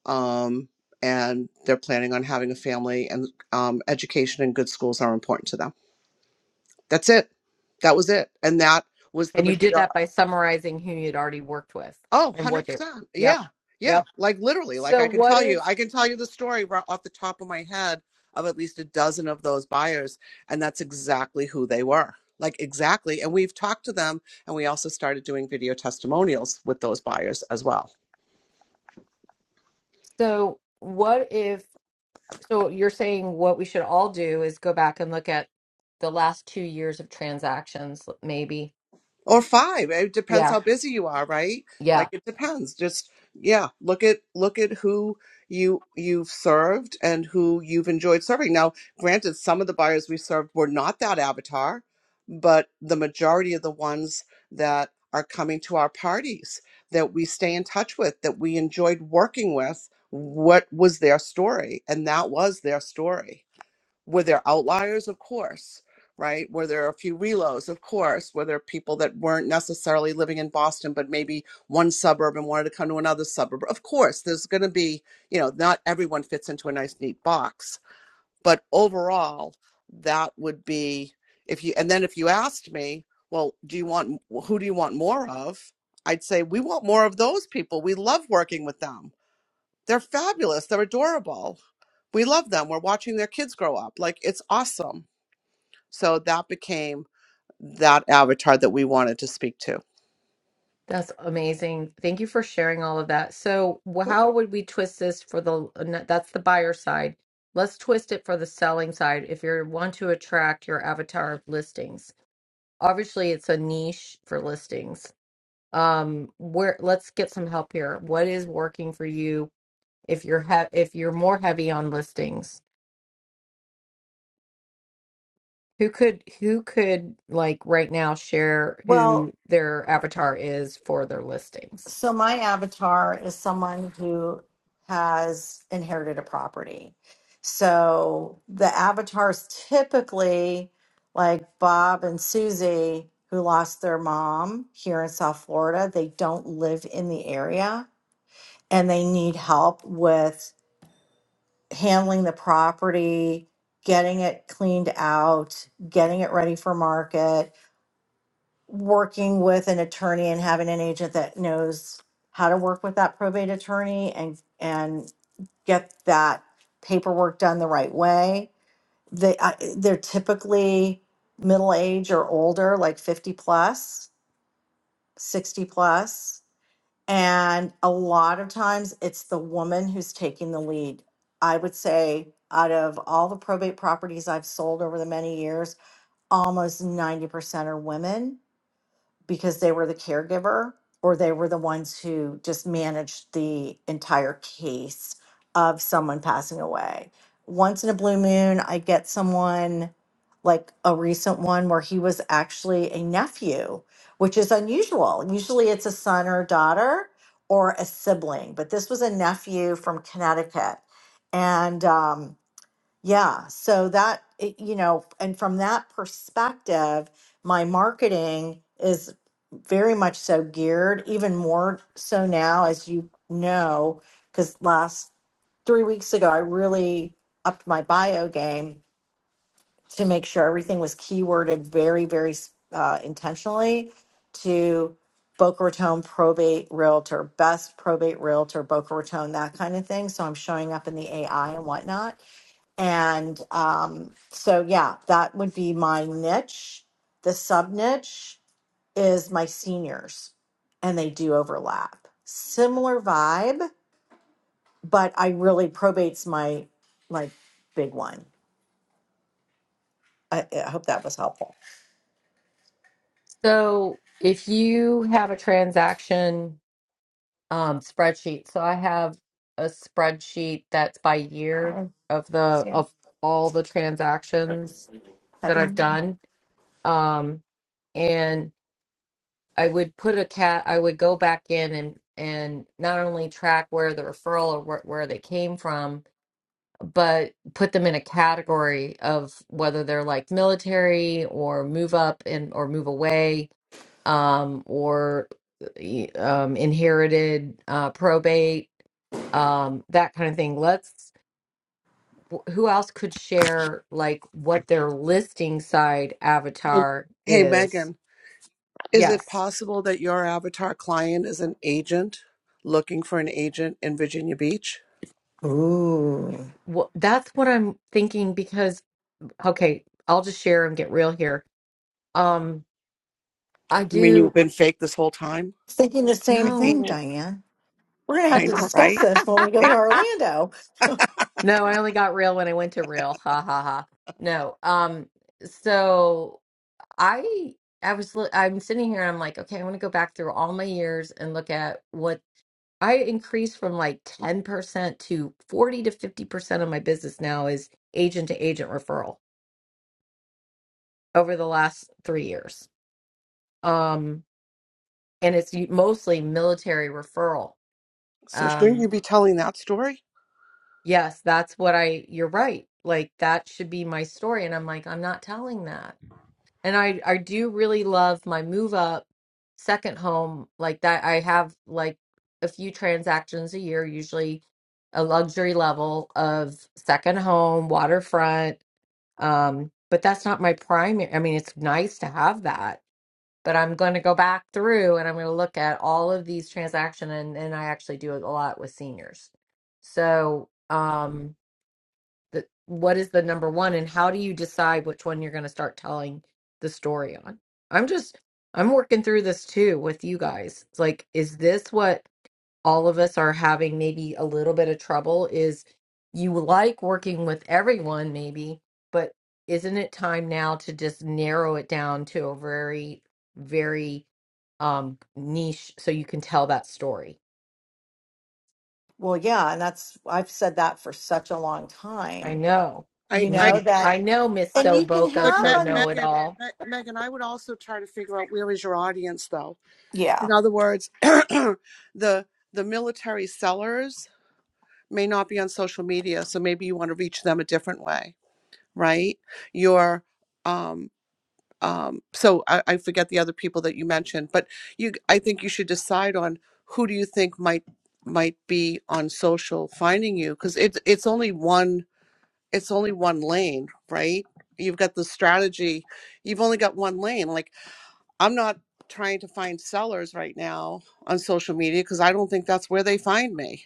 Speaker 5: Um, and they're planning on having a family, and um, education and good schools are important to them. That's it. That was it. And that was the
Speaker 2: and you
Speaker 5: majority.
Speaker 2: did that by summarizing who you'd already worked with
Speaker 5: Oh,
Speaker 2: and what they
Speaker 5: 100%.
Speaker 2: yep
Speaker 5: Yeah. Yeah.
Speaker 2: yep
Speaker 5: Like literally, like
Speaker 2: so
Speaker 5: I can
Speaker 2: what
Speaker 5: tell
Speaker 2: if
Speaker 5: you, I can tell you the story right off the top of my head of at least a dozen of those buyers. And that's exactly who they were. Like exactly. And we've talked to them. And we also started doing video testimonials with those buyers as well.
Speaker 2: so what if so you're saying what we should all do is go back and look at the last two years of transactions maybe
Speaker 5: or five. eh, It depends
Speaker 2: yeah
Speaker 5: how busy you are, right?
Speaker 2: yeah
Speaker 5: Like it depends. Just yeah, look at look at who you you've served and who you've enjoyed serving. Now, granted, some of the buyers we served were not that avatar, but the majority of the ones that are coming to our parties that we stay in touch with, that we enjoyed working with, what was their story? And that was their story were there outliers? Of course, right? Were there a few reloads? Of course. Were there people that weren't necessarily living in Boston, but maybe one suburb and wanted to come to another suburb? Of course, there's going to be, you know, not everyone fits into a nice, neat box. But overall, that would be if you, and then if you asked me, well, do you want, who do you want more of? I'd say we want more of those people. We love working with them they're fabulous. They're adorable. We love them. We're watching their kids grow up. Like it's awesome. So that became that avatar that we wanted to speak to.
Speaker 2: That's amazing. Thank you for sharing all of that. So, wh-
Speaker 5: Cool.
Speaker 2: how would we twist this for the uh, n- that's the buyer side. Let's twist it for the selling side if you want to attract your avatar of listings. Obviously, it's a niche for listings. Um, where let's get some help here. What is working for you if you're he- if you're more heavy on listings? Who could who could like right now share
Speaker 7: Well,
Speaker 2: who their avatar is for their listings?
Speaker 7: So my avatar is someone who has inherited a property. So the avatars typically like Bob and Susie who lost their mom here in South Florida, they don't live in the area and they need help with handling the property, getting it cleaned out, getting it ready for market, working with an attorney and having an agent that knows how to work with that probate attorney and and get that paperwork done the right way. They I, they're typically middle age or older, like 50 plus, 60 plus, and a lot of times it's the woman who's taking the lead. I would say out of all the probate properties I've sold over the many years, almost 90% are women because they were the caregiver or they were the ones who just managed the entire case of someone passing away. Once in a blue moon, I get someone like a recent one where he was actually a nephew, which is unusual. Usually it's a son or a daughter or a sibling, but this was a nephew from Connecticut. And, um, yeah, so that, it- you know, and from that perspective, my marketing is very much so geared, even more so now, as you know, because last three weeks ago, I really upped my bio game to make sure everything was keyworded very, very uh, intentionally to Boca Raton probate realtor, best probate realtor, Boca Raton, that kind of thing. So I'm showing up in the AI and whatnot and um, so, yeah, that would be my niche. The sub niche is my seniors, and they do overlap. Similar vibe, but I really probates my like big one. I, I hope that was helpful.
Speaker 2: So if you have a transaction um, spreadsheet, so I have a spreadsheet that's by year
Speaker 7: Uh,
Speaker 2: of the
Speaker 7: Yeah,
Speaker 2: of all the transactions that
Speaker 7: happy.
Speaker 2: I've
Speaker 7: ending.
Speaker 2: done, um, and I would put a cat. I would go back in and and not only track where the referral or where, where they came from, but put them in a category of whether they're like military or move up and or move away um, or y- um, inherited uh, probate um, that kind of thing let's wh- who else could share like what their listing side
Speaker 5: Hey,
Speaker 2: avatar
Speaker 5: hey,
Speaker 2: is
Speaker 5: Megan, is it
Speaker 2: yes
Speaker 5: possible that your avatar client is an agent looking for an agent in Virginia Beach?
Speaker 7: Ooh,
Speaker 2: well, that's what i'm thinking because okay i'll just share and get real here um i
Speaker 5: You mean you've
Speaker 2: do
Speaker 5: been fake this whole time?
Speaker 7: thinking the same
Speaker 5: I hate.
Speaker 7: thing,
Speaker 2: no
Speaker 7: Diane. We're gonna have
Speaker 5: I
Speaker 7: to
Speaker 5: know,
Speaker 7: discuss
Speaker 5: right?
Speaker 7: this when we go
Speaker 5: Damn.
Speaker 7: to Orlando.
Speaker 2: No, I only got real when I went to real. Ha ha ha. No. Um so I I was li- I'm sitting here and I'm like, okay, I want to go back through all my years and look at what I increased from like 10% to 40 to 50% of my business now is agent to agent referral over the last 3 years. Um and it's u- mostly military referral.
Speaker 5: So shouldn't
Speaker 2: Um
Speaker 5: you be telling that story?
Speaker 2: yes, that's what I you're right. Like that should be my story and I'm like I'm not telling that And I I do really love my move up second home like that. I have like a few transactions a year, usually a luxury level of second home, waterfront. Um, but that's not my primary. I mean, it's nice to have that, but I'm going to go back through and I'm going to look at all of these transaction and and I actually do it a lot with seniors. So, um the, what is the number one and how do you decide which one you're going to start telling the story on i'm just i'm working through this too with you guys it's like is this what all of us are having maybe a little bit of trouble is you like working with everyone maybe but isn't it time now to just narrow it down to a very very um niche so you can tell that story
Speaker 7: Well, yeah, and that's I've said that for such a long
Speaker 2: i
Speaker 7: time.
Speaker 2: know
Speaker 5: I,
Speaker 7: You
Speaker 5: I,
Speaker 7: know
Speaker 2: Mm,
Speaker 7: that
Speaker 5: I,
Speaker 2: i know miss
Speaker 5: I
Speaker 7: And
Speaker 2: so
Speaker 7: you can
Speaker 2: boca
Speaker 5: but
Speaker 7: have
Speaker 5: Me-
Speaker 2: so
Speaker 7: on,
Speaker 2: know it
Speaker 5: Megan,
Speaker 2: all
Speaker 5: Me- Megan, I would also try to figure out where is your audience, though.
Speaker 7: yeah,
Speaker 5: In other words, the the military sellers may not be on social media, so maybe you want to reach them a different way, right? Your um, um, so I, I forget the other people that you mentioned, but you, I think you should decide on who do you think might might be on social finding you because it's it's only one it's only one lane, right? You've got the strategy, you've only got one lane. Like I'm not trying to find sellers right now on social media because I don't think that's where they find me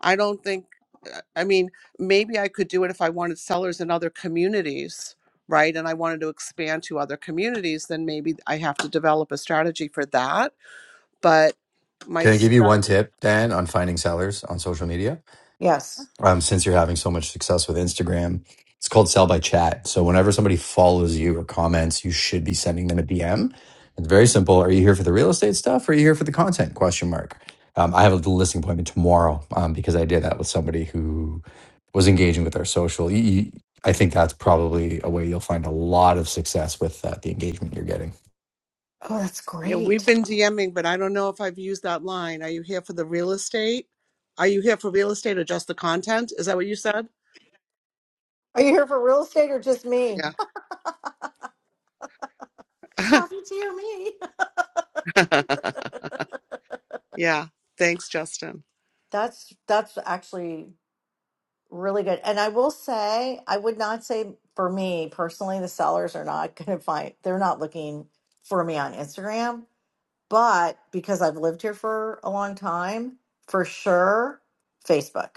Speaker 5: I don't think, uh, I mean, maybe I could do it if I wanted sellers in other communities, right? And I wanted to expand to other communities, then maybe I have to develop a strategy for that. But my,
Speaker 12: Can I
Speaker 5: s-
Speaker 12: give you
Speaker 5: uh,
Speaker 12: one tip, Dan, on finding sellers on social media?
Speaker 7: yes.
Speaker 12: um, since you're having so much success with Instagram. It's called sell by chat. So whenever somebody follows you or comments, you should be sending them a DM. It's very simple. Are you here for the real estate stuff? Or are you here for the content? Question mark. Um, I have a listing appointment tomorrow um, because I did that with somebody who was engaging with our social. You- you- I think that's probably a way you'll find a lot of success with uh, the engagement you're getting.
Speaker 7: Oh, that's
Speaker 5: yeah, we've
Speaker 7: great.
Speaker 5: been DMing, but I don't know if I've used that line. Are you here for the real estate? Are you here for real estate or just the content? Is that what you said?
Speaker 7: Are you here for real estate or just me?
Speaker 5: Yeah.
Speaker 7: Coffee, tea, or me?
Speaker 5: yeah. Thanks, Justin.
Speaker 7: That's that's actually really good. And I will say, I would not say for me personally, the sellers are not going to find. They're not looking for me on Instagram, but because I've lived here for a long time, for sure, Facebook.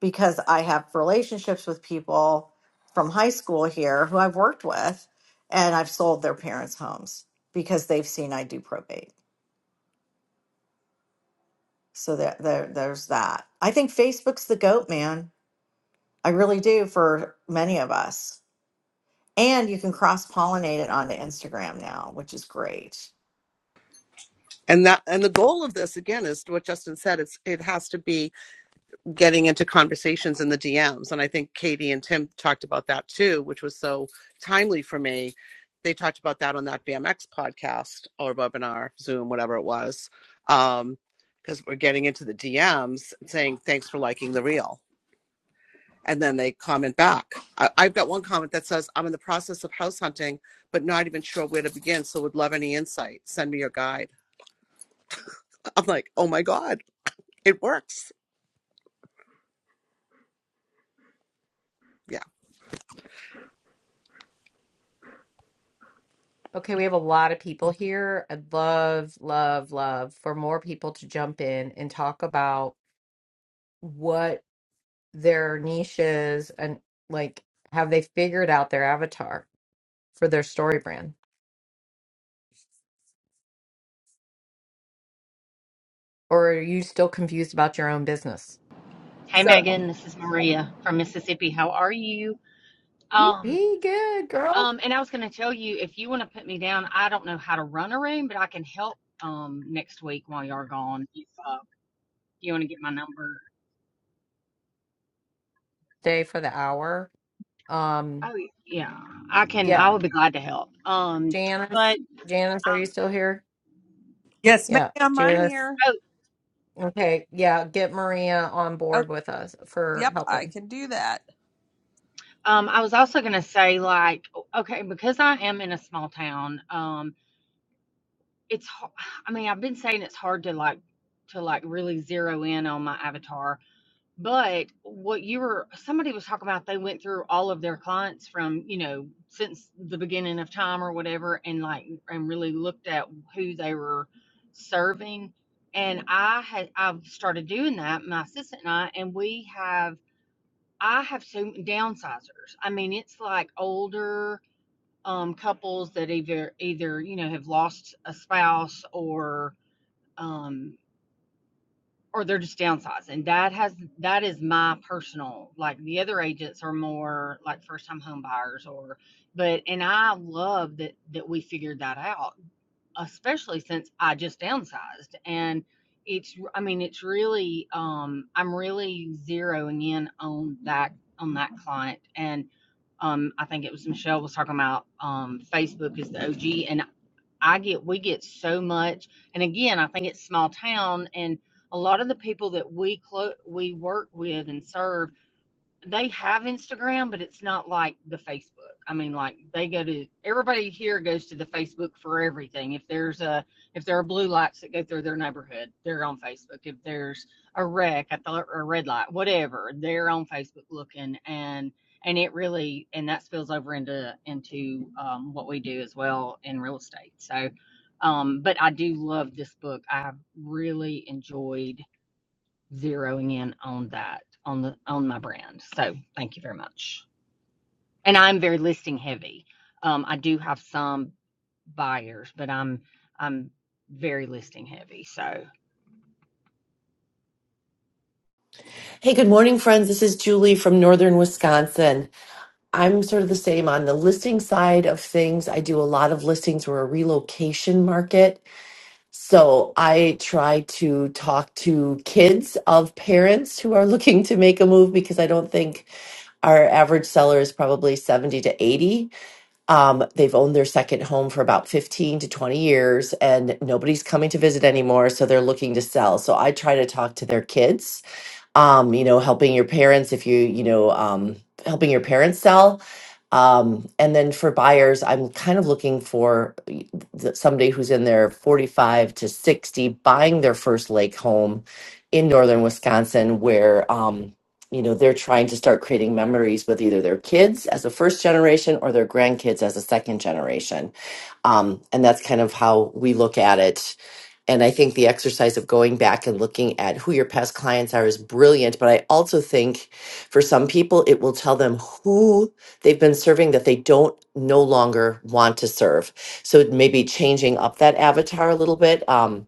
Speaker 7: because I have relationships with people from high school here who I've worked with and I've sold their parents' homes because they've seen I do probate. So there, there there's that. I think Facebook's the goat, man. I really do for many of us. And you can cross pollinate it onto Instagram now, which is great.
Speaker 5: And that and the goal of this again is what Justin said. It's it has to be getting into conversations in the DMs. And I think Katie and Tim talked about that too, which was so timely for me. They talked about that on that BMX podcast or webinar, Zoom, whatever it was. Um, because um, we're getting into the DMs saying, thanks for liking the reel. And then they comment back. I, I've got one comment that says, I'm in the process of house hunting, but not even sure where to begin. So would love any insight. Send me your guide. I'm like, oh my God, it works. Yeah.
Speaker 2: Okay, we have a lot of people here. I'd love, love, love for more people to jump in and talk about what their niche is and like have they figured out their avatar for their story brand? Or are you still confused about your own business?
Speaker 15: Hey
Speaker 11: So
Speaker 15: Megan, this is Maria from Mississippi. How are you? Um,
Speaker 2: Be good, girl.
Speaker 15: um, and I was going to tell you if you want to put me down, I don't know how to run a room, but I can help um next week while you're gone. If uh, you want to get my number,
Speaker 2: Stay for the hour. Um,
Speaker 15: oh yeah, I can. I
Speaker 2: yeah.
Speaker 15: would be glad to help. Um, but
Speaker 2: Janice, Janice, are you still here?
Speaker 16: Yes,
Speaker 2: Yeah,
Speaker 16: ma'am, I'm
Speaker 2: Janice.
Speaker 16: here.
Speaker 15: uh, oh,
Speaker 2: Okay, yeah, get Maria on
Speaker 16: Oh,
Speaker 2: board with us for
Speaker 16: yep, I
Speaker 2: helping.
Speaker 16: can do that.
Speaker 15: um, I was also going to say like, okay, because I am in a small town, um, it's. har- I mean, I've been saying it's hard to like to like really zero in on my avatar But what you were somebody was talking about they went through all of their clients from, you know, since the beginning of time or whatever and like and really looked at who they were serving. And I had I've started doing that, my assistant and I, and we have I have some downsizers. I mean, it's like older um couples that either either, you know, have lost a spouse or um or they're just downsizing. That has that is my personal like the other agents are more like first time home buyers or but and I love that that we figured that out, especially since I just downsized and it's I mean it's really um I'm really zeroing in on that on that client and um I think it was Michelle was talking about um Facebook is the OG and I get we get so much, and again, I think it's small town, and a lot of the people that we clo- we work with and serve they have Instagram, but it's not like the Facebook. I mean, like they go to everybody here goes to the Facebook for everything. If there's a if there are blue lights that go through their neighborhood, they're on Facebook. If there's a wreck at the or a red light, whatever, they're on Facebook looking and and it really and that spills over into into um, what we do as well in real estate. So, um, but I do love this book. I've really enjoyed zeroing in on that on the on my brand. So thank you very much. And I'm very listing heavy. Um, I do have some buyers, but I'm I'm very listing heavy. So
Speaker 17: Hey, good morning, friends. This is Julie from Northern Wisconsin. I'm sort of the same on the listing side of things. I do a lot of listings. We're a relocation market. So I try to talk to kids of parents who are looking to make a move because I don't think our average seller is probably 70 to 80. Um, they've owned their second home for about 15 to 20 years and nobody's coming to visit anymore. So they're looking to sell. So I try to talk to their kids um, you know, helping your parents if you, you know, um, helping your parents sell. Um, and then for buyers, I'm kind of looking for y- th- somebody who's in their 45 to 60 buying their first lake home in northern Wisconsin, where, um, you know, they're trying to start creating memories with either their kids as a first generation or their grandkids as a second generation. Um, and that's kind of how we look at it and I think the exercise of going back and looking at who your past clients are is brilliant. But I also think for some people, it will tell them who they've been serving that they don't no longer want to serve. So maybe changing up that avatar a little bit. Um,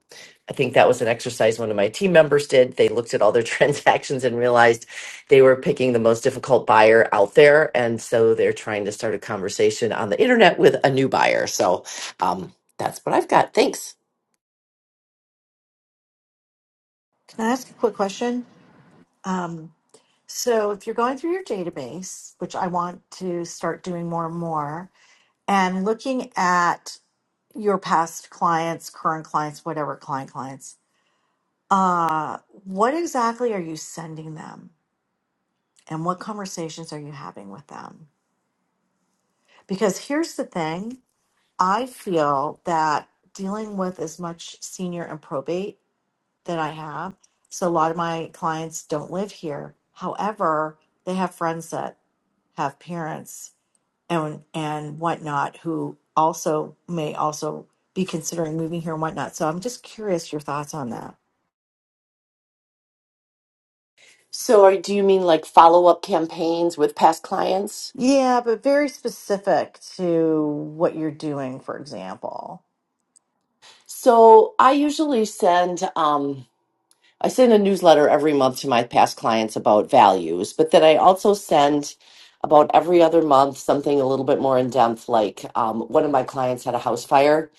Speaker 17: I think that was an exercise one of my team members did. They looked at all their transactions and realized they were picking the most difficult buyer out there. And so they're trying to start a conversation on the internet with a new buyer. So um, that's what I've got. Thanks.
Speaker 7: Can I ask a quick question? Um, so, if you're going through your database, which I want to start doing more and more, and looking at your past clients, current clients, whatever client clients, uh, what exactly are you sending them? And what conversations are you having with them? Because here's the thing I feel that dealing with as much senior and probate that I have, so a lot of my clients don't live here. However, they have friends that have parents and and whatnot who also may also be considering moving here and whatnot. So I'm just curious your thoughts on that.
Speaker 17: So, are, do you mean like follow up campaigns with past clients?
Speaker 7: Yeah, but very specific to what you're doing, for example.
Speaker 17: So, I usually send um, I send a newsletter every month to my past clients about values, but then I also send about every other month something a little bit more in depth. Like um, one of my clients had a house fire,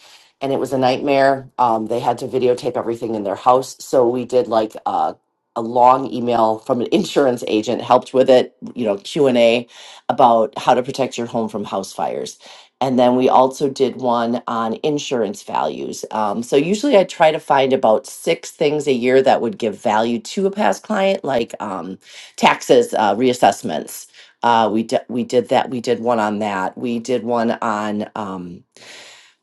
Speaker 17: and it was a nightmare. Um, they had to videotape everything in their house, so we did like a a long email from an insurance agent helped with it you know q&a about how to protect your home from house fires And then we also did one on insurance values. Um, so usually I try to find about six things a year that would give value to a past client, like um, taxes, uh, reassessments. Uh, we, d- we did that. We did one on that. We did one on. Um,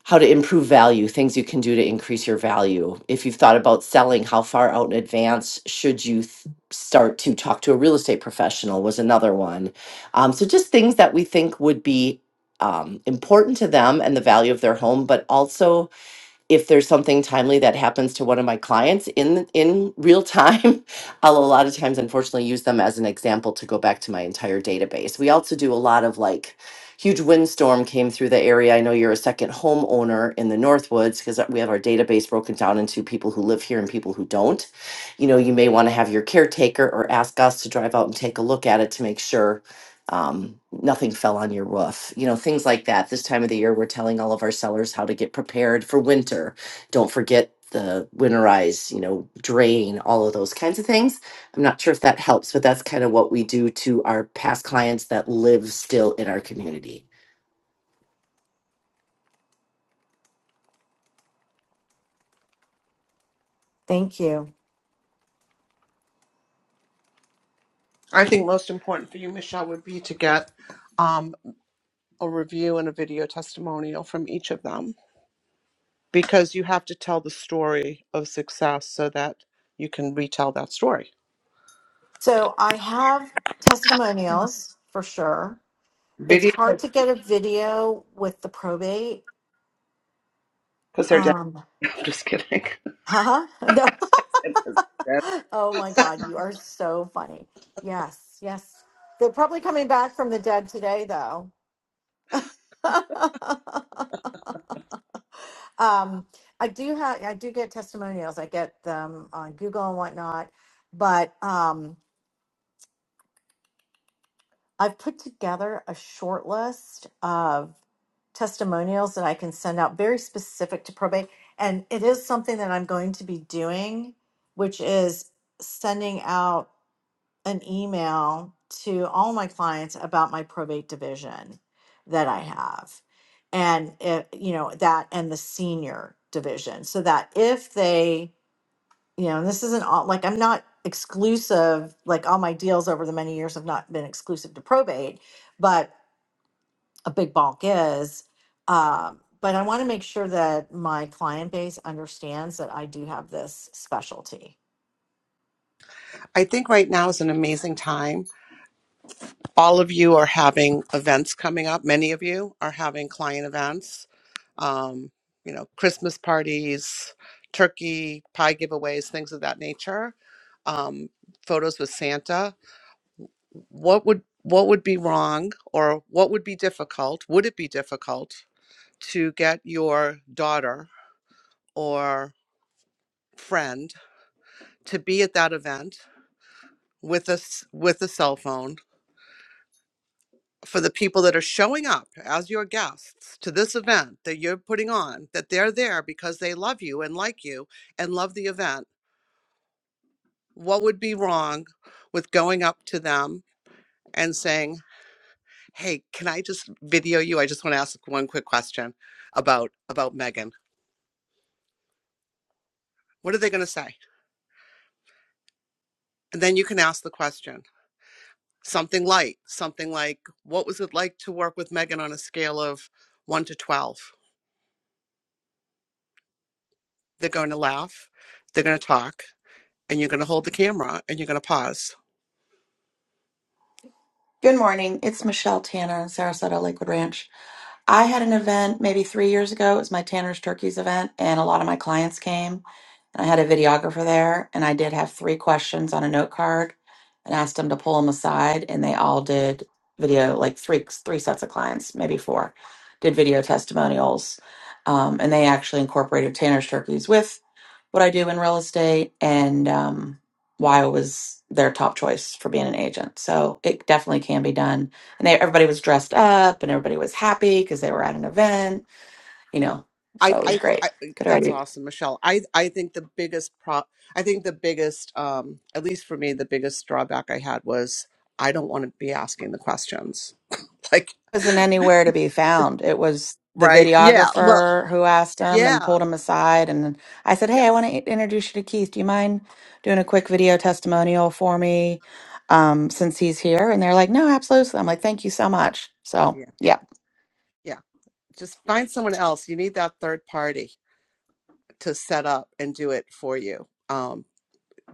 Speaker 17: how to improve value, things you can do to increase your value. If you've thought about selling, how far out in advance should you th- start to talk to a real estate professional? Was another one. Um, so, just things that we think would be um, important to them and the value of their home, but also if there's something timely that happens to one of my clients in in real time i'll a lot of times unfortunately use them as an example to go back to my entire database we also do a lot of like huge windstorm came through the area i know you're a second homeowner in the northwoods because we have our database broken down into people who live here and people who don't you know you may want to have your caretaker or ask us to drive out and take a look at it to make sure um, nothing fell on your roof, you know, things like that. This time of the year, we're telling all of our sellers how to get prepared for winter. Don't forget the winterize, you know, drain, all of those kinds of things. I'm not sure if that helps, but that's kind of what we do to our past clients that live still in our community.
Speaker 7: Thank you.
Speaker 5: I think most important for you, Michelle, would be to get um, a review and a video testimonial from each of them because you have to tell the story of success so that you can retell that story.
Speaker 7: So I have testimonials for sure. It's
Speaker 5: Video,
Speaker 7: hard to get a video with the probate.
Speaker 5: because they're dead.
Speaker 7: Um,
Speaker 5: I'm just kidding.
Speaker 7: huh? No. oh my God, you are so funny. Yes, yes. They're probably coming back from the dead today, though. um, I do have, I do get testimonials. I get them on Google and whatnot, but um, I've put together a short list of testimonials that I can send out very specific to probate. And it is something that I'm going to be doing, which is sending out an email to all my clients about my probate division that I have. And it, you know, that and the senior division so that if they, you know, and this isn't all like I'm not exclusive, like all my deals over the many years have not been exclusive to probate, but a big bulk is. Um, but I want to make sure that my client base understands that I do have this specialty.
Speaker 5: I think right now is an amazing time all of you are having events coming up. Many of you are having client events, um, you know, Christmas parties, turkey, pie giveaways, things of that nature, um, photos with Santa. What would what would be wrong or what would be difficult? Would it be difficult to get your daughter or friend to be at that event with us with a cell phone for the people that are showing up as your guests to this event that you're putting on, that they're there because they love you and like you and love the event, what would be wrong with going up to them and saying, "Hey, can I just video you? I just want to ask one quick question about about Megan." What are they going to say? And then you can ask the question. Something light, something like, "What was it like to work with Megan on a scale of 1 to 12?" They're going to laugh. They're going to talk. and you're going to hold the camera and you're going to pause.
Speaker 18: Good morning. It's Michelle Tanner in Sarasota Lakewood Ranch. I had an event maybe three years ago. It was my Tanner's Turkeys event, and a lot of my clients came. And I had a videographer there, and I did have three questions on a note card, and asked them to pull them aside, and they all did video, like three three sets of clients, maybe four, did video testimonials, um, and they actually incorporated Tanner's Turkeys with what I do in real estate and um, why I was their top choice for being an agent. So it definitely can be done. And they, everybody was dressed up and everybody was happy because they were at an event, you know,
Speaker 5: I,
Speaker 18: so it was
Speaker 5: I,
Speaker 18: great.
Speaker 5: I,
Speaker 18: Good
Speaker 5: that's
Speaker 18: idea. It
Speaker 5: awesome, Michelle. I, I think the biggest pro, I think the biggest, um, at least for me, the biggest drawback I had was I don't want to be asking the questions. Like,
Speaker 18: Wasn't anywhere to be found. It was the
Speaker 5: right? Yeah. Well,
Speaker 18: videographer who asked him and
Speaker 5: yeah.
Speaker 18: pulled him aside. And I said, Hey, I want
Speaker 5: Yes.
Speaker 18: to introduce you to Keith. Do you mind doing a quick video testimonial for me um, since he's here? And they're like, No, absolutely. I'm like, Thank you so much. So,
Speaker 5: Yeah.
Speaker 18: yeah.
Speaker 5: Yeah. Just find someone else. You need that third party to set up and do it for you. Um,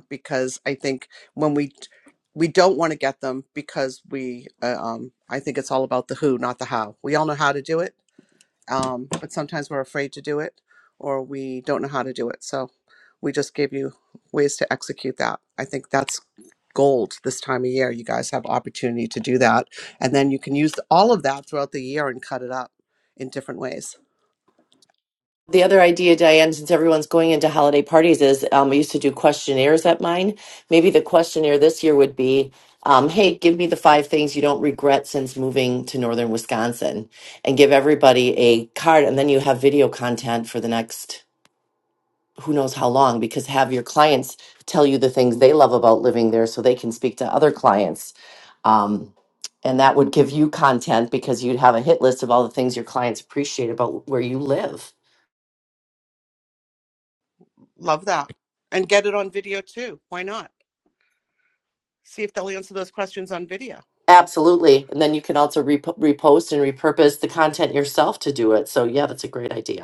Speaker 5: because I think when we we don't want to get them because we uh, um, I think it's all about the who, not the how. We all know how to do it, um, but sometimes we're afraid to do it or we don't know how to do it. So we just gave you ways to execute that. I think that's gold this time of year. You guys have opportunity to do that, and then you can use all of that throughout the year and cut it up in different ways.
Speaker 17: The other idea, Diane, since everyone's going into holiday parties, is um, I used to do questionnaires at mine. Maybe the questionnaire this year would be, um, "Hey, give me the five things you don't regret since moving to northern Wisconsin," and give everybody a card, and then you have video content for the next who knows how long, because have your clients tell you the things they love about living there, so they can speak to other clients. Um, and that would give you content because you'd have a hit list of all the things your clients appreciate about where you live
Speaker 5: Love that. And get it on video too. Why not? See if they'll answer those questions on video.
Speaker 17: Absolutely. And then you can also rep- repost and repurpose the content yourself to do it. So, yeah, that's a great idea.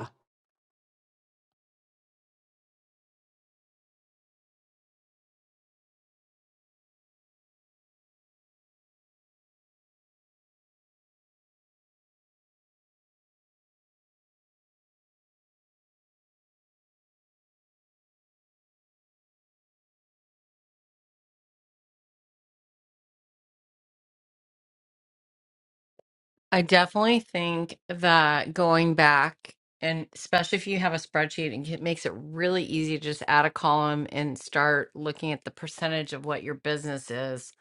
Speaker 2: I definitely think that going back, and especially if you have a spreadsheet, it makes it really easy to just add a column and start looking at the percentage of what your business is.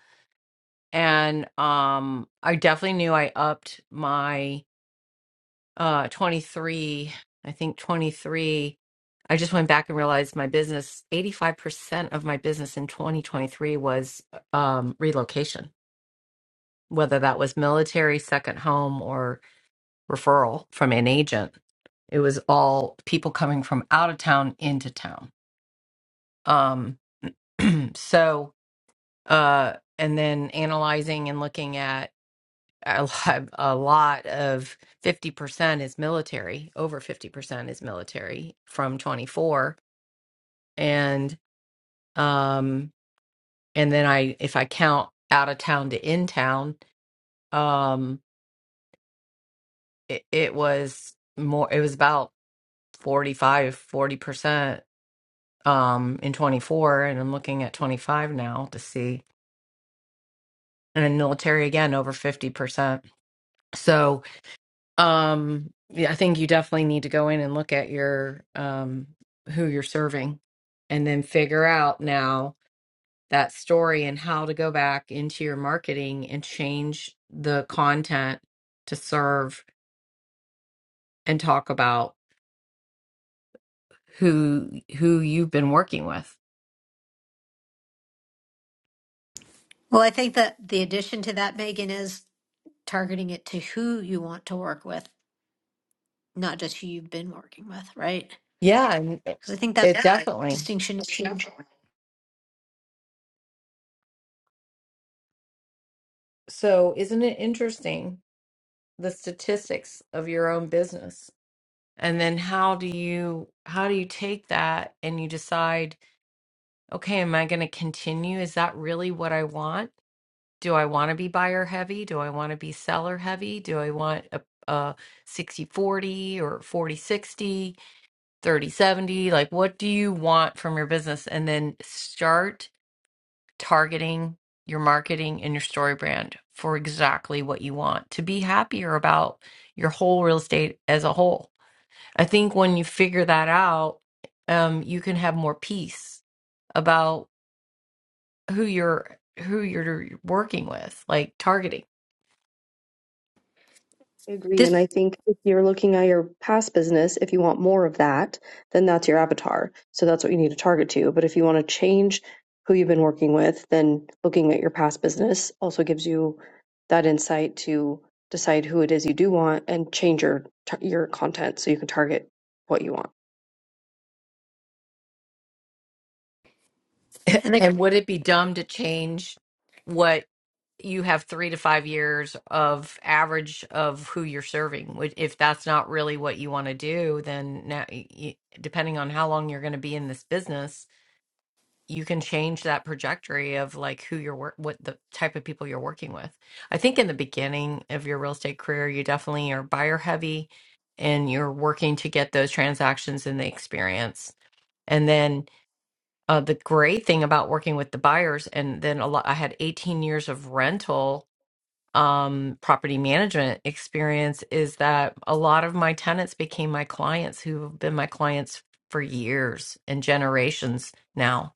Speaker 2: And um, I definitely knew I upped my uh 23, I think 23. I just went back and realized my business, 85% of my business in 2023 was um relocation, whether that was military, second home, or referral from an agent. It was all people coming from out of town into town. Um, so, uh, and then analyzing and looking at a lot, a lot of 50% is military, over 50% is military from 24. And, um, and then I, if I count out of town to in town, um, it, it was more, it was about forty five, forty percent um, in 24, and I'm looking at 25 now to see. And in military again, over 50%. So um, yeah, I think you definitely need to go in and look at your um, who you're serving, and then figure out now that story and how to go back into your marketing and change the content to serve and talk about who who you've been working with.
Speaker 13: Well, I think that the addition to that, Megan, is targeting it to who you want to work with, not just who you've been working with, right?
Speaker 2: Yeah, and
Speaker 13: Because I think that
Speaker 2: it
Speaker 13: Yeah.
Speaker 2: definitely.
Speaker 13: distinction is huge.
Speaker 2: So isn't it interesting the statistics of your own business and then how do you how do you take that and you decide okay am i going to continue is that really what i want do i want to be buyer heavy do i want to be seller heavy do i want a, a 60 40 or 40 60 30 70? like what do you want from your business and then start targeting your marketing and your story brand for exactly what you want to be happier about your whole real estate as a whole. I think when you figure that out, um, you can have more peace about who you're who you're working with, like targeting.
Speaker 1: I agree. And
Speaker 13: This
Speaker 1: I think if you're looking at your past business, if you want more of that, then that's your avatar. So that's what you need to target to. But if you want to change who you've been working with, then looking at your past business also gives you that insight to decide who it is you do want and change your tar- your content so you can target what you want.
Speaker 13: and the
Speaker 2: And would it be dumb to change what you have three to five years of average of who you're serving? Would- If that's not really what you want to do, then now, y- y- depending on how long you're going to be in this business, you can change that trajectory of like who you're work, what the type of people you're working with. I think in the beginning of your real estate career, you definitely are buyer heavy and you're working to get those transactions and the experience. And then uh, the great thing about working with the buyers, and then a lot, I had 18 years of rental um, property management experience, is that a lot of my tenants became my clients who have been my clients for years and generations now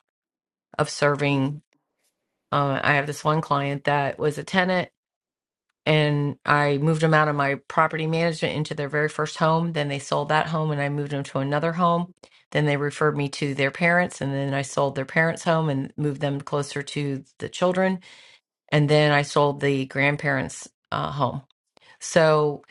Speaker 2: of serving. Uh, I have this one client that was a tenant and I moved them out of my property management into their very first home. Then they sold that home and I moved them to another home. Then they referred me to their parents and then I sold their parents' home and moved them closer to the children. And then I sold the grandparents' uh, home. So i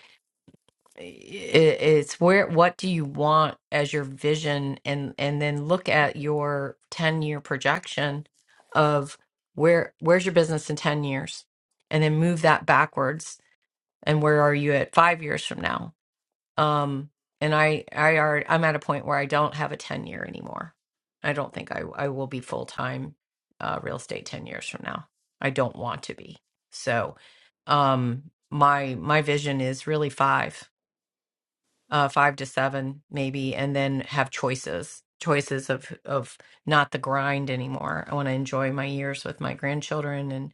Speaker 2: it's where what do you want as your vision and and then look at your 10 year projection of where where's your business in 10 years and then move that backwards and where are you at five years from now um and i i are i'm at a point where i don't have a 10 year anymore i don't think i i will be full time uh real estate 10 years from now i don't want to be so um my my vision is really five uh five to seven maybe and then have choices choices of of not the grind anymore i want to enjoy my years with my grandchildren and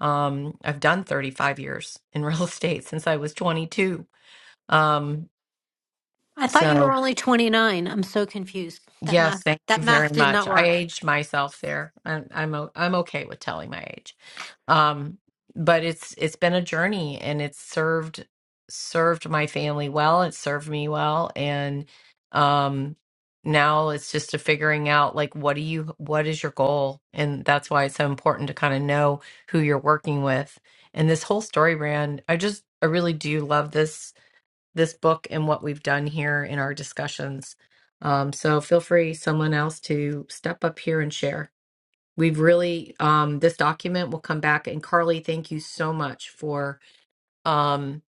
Speaker 2: um i've done 35 years in real estate since i was 22 um,
Speaker 13: I thought you were
Speaker 2: so
Speaker 13: only 29. I'm so confused. That
Speaker 2: yes,
Speaker 13: math
Speaker 2: thank you
Speaker 13: that
Speaker 2: very
Speaker 13: math did
Speaker 2: much.
Speaker 13: not
Speaker 2: I
Speaker 13: work.
Speaker 2: aged myself there. I'm I'm o- I'm okay with telling my age. Um, but it's it's been a journey and it's served served my family well, it served me well and um now it's just a figuring out like what do you what is your goal? And that's why it's so important to kind of know who you're working with. And this whole story brand, I just I really do love this this book and what we've done here in our discussions. Um, so feel free, someone else, to step up here and share. We've really, um, this document will come back. And Carly, thank you so much for um,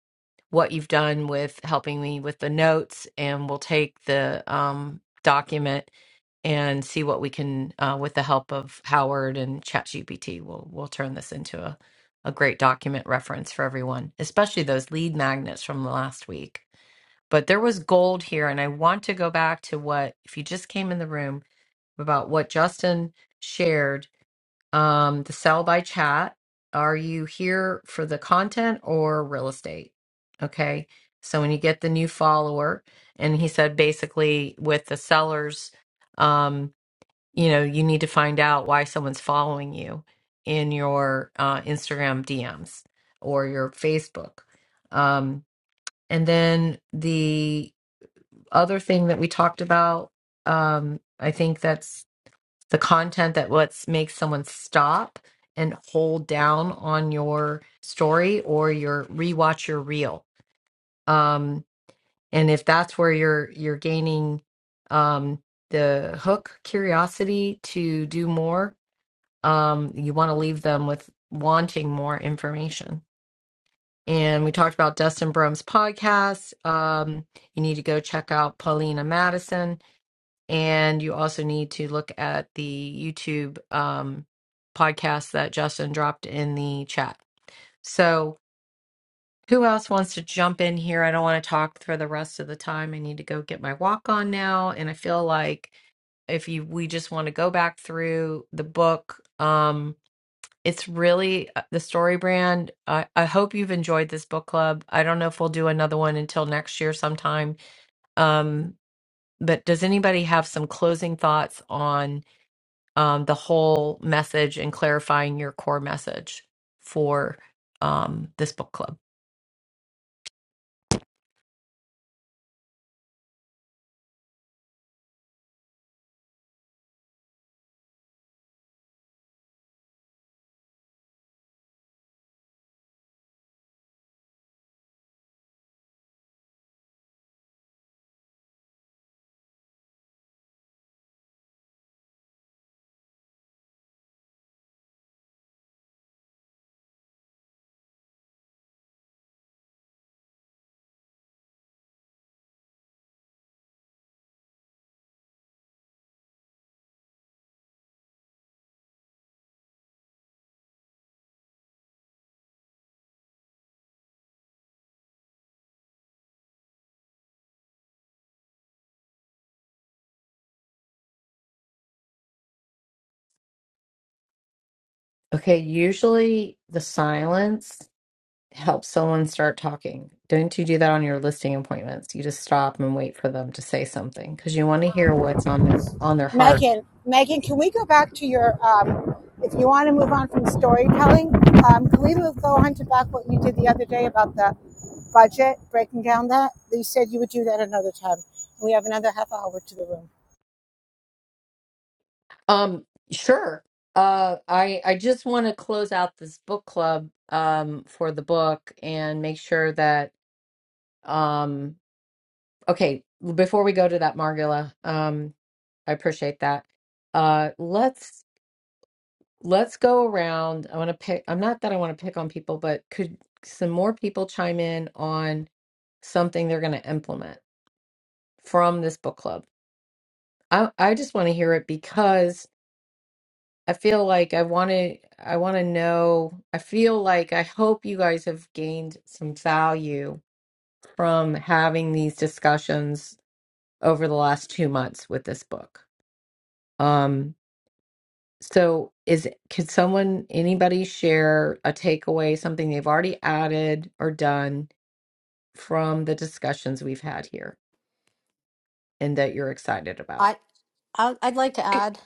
Speaker 2: what you've done with helping me with the notes. And we'll take the um, document and see what we can, uh, with the help of Howard and ChatGPT, we'll, we'll turn this into a, a great document reference for everyone, especially those lead magnets from last week but there was gold here and i want to go back to what if you just came in the room about what justin shared um the sell by chat are you here for the content or real estate okay so when you get the new follower and he said basically with the sellers um you know you need to find out why someone's following you in your uh, instagram dms or your facebook um and then the other thing that we talked about um i think that's the content that what's makes someone stop and hold down on your story or your rewatch your reel um and if that's where you're you're gaining um the hook curiosity to do more um you want to leave them with wanting more information and we talked about Dustin Brum's podcast um you need to go check out Paulina Madison And you also need to look at the YouTube um, podcast that Justin dropped in the chat. So, who else wants to jump in here? I don't want to talk for the rest of the time. I need to go get my walk on now. And I feel like if you we just want to go back through the book, um, it's really uh, the story brand. I, I hope you've enjoyed this book club. I don't know if we'll do another one until next year sometime. Um, but does anybody have some closing thoughts on? um, the whole message and clarifying your core message for um, this book club. Okay, usually the silence helps someone start talking. Don't you do that on your listing appointments? You just stop and wait for them to say something because you want to hear what's on their on their heart.
Speaker 19: Megan, Megan, can we go back to your, um, if you want to move on from storytelling, um, can we move, go on to back what you did the other day about the budget, breaking down that? You said you would do that another time. We have another half hour to the room.
Speaker 2: Um, sure. Uh, I I just want to close out this book club um for the book and make sure that um okay, before we go to that, Margula, Um. I appreciate that. Uh, let's let's go around. I want to pick. I'm not that I want to pick on people, but could some more people chime in on something they're going to implement from this book club? I I just want to hear it because I feel like I want to. I want to know. I feel like I hope you guys have gained some value from having these discussions over the last two months with this book. Um, So is could someone anybody share a takeaway, something they've already added or done from the discussions we've had here and that you're excited about?
Speaker 13: I I- I'd like to add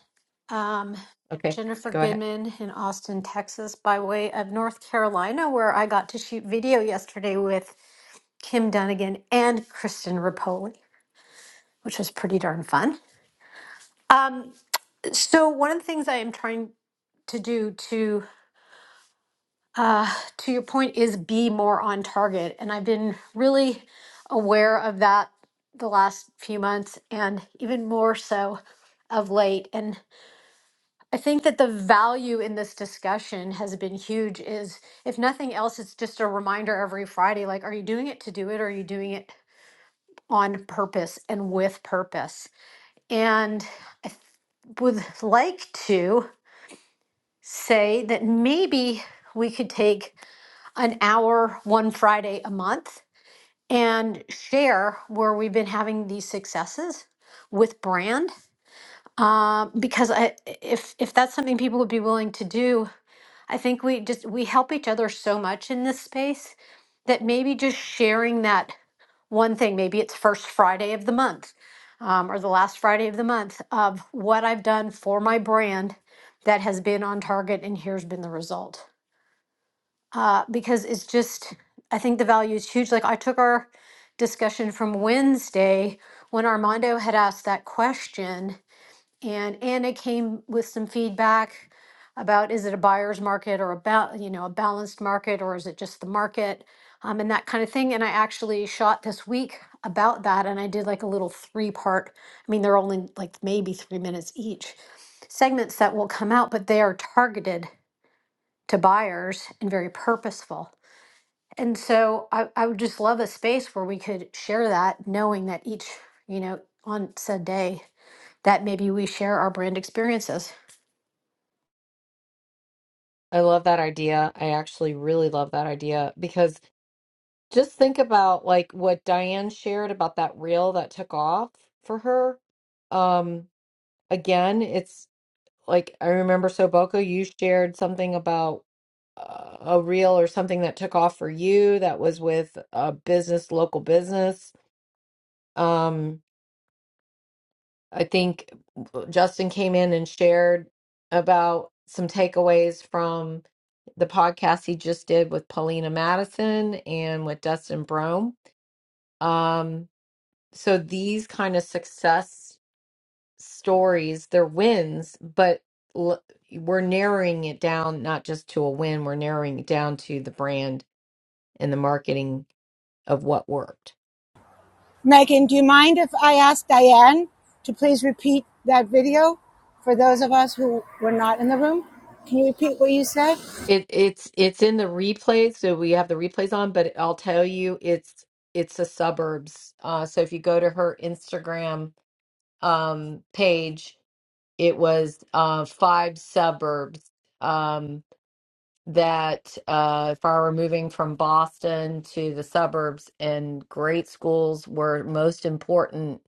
Speaker 13: um,
Speaker 2: Okay,
Speaker 13: Jennifer
Speaker 2: go ahead.
Speaker 13: Goodman in Austin, Texas, by way of North Carolina, where I got to shoot video yesterday with Kim Dunnigan and Kristen Rapoli, which was pretty darn fun. Um, so, one of the things I am trying to do to. uh, to your point, is be more on target. And I've been really aware of that the last few months and even more so of late. And I think that the value in this discussion has been huge is if nothing else, it's just a reminder every Friday, like, are you doing it to do it? Or are you doing it on purpose and with purpose? And would like to say that maybe we could take an hour one Friday a month and share where we've been having these successes with brand. Uh, because I, if if that's something people would be willing to do, I think we just we help each other so much in this space that maybe just sharing that one thing, maybe it's first Friday of the month um, or the last Friday of the month of what I've done for my brand that has been on target and here's been the result uh, because it's just, I think the value is huge. Like I took our discussion from Wednesday when Armando had asked that question, and Anna came with some feedback about is it a buyer's market or about you know a balanced market or is it just the market um, and that kind of thing. And I actually shot this week about that, and I did like a little three part. I mean, they're only like maybe three minutes each segments that will come out, but they are targeted to buyers and very purposeful. And so I, I would just love a space where we could share that, knowing that each, you know, on said day, that maybe we share our brand experiences.
Speaker 2: I love that idea. I actually really love that idea because just think about like what Diane shared about that reel that took off for her. Um again, it's like I remember Soboko, you shared something about a reel or something that took off for you that was with a business, local business. Um, I think Justin came in and shared about some takeaways from the podcast he just did with Paulina Madison and with Dustin Brome. Um, so these kind of success stories, they're wins, but l- we're narrowing it down not just to a win, we're narrowing it down to the brand and the marketing of what worked.
Speaker 19: Megan, do you mind if I ask Diane to please repeat that video for those of us who were not in the room? Can you repeat what you said?
Speaker 2: It it's it's in the replays, so we have the replays on, but I'll tell you it's it's the suburbs. Uh so if you go to her Instagram um page, it was uh five suburbs um that uh if I were moving from Boston to the suburbs and great schools were most important,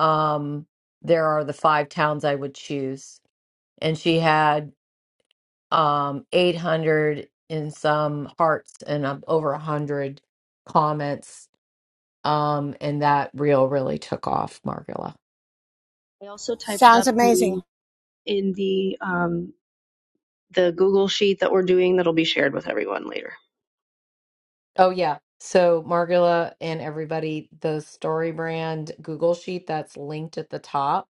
Speaker 2: um there are the five towns I would choose. And she had um 800 in some hearts and um, over 100 comments um and that reel really took off margula
Speaker 1: I also typed it
Speaker 19: Sounds
Speaker 1: up
Speaker 19: amazing.
Speaker 1: in in the um, the Google Sheet that we're doing that'll be shared with everyone later.
Speaker 2: oh yeah so margula and everybody the story brand google sheet that's linked at the top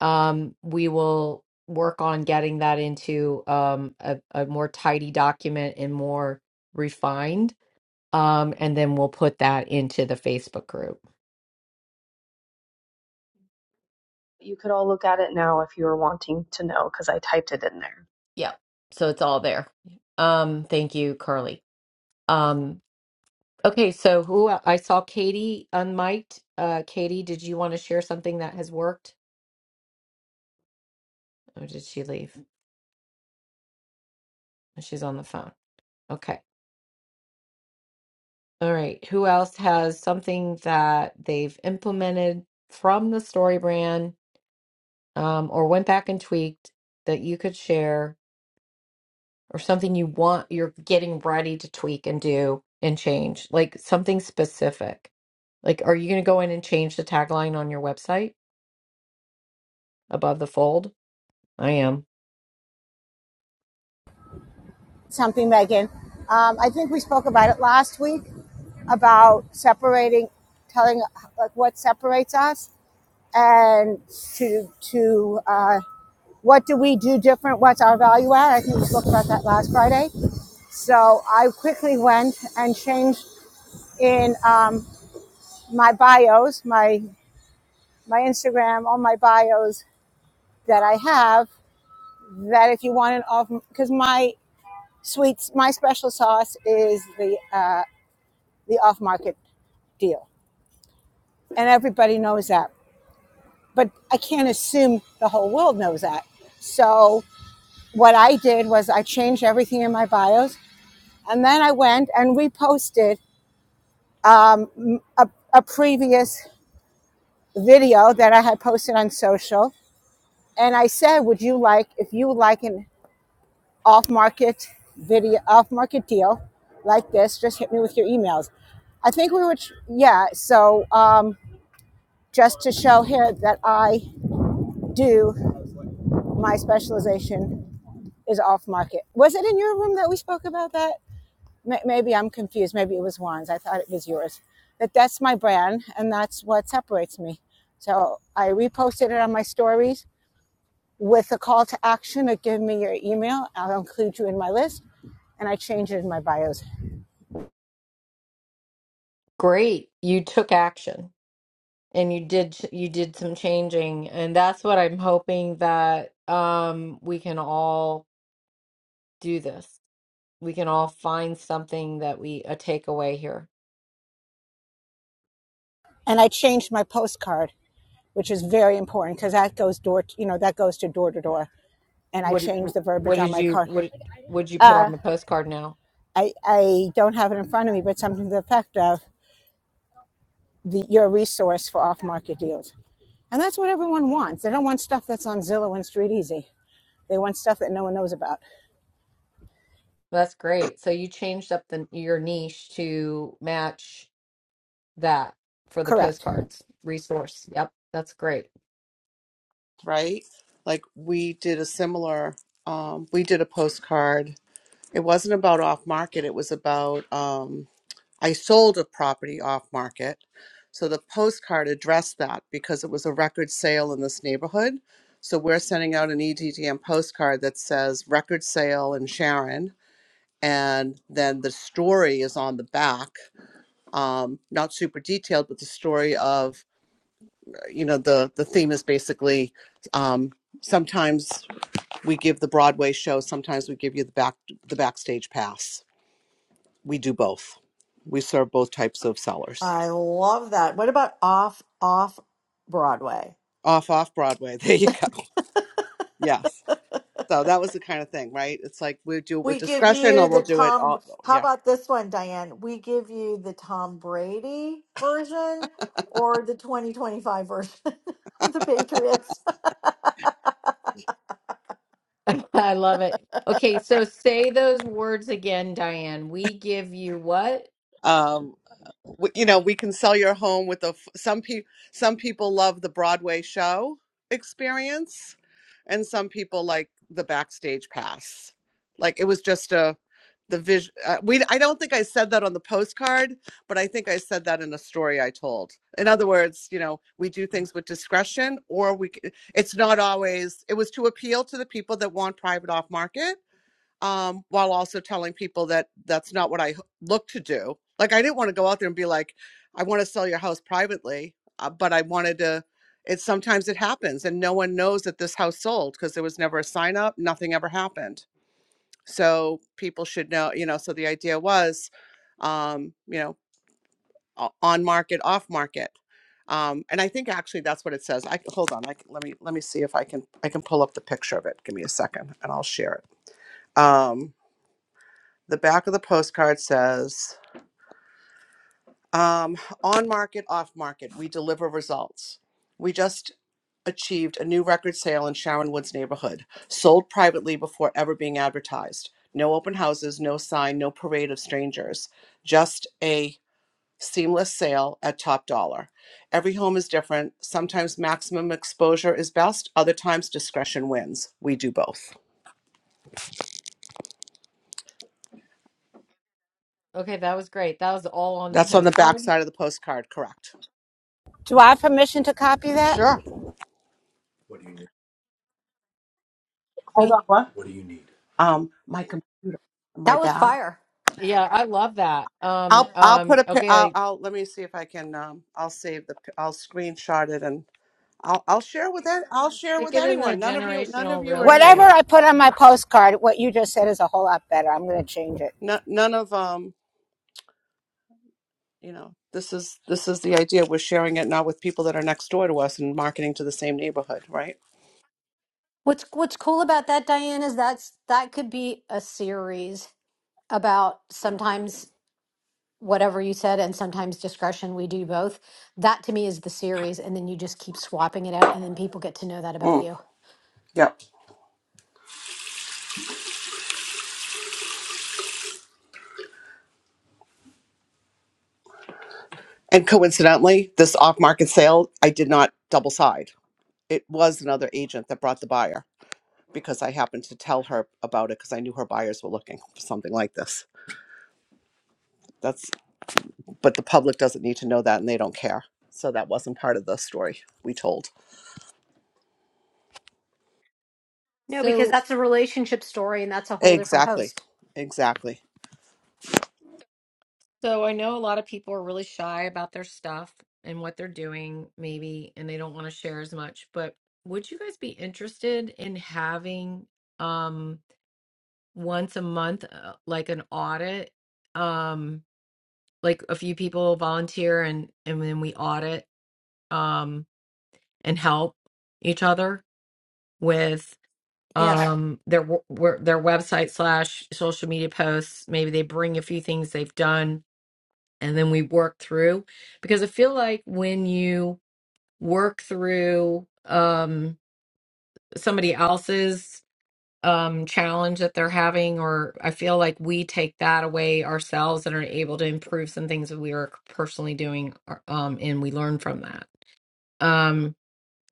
Speaker 2: um we will work on getting that into um a, a more tidy document and more refined um and then we'll put that into the facebook group
Speaker 1: You could all look at it now if you were wanting to know because I typed it in there.
Speaker 2: Yeah. So it's all there. Um, thank you, Carly. Um, okay, so who el- I saw Katie unmiked. Uh, Katie, did you want to share something that has worked? Or did she leave? She's on the phone. Okay. All right. Who else has something that they've implemented from the story brand um, or went back and tweaked that you could share or something you want you're getting ready to tweak and do and change, like something specific? Like, are you going to go in and change the tagline on your website above the fold? I am.
Speaker 19: something, Megan. Um, I think we spoke about it last week about separating, telling like what separates us, and to to uh, what do we do different? What's our value add? I think we spoke about that last Friday. So I quickly went and changed in um, my bios, my my Instagram, all my bios that I have. That if you want an off, because my sweets, my special sauce is the uh, the off market deal. And everybody knows that. But I can't assume the whole world knows that. So what I did was I changed everything in my bios. And then I went and reposted um, m- a, a previous video that I had posted on social. And I said, would you like, if you would like an off market video, off market deal like this, just hit me with your emails. I think we would, yeah. So um, just to show here that I do my specialization is off market. Was it in your room that we spoke about that? Maybe I'm confused. Maybe it was Juan's. I thought it was yours. But that's my brand and that's what separates me. So I reposted it on my stories with a call to action of give me your email. I'll include you in my list. And I changed it in my bios.
Speaker 2: Great. You took action and you did you did some changing and that's what I'm hoping that um we can all do this. We can all find something that we a takeaway here.
Speaker 19: And I changed my postcard, which is very important because that goes door, to, you know, that goes to door to door. And I
Speaker 2: What
Speaker 19: changed the verbiage
Speaker 2: what
Speaker 19: on
Speaker 2: did
Speaker 19: my
Speaker 2: you
Speaker 19: card.
Speaker 2: what would you put
Speaker 19: Uh,
Speaker 2: on the postcard now?
Speaker 19: I, I don't have it in front of me, but something to the effect of the, your resource for off market deals. And that's what everyone wants. They don't want stuff that's on Zillow and StreetEasy. They want stuff that no one knows about.
Speaker 2: That's great. So you changed up the your niche to match that for the
Speaker 19: Correct.
Speaker 2: postcards resource. Yep, that's great.
Speaker 5: right? Like we did a similar, um, we did a postcard. It wasn't about off market. It was about um, I sold a property off market, so the postcard addressed that because it was a record sale in this neighborhood. So we're sending out an EDTM postcard that says record sale in Sharon, and then the story is on the back. Um, not super detailed, but the story of you know the the theme is basically um, sometimes we give the Broadway show. Sometimes we give you the back the backstage pass. We do both. We serve both types of sellers.
Speaker 7: I love that. What about off off Broadway?
Speaker 5: Off off Broadway. There you go. Yes. So that was the kind of thing, right? It's like we do it with
Speaker 7: We give
Speaker 5: discretion,
Speaker 7: you
Speaker 5: or we'll
Speaker 7: the
Speaker 5: do it
Speaker 7: Tom.
Speaker 5: all.
Speaker 7: How
Speaker 5: Yeah.
Speaker 7: about this one, Diane? We give you the Tom Brady version or the 2025 version of the Patriots.
Speaker 2: I love it. Okay, so say those words again, Diane. We give you what?
Speaker 5: Um, w- you know, we can sell your home with a. f- Some people, some people love the Broadway show experience, and some people like the backstage pass. Like it was just a the vision. Uh, we I don't think I said that on the postcard, but I think I said that in a story I told. In other words, you know, we do things with discretion, or we. c- It's not always. It was to appeal to the people that want private off market um, while also telling people that that's not what I look to do. Like, I didn't want to go out there and be like, I want to sell your house privately, uh, but I wanted to. It sometimes it happens, and no one knows that this house sold because there was never a sign up. Nothing ever happened. So people should know, you know. So the idea was, um, you know, o- on market, off market, um, and I think actually that's what it says. I hold on. I c let me let me see if I can I can pull up the picture of it. Give me a second, and I'll share it. Um, the back of the postcard says, um, on market, off market, we deliver results. We just achieved a new record sale in Sharon Woods neighborhood, sold privately before ever being advertised. No open houses, no sign, no parade of strangers, just a seamless sale at top dollar. Every home is different. Sometimes maximum exposure is best, other times discretion wins. We do both.
Speaker 2: Okay, that was great. That was all on the
Speaker 5: That's on the back
Speaker 2: postcard.
Speaker 5: side of the postcard, correct?
Speaker 19: Do I have permission to copy that?
Speaker 5: Sure. Hold
Speaker 19: Me.
Speaker 5: on, what? Um, my computer, my
Speaker 13: That was
Speaker 5: back.
Speaker 13: fire.
Speaker 2: Yeah, I love that. Um,
Speaker 5: I'll I'll
Speaker 2: um,
Speaker 5: put a pic. I'll,
Speaker 2: okay,
Speaker 5: I'll let me see if I can. Um, I'll save the. pi- I'll screenshot it and I'll I'll share with that. I'll share
Speaker 2: stick
Speaker 5: with
Speaker 2: it in the
Speaker 5: anyone. None of you. None of
Speaker 2: generational
Speaker 5: you
Speaker 2: real
Speaker 5: are in my
Speaker 19: Whatever
Speaker 2: estate.
Speaker 5: mind.
Speaker 19: I put on my postcard, what you just said is a whole lot better. I'm going to change it.
Speaker 5: No, none of um. You know, this is this is the idea. We're sharing it not with people that are next door to us and marketing to the same neighborhood, right?
Speaker 13: What's what's cool about that, Diane, is that's that could be a series about sometimes whatever you said and sometimes discretion. We do both. That to me is the series, and then you just keep swapping it out, and then people get to know that about
Speaker 5: Mm,
Speaker 13: you.
Speaker 5: yep. And coincidentally, this off-market sale, I did not double side. It was another agent that brought the buyer. because I happened to tell her about it because I knew her buyers were looking for something like this. That's but the public doesn't need to know that and they don't care. So that wasn't part of the story we told.
Speaker 13: No, because
Speaker 2: So,
Speaker 13: that's a relationship story, and that's a whole different
Speaker 5: Exactly.
Speaker 13: post.
Speaker 5: Exactly.
Speaker 2: so I know a lot of people are really shy about their stuff and what they're doing, maybe, and they don't want to share as much, but would you guys be interested in having um once a month uh, like an audit? um like a few people volunteer and and then we audit um and help each other with
Speaker 13: Yes,
Speaker 2: um their w- wer- their website slash social media posts maybe they bring a few things they've done and then we work through because i feel like when you work through um somebody else's um challenge that they're having or I feel like we take that away ourselves and are able to improve some things that we are personally doing uh, um and we learn from that. Um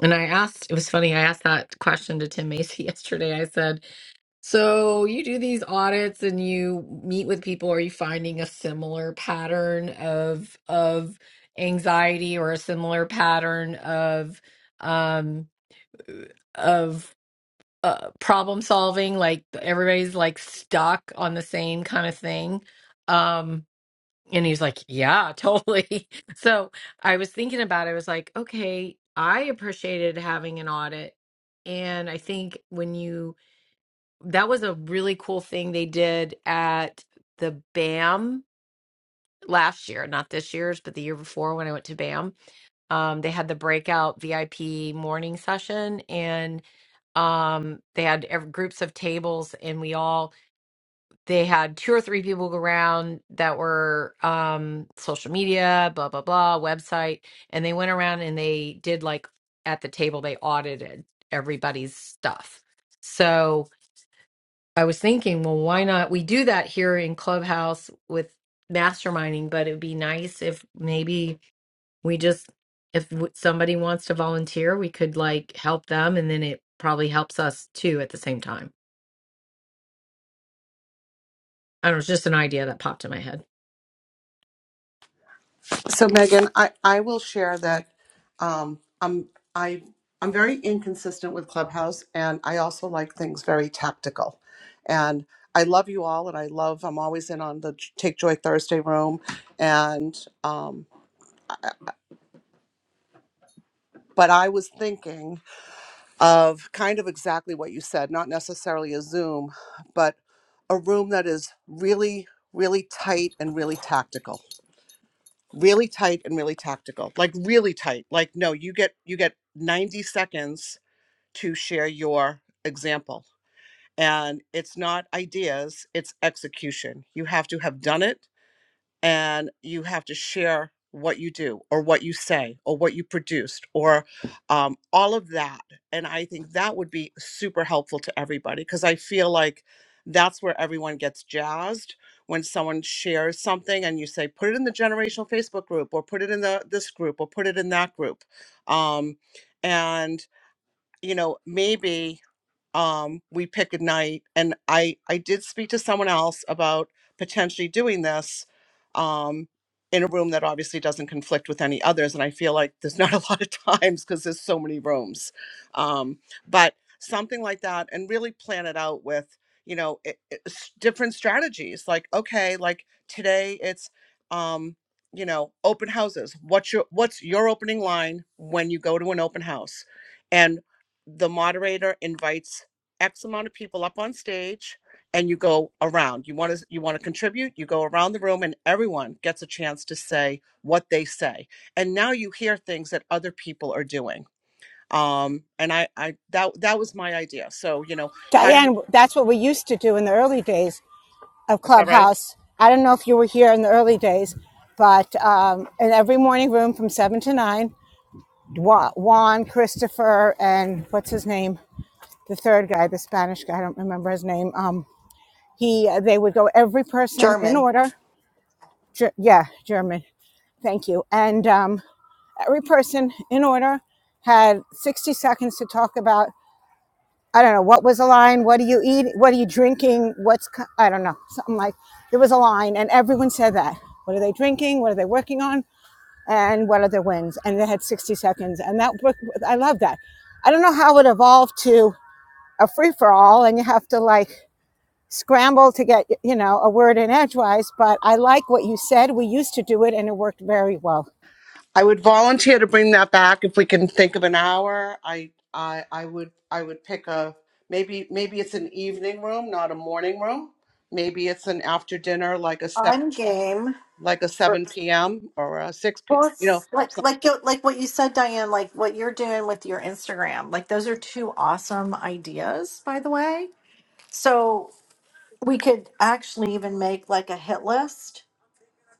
Speaker 2: and I asked it was funny I asked that question to Tim Macy yesterday. I said, "So you do these audits and you meet with people are you finding a similar pattern of of anxiety or a similar pattern of um of uh, problem solving like everybody's like stuck on the same kind of thing um and he's like yeah totally so i was thinking about it I was like okay i appreciated having an audit and i think when you that was a really cool thing they did at the bam last year not this year's but the year before when i went to bam um, they had the breakout vip morning session and um they had ev- groups of tables and we all they had two or three people go around that were um social media blah blah blah website and they went around and they did like at the table they audited everybody's stuff so i was thinking well why not we do that here in clubhouse with masterminding but it would be nice if maybe we just if w- somebody wants to volunteer we could like help them and then it probably helps us too at the same time I don't know, it's just an idea that popped in my head.
Speaker 5: So Megan, I, I will share that um I'm I I'm very inconsistent with Clubhouse and I also like things very tactical. And I love you all and I love I'm always in on the Take Joy Thursday room and um but I was thinking of kind of exactly what you said, not necessarily a Zoom, but a room that is really, really tight and really tactical. Really tight and really tactical. Like really tight. Like no, you get you get 90 seconds to share your example. And it's not ideas, it's execution. You have to have done it and you have to share what you do or what you say or what you produced or um, all of that and i think that would be super helpful to everybody because i feel like that's where everyone gets jazzed when someone shares something and you say put it in the generational facebook group or put it in the this group or put it in that group um, and you know maybe um, we pick a night and i i did speak to someone else about potentially doing this um, in a room that obviously doesn't conflict with any others and i feel like there's not a lot of times because there's so many rooms um, but something like that and really plan it out with you know it, it's different strategies like okay like today it's um, you know open houses what's your what's your opening line when you go to an open house and the moderator invites X amount of people up on stage and you go around. You want to you want to contribute, you go around the room and everyone gets a chance to say what they say. And now you hear things that other people are doing. Um and I I that that was my idea. So, you know, how do you
Speaker 19: Diane, that's what we used to do in the early days of
Speaker 5: is that right?
Speaker 19: Clubhouse. I don't know if you were here in the early days, but um, in every morning room from 7 to 9, Juan Christopher and what's his name? The third guy, the Spanish guy. I don't remember his name. Um, he they would go every person in
Speaker 20: German.
Speaker 19: order. Ger- yeah, German. Thank you. And um, every person in order had 60 seconds to talk about. I don't know what was a line. What do you eat? What are you drinking? What's co- I don't know something like. There was a line, and everyone said that. What are they drinking? What are they working on? and what other wins and they had 60 seconds and that book i love that i don't know how it evolved to a free-for-all and you have to like scramble to get you know a word in edgewise but i like what you said we used to do it and it worked very well
Speaker 5: I would volunteer to bring that back if we can think of an hour. I I I would I would pick a maybe maybe it's an evening room, not a morning room. Maybe it's an after dinner like a
Speaker 7: I'm game
Speaker 5: like a
Speaker 7: for.
Speaker 5: 7 p.m. or a 6 p.
Speaker 7: Well,
Speaker 5: You know,
Speaker 7: it's like like you- like what you said, Diane. Like what you're doing with your Instagram. Like those are two awesome ideas, by the way. So we could actually even make like a hit list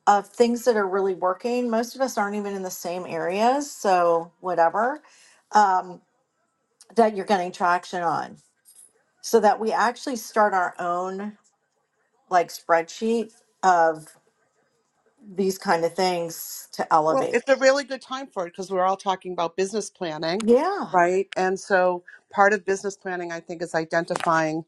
Speaker 7: of things that are really working. Most of us aren't even in the same areas, so whatever um, that you're getting traction on, so that we actually start our own like spreadsheet of these kind of things to
Speaker 5: Well,
Speaker 7: elevate.
Speaker 5: it's a really good time for it because we're all talking about business planning,
Speaker 7: Yeah,
Speaker 5: right? And so part of business planning, I think, is identifying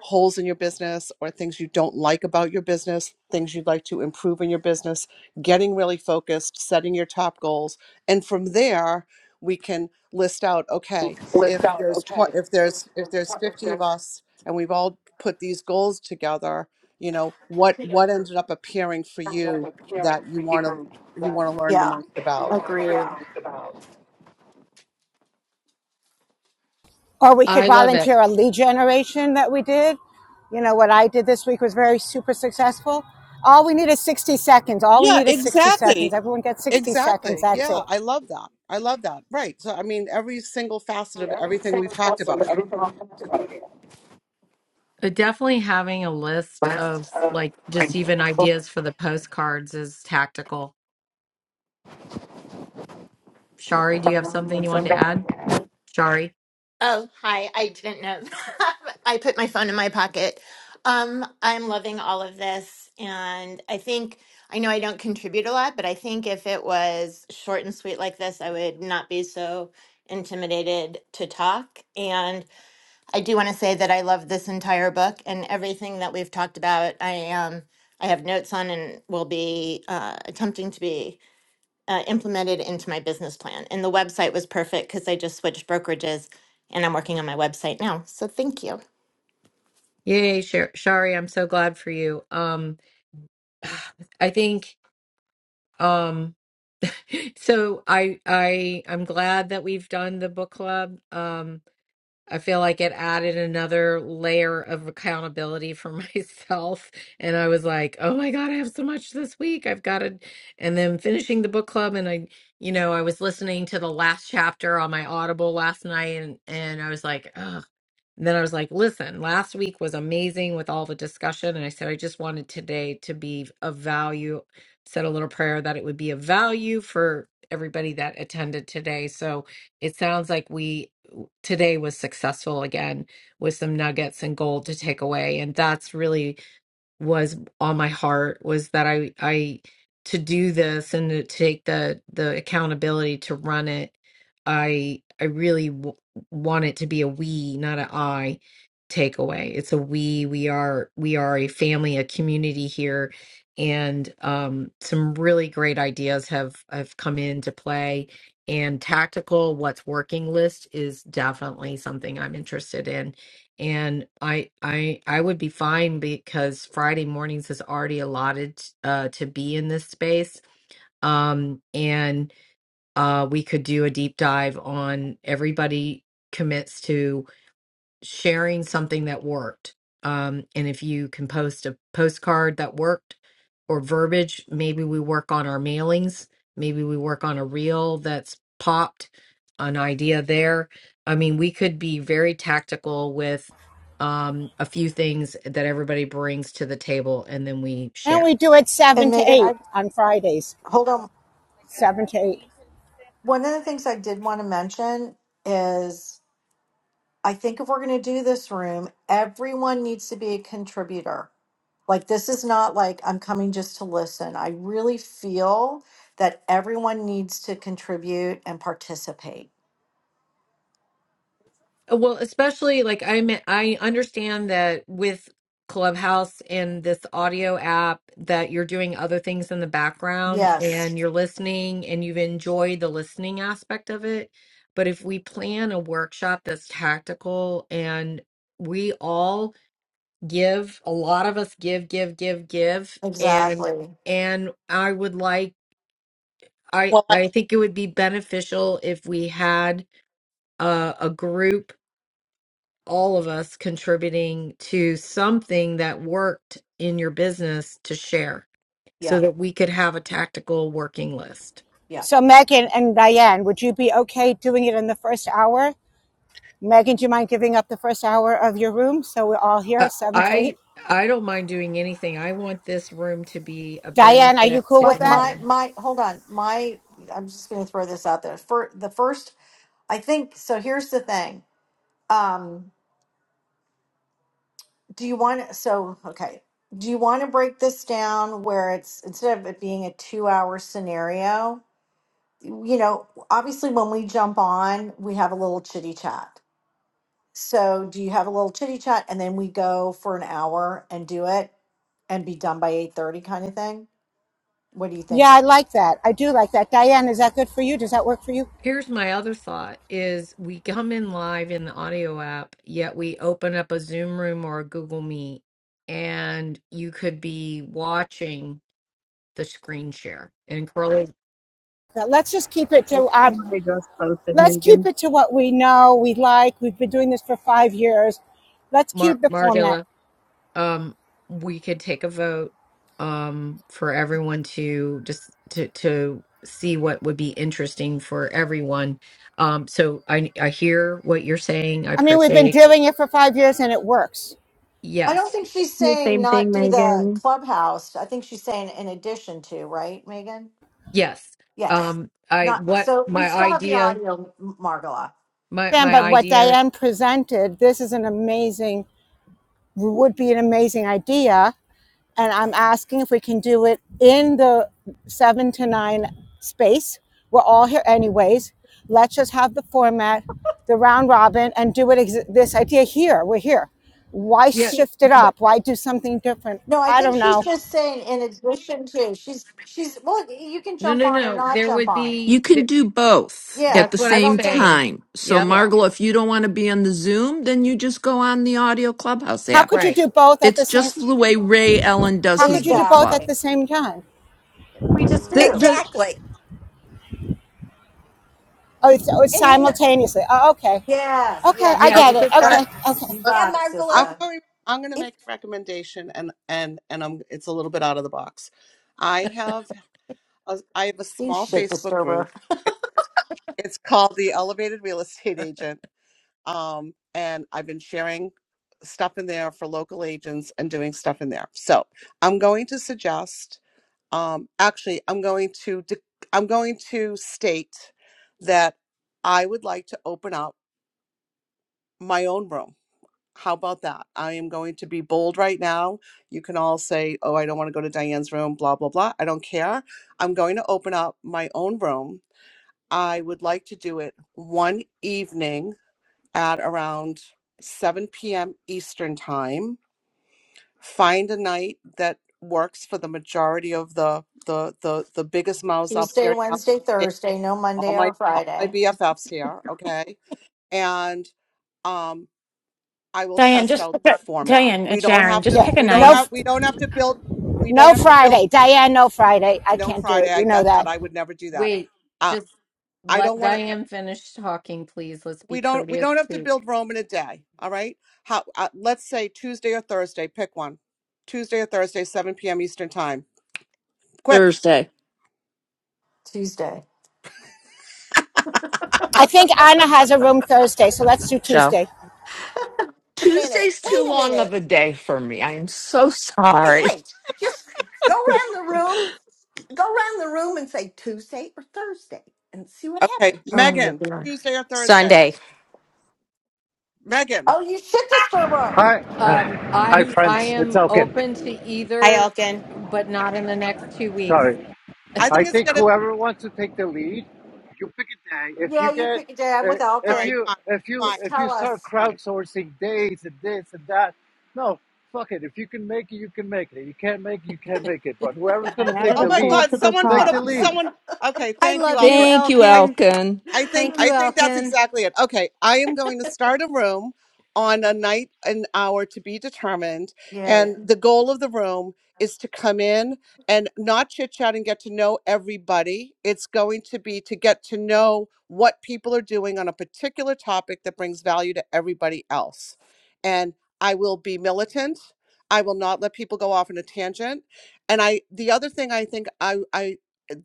Speaker 5: holes in your business or things you don't like about your business, things you'd like to improve in your business, getting really focused, setting your top goals. And from there, we can list out, okay, if
Speaker 21: list out,
Speaker 5: there's tw-
Speaker 21: okay,
Speaker 5: if
Speaker 21: if
Speaker 5: there's if
Speaker 21: there's,
Speaker 5: there's
Speaker 21: if
Speaker 5: 50 of
Speaker 21: there's
Speaker 5: us and we've all put these goals together, you know, what what ended up appearing for
Speaker 21: comes up
Speaker 5: you that
Speaker 21: appearing
Speaker 5: you
Speaker 21: for
Speaker 5: want to
Speaker 21: you
Speaker 5: you
Speaker 21: that
Speaker 5: want
Speaker 21: you
Speaker 5: to learn the
Speaker 7: yeah,
Speaker 5: most
Speaker 21: want to, you
Speaker 5: about.
Speaker 21: want to
Speaker 7: agreed.
Speaker 21: learn about.
Speaker 19: or we could
Speaker 2: I love it.
Speaker 19: volunteer a lead generation that we did you know what i did this week was very super successful all we need is 60 seconds all we
Speaker 5: Yeah,
Speaker 19: need is 60
Speaker 5: exactly.
Speaker 19: seconds everyone gets 60 seconds
Speaker 5: Exactly.
Speaker 19: that's
Speaker 5: Yeah,
Speaker 19: it
Speaker 5: I love that. I love that. Right. So I mean every single facet
Speaker 21: And
Speaker 5: of everything
Speaker 21: everything
Speaker 5: we've talked
Speaker 21: also,
Speaker 5: about here.
Speaker 21: everything I'll talk about.
Speaker 2: But definitely having a list
Speaker 21: Last,
Speaker 2: of
Speaker 21: uh,
Speaker 2: like just
Speaker 21: like,
Speaker 2: even
Speaker 21: this one,
Speaker 2: ideas for the postcards is tactical.
Speaker 21: I
Speaker 2: Shari, do you have
Speaker 21: remember
Speaker 2: something
Speaker 21: when
Speaker 2: you wanted to
Speaker 21: something like
Speaker 2: add?
Speaker 21: that.
Speaker 2: Shari.
Speaker 21: Oh, hi. I didn't know. I put my phone in my pocket. Um, I'm loving all of this. And I think, I know I don't contribute a lot, but I think if it was short and sweet like this, I would not be so intimidated to talk. And I do want to say that I love this entire book and everything that we've talked about. I Um, I have notes on and will be uh, attempting to be uh, implemented into my business plan. And the website was perfect because I just switched brokerages and I'm working on my website now. So thank you.
Speaker 2: Yay, Shar- Shari, I'm so glad for you. Um I think um so I I I'm glad that we've done the book club. Um I feel like it added another layer of accountability for myself. And I was like, oh my God, I have so much this week. I've got to. And then finishing the book club. And I, you know, I was listening to the last chapter on my Audible last night and, and I was like, "Ugh." And then I was like, listen, last week was amazing with all the discussion. And I said, I just wanted today to be of value. Said a little prayer that it would be of value for everybody that attended today. So it sounds like we today was successful again with some nuggets and gold to take away. And that's really was on my heart was that I I to do this and to take the the accountability to run it. I I really w- want it to be a we, not an I takeaway. It's a we. We are we are a family, a community here, and um, some really great ideas have have come into play. And tactical, what's working list is definitely something I'm interested in and I I I would be fine because Friday mornings is already allotted uh, to be in this space. Um, and uh, we could do a deep dive on everybody commits to sharing something that worked. Um, and if you can post a postcard that worked or verbiage, maybe we work on our mailings. Maybe we work on a reel that's popped, an idea there. I mean, we could be very tactical with um, a few things that everybody brings to the table, and then we
Speaker 19: and
Speaker 2: share.
Speaker 19: we do it seven
Speaker 7: And
Speaker 19: to
Speaker 7: Megan,
Speaker 19: eight
Speaker 7: I
Speaker 19: on fridays
Speaker 7: Hold on.
Speaker 19: seven to eight
Speaker 7: One of the things I did want to mention is I think if we're going to do this room, everyone needs to be a contributor. Like, this is not like I'm coming just to listen. I really feel that everyone needs to contribute and participate.
Speaker 2: Well, especially like I am I understand that with Clubhouse and this audio app that you're doing other things in the background
Speaker 7: Yes,
Speaker 2: and you're listening and you've enjoyed the listening aspect of it. But if we plan a workshop that's tactical and we all give, a lot of us give, give, give, give, and
Speaker 7: exactly.
Speaker 2: and I would like I
Speaker 5: Well, I,
Speaker 2: I think it would be beneficial if we had uh, a group all of us contributing to something that worked in your business to share so
Speaker 7: Yeah,
Speaker 2: that we could have a tactical working list.
Speaker 7: yeah.
Speaker 19: So, Megan and Diane, would you be okay doing it in the first hour? Megan, do you mind giving up the first hour of your room so we're all here,
Speaker 2: Uh,
Speaker 19: seven to eight?
Speaker 2: I I don't mind doing anything. I want this room to be a
Speaker 19: Diane, are you
Speaker 2: benefit
Speaker 19: cool
Speaker 2: to
Speaker 7: My,
Speaker 19: with that?
Speaker 7: my,
Speaker 2: everyone.
Speaker 7: my, hold on. My, I'm just going to throw this out there. For the first, I think, so here's the thing. Um. do you want so okay do you want to break this down where it's instead of it being a two hour scenario you know obviously when we jump on we have a little chitty chat so do you have a little chitty chat and then we go for an hour and do it and be done by 8.30 kind of thing what are you
Speaker 19: Yeah, I
Speaker 7: thinking
Speaker 19: like that. I do like that. Diane, is that good for you? Does that work for you?
Speaker 2: Here's my other thought is we come in live in the audio app, yet we open up a Zoom room or a Google Meet and you could be watching the screen share. And Carly
Speaker 19: Now, Let's just keep it
Speaker 1: That's
Speaker 19: to
Speaker 1: literally
Speaker 19: um,
Speaker 1: what I just posted,
Speaker 19: let's keep
Speaker 1: Megan.
Speaker 19: it to what we know, we like. We've been doing this for five years. Let's
Speaker 2: Mar-
Speaker 19: keep the
Speaker 2: Margilla
Speaker 19: format.
Speaker 2: um we could take a vote um for everyone to just to to see what would be interesting for everyone um so i i hear what you're saying i
Speaker 19: I mean, we've been
Speaker 2: appreciate
Speaker 19: doing it for five years and it works.
Speaker 7: i don't
Speaker 2: yes
Speaker 7: think she's saying
Speaker 1: Same
Speaker 7: not
Speaker 1: thing,
Speaker 7: do the
Speaker 1: Megan.
Speaker 7: clubhouse i think she's saying in addition to right megan
Speaker 2: yes
Speaker 7: yes
Speaker 2: um i
Speaker 7: not
Speaker 2: what
Speaker 7: so we
Speaker 2: my
Speaker 7: still have the
Speaker 2: idea
Speaker 7: audio M- margola
Speaker 2: my my
Speaker 19: but what
Speaker 2: idea
Speaker 19: Diane presented, this is an amazing, would be an amazing idea and I'm asking if we can do it in the seven to nine space. We're all here anyways. Let's just have the format, the round robin, and do it. Ex- this idea here, we're here. Why
Speaker 2: yeah
Speaker 1: Thank
Speaker 19: shift it up? Why do something different?
Speaker 7: No, I
Speaker 19: I
Speaker 7: think
Speaker 19: don't
Speaker 7: she's
Speaker 19: know.
Speaker 7: just saying in addition to she's she's well, you can
Speaker 2: no
Speaker 7: jump
Speaker 2: no
Speaker 7: on or
Speaker 2: no
Speaker 7: not
Speaker 2: there
Speaker 7: jump
Speaker 2: would
Speaker 7: on.
Speaker 22: You
Speaker 2: be
Speaker 22: can
Speaker 2: th-
Speaker 22: do both at
Speaker 7: Yeah.
Speaker 2: that's
Speaker 22: the
Speaker 2: what
Speaker 7: I
Speaker 2: i'm
Speaker 22: same
Speaker 7: don't think
Speaker 2: saying
Speaker 22: time. So,
Speaker 2: yep
Speaker 7: yeah.
Speaker 22: Margla, if you don't want to be on the Zoom, then you just go on the Audio Clubhouse
Speaker 19: How
Speaker 22: app.
Speaker 19: could you
Speaker 2: right
Speaker 19: do both at the
Speaker 22: It's
Speaker 19: same?
Speaker 22: just the way Ray Ellen does
Speaker 19: How
Speaker 22: his
Speaker 19: could you do
Speaker 22: book
Speaker 19: both at
Speaker 22: club.
Speaker 7: Exactly.
Speaker 19: the same time?
Speaker 7: We just do.
Speaker 16: The,
Speaker 20: Exactly.
Speaker 19: Oh, it's, oh, it's
Speaker 20: And you know,
Speaker 19: simultaneously. Oh, okay,
Speaker 7: Yes,
Speaker 19: okay, I
Speaker 7: yes,
Speaker 2: yeah
Speaker 5: okay.
Speaker 19: get
Speaker 2: it's
Speaker 19: it.
Speaker 7: honey.
Speaker 2: a fine
Speaker 5: that-
Speaker 19: Okay, okay,
Speaker 7: You
Speaker 5: uh,
Speaker 20: yeah,
Speaker 7: got it,
Speaker 20: Margola,
Speaker 5: I'm
Speaker 7: sister.
Speaker 5: going I'm going to
Speaker 20: if,
Speaker 5: make a recommendation and and and I'm it's a little bit out of the box. I have a, I have a
Speaker 7: You
Speaker 5: small
Speaker 7: shit
Speaker 5: Facebook
Speaker 7: disturber.
Speaker 5: group. It, it's called the Elevated Real Estate Agent Um, and I've been sharing stuff in there for local agents and doing stuff in there. So I'm going to suggest, um, actually, I'm going to de- I'm going to state that I would like to open up my own room. How about that? I am going to be bold right now. You can all say, "Oh, I don't want to go to Diane's room," blah blah blah. I don't care. I'm going to open up my own room. I would like to do it one evening at around 7 p.m. Eastern time. Find a night that works for the majority of the the the, the biggest mouths up
Speaker 7: Tuesday,
Speaker 5: here now.
Speaker 7: Wednesday,
Speaker 5: okay?
Speaker 7: Thursday, no
Speaker 5: All
Speaker 7: Monday
Speaker 5: my
Speaker 7: or
Speaker 5: all my
Speaker 7: Friday.
Speaker 5: BFFs here, okay? And um I will
Speaker 23: Diane,
Speaker 5: test
Speaker 23: just
Speaker 5: out
Speaker 23: pick
Speaker 5: the
Speaker 23: a,
Speaker 5: format.
Speaker 23: Diane,
Speaker 5: We
Speaker 23: it's
Speaker 5: don't
Speaker 23: Sharon.
Speaker 5: have to
Speaker 23: Just
Speaker 19: yeah.
Speaker 23: pick a
Speaker 5: we don't
Speaker 19: No,
Speaker 23: night.
Speaker 5: have we don't have to build we don't
Speaker 19: no
Speaker 5: have to build
Speaker 19: Friday, Diane. No Friday. I
Speaker 5: no
Speaker 19: can't do it.
Speaker 5: Friday. I
Speaker 19: You know
Speaker 5: got
Speaker 19: that.
Speaker 5: that. I would never do that.
Speaker 2: wait
Speaker 5: Uh,
Speaker 2: just
Speaker 5: I
Speaker 2: let
Speaker 5: don't want to
Speaker 2: diane finish talking please let's be
Speaker 5: we don't we don't
Speaker 2: courteous
Speaker 5: have to
Speaker 2: to
Speaker 5: build Rome in a day. All right. How? Uh, let's say Tuesday or Thursday. Pick one. Tuesday or Thursday, 7 p.m. Eastern time. Quick.
Speaker 22: Thursday.
Speaker 7: Tuesday.
Speaker 19: I think Anna has a room Thursday, so let's do
Speaker 22: Show.
Speaker 19: Tuesday.
Speaker 20: wait a minute.
Speaker 22: Tuesday's too
Speaker 20: Wait a
Speaker 22: long of
Speaker 20: minute.
Speaker 22: a day for me. I am so
Speaker 20: Wait,
Speaker 22: sorry.
Speaker 20: wait. Just go around the room. Go around the room and say Tuesday or Thursday and see what
Speaker 5: Okay,
Speaker 20: happens.
Speaker 7: Oh my
Speaker 5: Megan.
Speaker 7: god.
Speaker 5: Tuesday or Thursday.
Speaker 24: Sunday.
Speaker 5: Megan.
Speaker 7: Oh you shit disturber.
Speaker 25: Hi,
Speaker 2: Um,
Speaker 25: uh, hi,
Speaker 16: the,
Speaker 2: I'm I
Speaker 25: friends. It's
Speaker 2: am
Speaker 25: Elkin.
Speaker 2: open to
Speaker 24: Hi,
Speaker 2: either,
Speaker 24: Elkin.
Speaker 2: but not in the next two weeks.
Speaker 25: Sorry.
Speaker 5: I
Speaker 25: I
Speaker 5: think it's
Speaker 25: think
Speaker 5: gonna.
Speaker 25: whoever wants to take the lead, you pick a day. If you
Speaker 7: Yeah, you
Speaker 25: get,
Speaker 7: pick a day. I'm
Speaker 25: uh,
Speaker 7: with
Speaker 5: All
Speaker 25: if
Speaker 5: right.
Speaker 7: Elkin.
Speaker 25: you,
Speaker 5: Fine.
Speaker 25: if you,
Speaker 5: Fine.
Speaker 7: Just
Speaker 25: if you
Speaker 7: tell
Speaker 25: start
Speaker 7: us.
Speaker 5: Fine.
Speaker 25: crowdsourcing days and this and that, no, fuck it. If you can make it, you can make it. You can't make it, you can't make it. But whoever's
Speaker 1: I
Speaker 25: gonna take
Speaker 1: added
Speaker 5: Oh
Speaker 25: the
Speaker 1: a
Speaker 5: my
Speaker 25: lead,
Speaker 1: poll
Speaker 5: God!
Speaker 1: to the
Speaker 5: Someone put
Speaker 25: take
Speaker 1: top.
Speaker 25: the
Speaker 5: up.
Speaker 25: lead.
Speaker 5: Someone. Okay.
Speaker 13: I
Speaker 5: Thank you,
Speaker 13: love you,
Speaker 5: Alkin.
Speaker 22: Thank you,
Speaker 5: I.
Speaker 13: Elkin.
Speaker 22: Elkin.
Speaker 5: I think
Speaker 13: Thank you,
Speaker 5: I think that's
Speaker 13: Elkin.
Speaker 5: exactly it. Okay, I am going to start a room on a night an hour to be determined
Speaker 7: Yay.
Speaker 5: and the goal of the room is to come in and not chit chat and get to know everybody. It's going to be to get to know what people are doing on a particular topic that brings value to everybody else. And I will be militant. I will not let people go off on a tangent. And I the other thing I think I I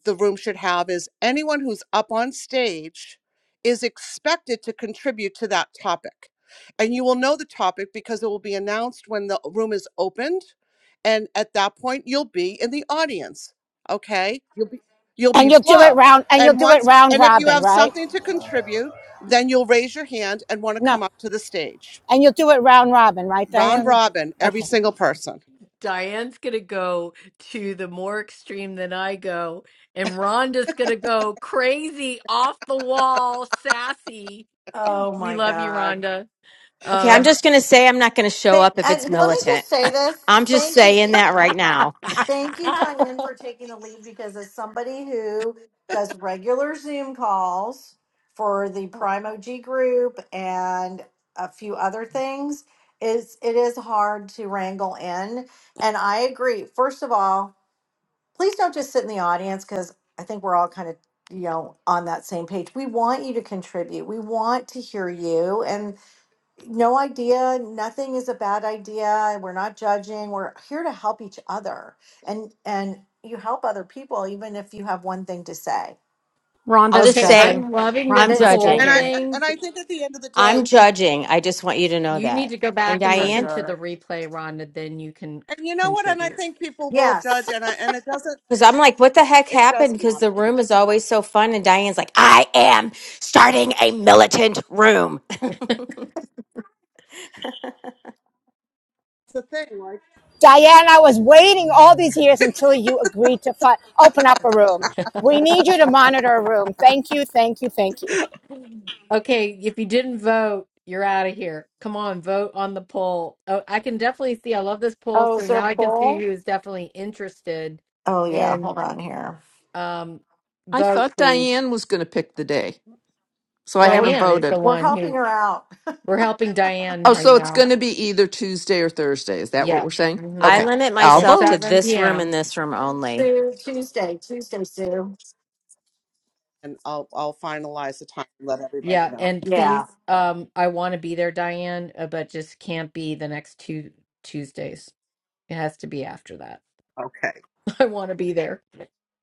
Speaker 5: the room should have is anyone who's up on stage is expected to contribute to that topic. And you will know the topic because it will be announced when the room is opened. And at that point, you'll be in the audience. Okay. You'll
Speaker 19: And
Speaker 5: be
Speaker 19: you'll do it
Speaker 5: below.
Speaker 19: round and you'll
Speaker 5: And
Speaker 19: do it
Speaker 5: once,
Speaker 19: round
Speaker 5: and if you
Speaker 19: robin,
Speaker 5: have
Speaker 19: right?
Speaker 5: something to contribute, then you'll raise your hand and want to
Speaker 19: No.
Speaker 5: come up to the stage.
Speaker 19: And you'll do it round robin, right,
Speaker 5: Round
Speaker 19: Diane?
Speaker 5: robin, every
Speaker 19: Okay.
Speaker 5: single person.
Speaker 2: Diane's gonna go to the more extreme than I go, and Rhonda's gonna go crazy, off the wall, sassy.
Speaker 7: Oh
Speaker 2: We
Speaker 7: my
Speaker 2: love you,
Speaker 7: god.
Speaker 2: Rhonda.
Speaker 24: Okay, I'm
Speaker 2: Um,
Speaker 24: just going to say I'm not going to show
Speaker 7: Th-
Speaker 24: up if it's
Speaker 7: and let me
Speaker 24: militant.
Speaker 7: just say this.
Speaker 24: I'm just
Speaker 7: Thank you.
Speaker 24: saying that right now.
Speaker 7: Thank you, Diane, for taking the lead because as somebody who does regular Zoom calls for the Prime OG group and a few other things, is it is hard to wrangle in. And I agree. First of all, please don't just sit in the audience because I think we're all kind of you know on that same page. We want you to contribute. We want to hear you. and no idea. Nothing is a bad idea. We're not judging. We're here to help each other. And and you help other people even if you have one thing to say.
Speaker 24: I'll
Speaker 13: Rhonda's
Speaker 24: just
Speaker 2: Okay,
Speaker 24: say
Speaker 13: judging.
Speaker 2: I'm loving this
Speaker 24: I'm
Speaker 13: Rhonda is
Speaker 2: poll
Speaker 5: And
Speaker 24: judging.
Speaker 5: I
Speaker 13: judging.
Speaker 2: thing.
Speaker 5: and I think at the end of the day,
Speaker 24: I'm judging. I just want you to know
Speaker 2: You need
Speaker 24: that.
Speaker 2: to go
Speaker 24: And
Speaker 2: back and
Speaker 7: Judge
Speaker 2: listen
Speaker 24: Diane,
Speaker 2: to the
Speaker 7: her.
Speaker 2: replay, Ron, and then you can c-
Speaker 5: And you know what? And I
Speaker 2: contribute.
Speaker 5: think people will judge,
Speaker 7: Yes.
Speaker 5: and I and it doesn't
Speaker 24: because I'm like, what the heck
Speaker 5: it
Speaker 24: happened?
Speaker 5: doesn't
Speaker 24: Because
Speaker 5: matter.
Speaker 24: the room is always so fun. And Diane's like, I am starting a militant room.
Speaker 5: It's the thing, like
Speaker 19: Diane, I was waiting all these years until you agreed to fi- open up a room. We need you to monitor a room. Thank you, thank you, thank you.
Speaker 2: Okay, if you didn't vote, you're out of here. Come on, vote on the poll. Oh, I can definitely see. I love this poll,
Speaker 7: Oh, is
Speaker 2: so
Speaker 7: there
Speaker 2: now I
Speaker 7: a
Speaker 2: can see
Speaker 7: poll?
Speaker 2: who's definitely interested
Speaker 7: Oh yeah, hold
Speaker 2: in
Speaker 7: on here.
Speaker 2: um
Speaker 22: I
Speaker 2: vote,
Speaker 22: thought
Speaker 2: please.
Speaker 22: Diane was going to pick the day, so I
Speaker 7: Well, we're
Speaker 22: haven't
Speaker 2: Diane is the
Speaker 22: voted.
Speaker 7: we're
Speaker 2: one
Speaker 7: helping
Speaker 2: who
Speaker 7: her out.
Speaker 2: we're helping Diane
Speaker 22: Oh,
Speaker 2: right
Speaker 22: so it's
Speaker 2: now.
Speaker 22: going to be either Tuesday or Thursday. Is that what
Speaker 2: Yeah.
Speaker 22: we're saying?
Speaker 24: I
Speaker 2: Mm-hmm.
Speaker 7: Yeah.
Speaker 22: Okay,
Speaker 24: limit
Speaker 22: I'll
Speaker 2: At
Speaker 24: myself to
Speaker 22: vote.
Speaker 2: 7
Speaker 24: this room
Speaker 2: p.m.
Speaker 24: and this room only.
Speaker 7: Sue, Tuesday, Tuesday, Sue.
Speaker 5: and I'll I'll finalize the time and let everybody
Speaker 2: Yeah,
Speaker 5: know.
Speaker 2: and
Speaker 7: Yeah.
Speaker 2: please, um, I want to be there, Diane, uh, but just can't be the next two Tuesdays. It has to be after that.
Speaker 5: Okay.
Speaker 2: I want to be there,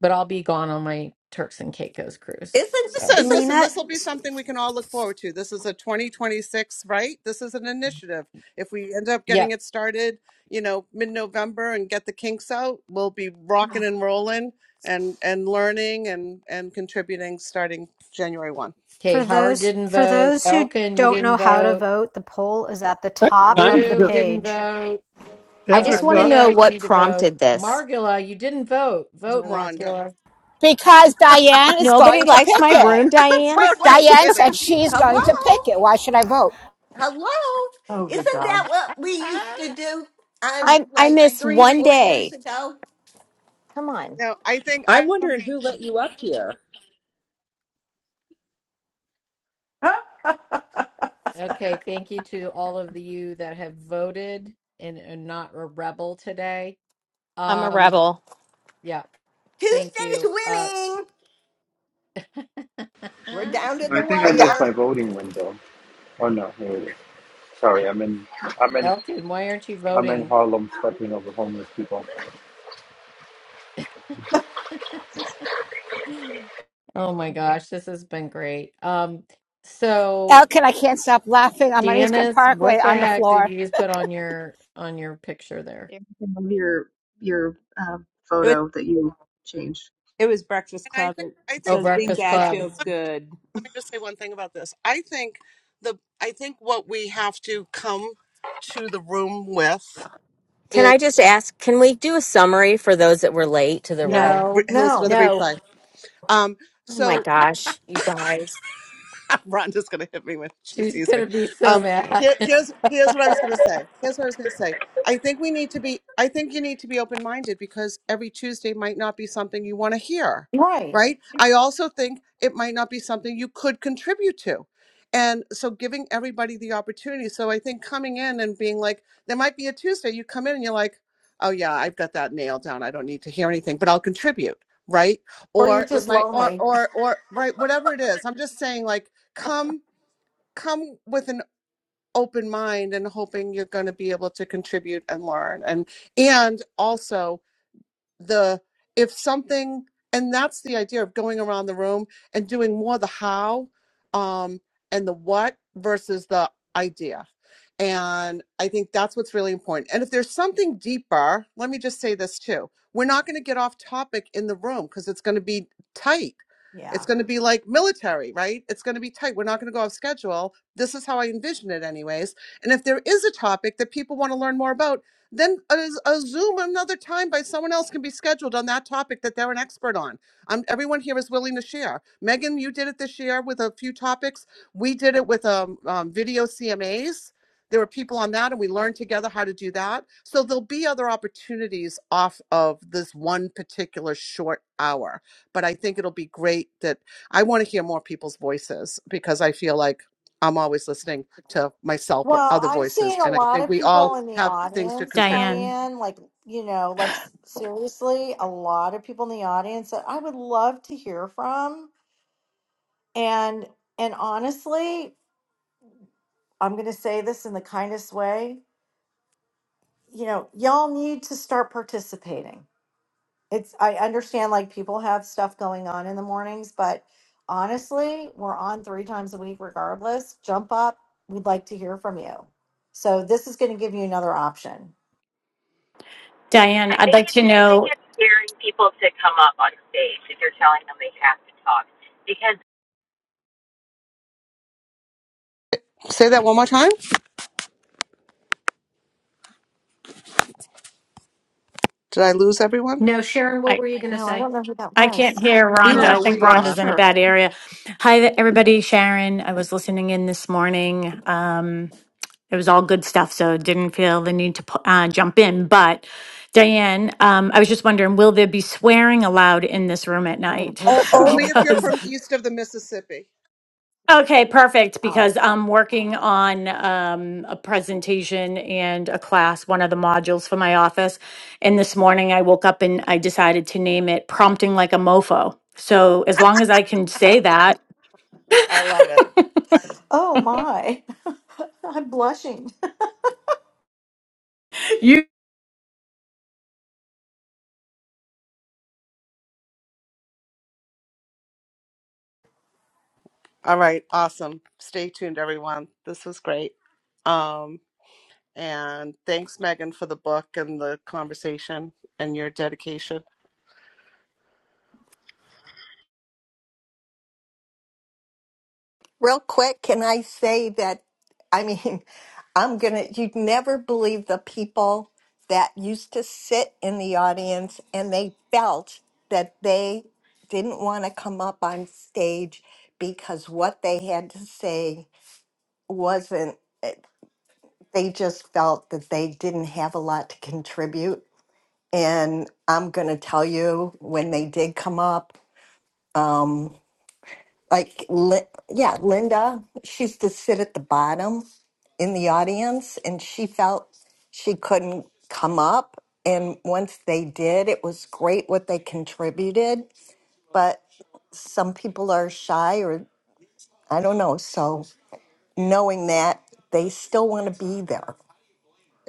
Speaker 2: but I'll be gone on my Turks and Caicos cruise.
Speaker 20: Isn't,
Speaker 2: So,
Speaker 5: Listen,
Speaker 20: isn't,
Speaker 5: listen,
Speaker 13: Lena,
Speaker 5: this will be something we can all look forward to. This is a 2026, right? This is an initiative. If we end up
Speaker 2: yeah.
Speaker 5: getting it started, you know, mid-November and get the kinks out, we'll be rocking and rolling and and learning and and contributing starting January 1.
Speaker 2: Okay,
Speaker 13: for
Speaker 2: Howard
Speaker 13: those
Speaker 2: didn't
Speaker 13: for
Speaker 2: vote.
Speaker 13: those who
Speaker 2: Elkin, you
Speaker 13: don't
Speaker 2: didn't
Speaker 13: know how to
Speaker 2: vote.
Speaker 13: vote, the poll is at the
Speaker 26: That
Speaker 13: top
Speaker 26: time,
Speaker 13: of the
Speaker 2: Rue
Speaker 26: the-
Speaker 2: didn't
Speaker 13: page.
Speaker 2: vote.
Speaker 24: I
Speaker 26: seven
Speaker 24: just
Speaker 2: Uh,
Speaker 24: want to
Speaker 26: o'clock
Speaker 24: know
Speaker 2: Mia, you
Speaker 24: what
Speaker 2: need to vote.
Speaker 24: prompted this.
Speaker 2: Margula, you didn't vote. Vote,
Speaker 5: Rhonda.
Speaker 2: Margula.
Speaker 19: Because Diane is
Speaker 24: Nobody
Speaker 19: going to
Speaker 24: likes
Speaker 19: pick
Speaker 24: my
Speaker 5: I'm
Speaker 19: it.
Speaker 24: room, Diane.
Speaker 20: wait,
Speaker 5: totally
Speaker 20: wait.
Speaker 19: Diane said
Speaker 5: kidding.
Speaker 19: she's
Speaker 20: Hello?
Speaker 19: going to pick it. Why should I vote?
Speaker 20: Hello?
Speaker 7: Oh, good
Speaker 20: Isn't that
Speaker 7: God.
Speaker 20: what we used
Speaker 2: Ah!
Speaker 20: to do on
Speaker 24: I, I
Speaker 20: like
Speaker 24: miss
Speaker 20: three,
Speaker 24: one
Speaker 20: four years
Speaker 24: day.
Speaker 20: ago?
Speaker 24: Come on.
Speaker 5: No, I think
Speaker 16: I'm
Speaker 5: I
Speaker 16: wondering who let you up here.
Speaker 7: Huh?
Speaker 2: Okay, thank you to all of you that have voted and, are not a rebel today.
Speaker 24: I'm a
Speaker 2: Um.
Speaker 24: rebel.
Speaker 2: Yeah. Thank
Speaker 20: Tuesday's
Speaker 2: you. Uh,
Speaker 20: winning. We're down to
Speaker 25: I
Speaker 20: the
Speaker 25: think I missed
Speaker 20: wire.
Speaker 25: my voting window. Oh no, here it is. Sorry, I'm in, I'm in,
Speaker 2: Elkin, why aren't you
Speaker 25: I'm in
Speaker 2: voting?
Speaker 25: Harlem, stepping over homeless people.
Speaker 2: Oh my gosh, this has been great. Um, so
Speaker 19: Elkin, I can't stop laughing. I'm on Eastern
Speaker 2: Janice,
Speaker 19: Parkway
Speaker 2: what the
Speaker 19: on the
Speaker 2: heck did
Speaker 19: floor.
Speaker 2: you just put on your on your picture there?
Speaker 1: There, you can have your your uh,
Speaker 16: It was
Speaker 1: photo that you changed.
Speaker 16: it was Breakfast
Speaker 5: I
Speaker 16: Club.
Speaker 5: think
Speaker 16: It
Speaker 5: I
Speaker 2: Oh,
Speaker 5: think
Speaker 16: says
Speaker 5: let
Speaker 2: Breakfast
Speaker 16: Dingdad
Speaker 2: Club.
Speaker 16: feels good.
Speaker 5: me just say one thing about this. I think the I think what we have to come to the room with
Speaker 24: Can I just ask, can we do a summary for those that were late to the
Speaker 5: No,
Speaker 24: room?
Speaker 5: re-
Speaker 2: No,
Speaker 5: he'll listen
Speaker 7: No.
Speaker 5: to the
Speaker 13: No,
Speaker 5: replay. Um,
Speaker 24: Oh my
Speaker 5: so
Speaker 24: gosh, you guys.
Speaker 5: Rhonda's gonna hit me when she
Speaker 2: she's
Speaker 5: sees me.
Speaker 2: gonna be so
Speaker 5: Um,
Speaker 2: mad.
Speaker 5: here, here's here's what I was gonna say. Here's what I was gonna say. I think we need to be. I think you need to be open minded because every Tuesday might not be something you want to hear,
Speaker 7: Right.
Speaker 5: right? I also think it might not be something you could contribute to, and so giving everybody the opportunity. So I think coming in and being like, there might be a Tuesday you come in and you're like, oh yeah, I've got that nailed down. I don't need to hear anything, but I'll contribute, right?
Speaker 7: Or you're
Speaker 5: Or it
Speaker 7: just
Speaker 5: might, or
Speaker 7: lonely.
Speaker 5: or or right, whatever it is. I'm just saying, like come come with an open mind and hoping you're going to be able to contribute and learn and and also the if something and that's the idea of going around the room and doing more the how um and the what versus the idea and i think that's what's really important and if there's something deeper let me just say this too we're not going to get off topic in the room because it's going to be tight
Speaker 7: Yeah.
Speaker 5: it's going to be like military right it's going to be tight we're not going to go off schedule this is how i envision it anyways and if there is a topic that people want to learn more about then a a Zoom another time by someone else can be scheduled on that topic that they're an expert on. Um, everyone here is willing to share. Megan, you did it this year with a few topics. We did it with um, um, video CMAs. There were people on that, and we learned together how to do that. So there'll be other opportunities off of this one particular short hour. But I think it'll be great that I want to hear more people's voices because I feel like I'm always listening to myself or
Speaker 7: Well,
Speaker 5: other
Speaker 7: I'm
Speaker 5: voices.
Speaker 7: seeing a
Speaker 5: And I
Speaker 7: lot
Speaker 5: think
Speaker 7: of
Speaker 5: we all
Speaker 7: people in the
Speaker 5: have things to
Speaker 7: audience,
Speaker 5: contribute.
Speaker 23: Diane,
Speaker 7: Diane. Like, you know, like s- seriously, a lot of people in the audience that I would love to hear from. And and honestly, I'm going to say this in the kindest way. You know, y'all need to start participating. It's I understand like people have stuff going on in the mornings, but honestly, we're on three times a week regardless. Jump up. We'd like to hear from you. So this is going to give you another option.
Speaker 23: Diane,
Speaker 24: I
Speaker 23: I'd
Speaker 24: think
Speaker 23: like
Speaker 24: it's
Speaker 23: to
Speaker 24: I think
Speaker 23: know.
Speaker 24: it's scaring people to come up on stage if you're telling them they have to talk. because.
Speaker 5: Say that one more time. Did I lose everyone?
Speaker 13: No, Sharon, what
Speaker 23: I
Speaker 13: were you going to
Speaker 7: No, I
Speaker 13: say?
Speaker 7: don't know who that
Speaker 23: I can't
Speaker 7: was.
Speaker 23: hear
Speaker 16: We
Speaker 23: Rhonda. I
Speaker 22: No,
Speaker 16: lost
Speaker 22: we
Speaker 23: think Rhonda's
Speaker 16: Sheila.
Speaker 22: lost
Speaker 23: in a
Speaker 22: her.
Speaker 23: bad area. Hi, th- everybody. Sharon, I was listening in this morning. Um, it was all good stuff, so didn't feel the need to pu- uh, jump in. But Diane, um, I was just wondering, will there be swearing allowed in this room at
Speaker 7: I would
Speaker 23: night?
Speaker 7: hope
Speaker 5: Oh, only
Speaker 7: so.
Speaker 5: if you're
Speaker 23: Because.
Speaker 5: from east of the Mississippi.
Speaker 23: Okay, perfect,
Speaker 7: Um,
Speaker 23: because I'm working on um, a presentation and a class, one of the modules for my office. And this morning I woke up and I decided to name it Prompting Like a Mofo. So as long as I can say that,
Speaker 7: oh my, I'm blushing.
Speaker 5: All right, awesome. Stay tuned, everyone. This was great. Um, and thanks, Megan, for the book and the conversation and your dedication.
Speaker 20: Real quick, can I say that? I mean, I'm gonna, you'd never believe the people that used to sit in the audience and they felt that they didn't want to come up on stage because what they had to say wasn't, eh, they just felt that they didn't have a lot to contribute. And I'm gonna tell you, when they did come up, um, like Li- yeah linda she used to sit at the bottom in the audience and she felt she couldn't come up and once they did it was great what they contributed but some people are shy or i don't know so knowing that they still want to be there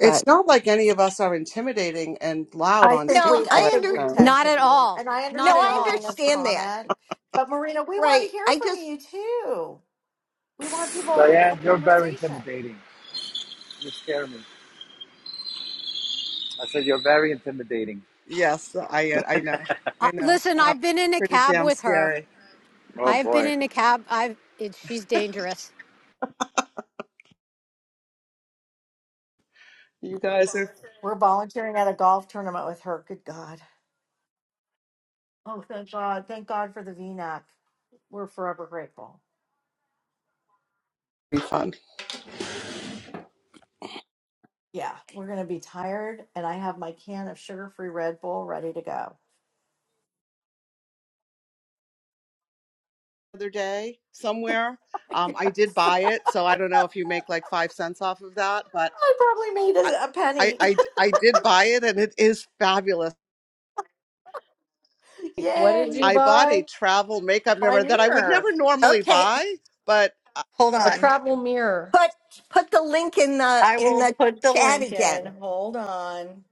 Speaker 20: but
Speaker 5: not like any of us are intimidating and loud
Speaker 7: I
Speaker 5: on
Speaker 7: think
Speaker 5: stage
Speaker 20: no
Speaker 7: we, I
Speaker 20: i
Speaker 5: right
Speaker 7: think
Speaker 20: under
Speaker 7: we
Speaker 5: now.
Speaker 20: n-
Speaker 7: tend
Speaker 13: not
Speaker 7: to
Speaker 13: at
Speaker 7: do,
Speaker 13: all.
Speaker 7: and I
Speaker 13: Not
Speaker 20: no
Speaker 13: at
Speaker 20: i
Speaker 7: understand
Speaker 13: all.
Speaker 7: Marina's
Speaker 20: understand that
Speaker 7: comment, but Marina, we want to
Speaker 20: right
Speaker 7: hear
Speaker 20: i
Speaker 7: from
Speaker 20: just
Speaker 7: you too. We want people a
Speaker 25: Diane, you're very
Speaker 7: conversation.
Speaker 25: intimidating. You scare me. I said, you're very intimidating.
Speaker 5: Yes, I I know,
Speaker 13: Uh,
Speaker 5: I know.
Speaker 13: listen,
Speaker 5: Um,
Speaker 13: I've been in a
Speaker 5: pretty
Speaker 13: cab
Speaker 5: damn
Speaker 13: with her.
Speaker 5: scary.
Speaker 25: Oh
Speaker 13: I've been
Speaker 25: boy.
Speaker 13: in a cab. I've it, she's dangerous.
Speaker 5: You guys are
Speaker 7: We're volunteering at a golf tournament with her. Good God. Oh, thank God. Thank God for the VNAC. We're forever grateful.
Speaker 5: refund.
Speaker 7: Yeah, we're going to be tired, and I have my can of sugar free Red Bull ready to go.
Speaker 5: The Other day somewhere, um, I did
Speaker 7: Yes.
Speaker 5: buy it, so I don't know if you make like five cents off of that, but
Speaker 7: I probably made
Speaker 5: I,
Speaker 7: a, a
Speaker 5: I,
Speaker 7: penny.
Speaker 5: I, I did buy it, and it is fabulous.
Speaker 2: What did
Speaker 7: Yay.
Speaker 2: you
Speaker 5: I bought a
Speaker 2: buy?
Speaker 5: travel makeup
Speaker 7: My
Speaker 5: mirror that I would
Speaker 7: mirror.
Speaker 5: never normally
Speaker 20: okay
Speaker 5: buy, but
Speaker 7: Hold
Speaker 2: A
Speaker 7: on.
Speaker 2: travel mirror.
Speaker 20: put put the link in the
Speaker 7: I
Speaker 20: in
Speaker 7: will
Speaker 20: the
Speaker 7: put the
Speaker 20: chat
Speaker 7: link in.
Speaker 20: again
Speaker 7: Hold on.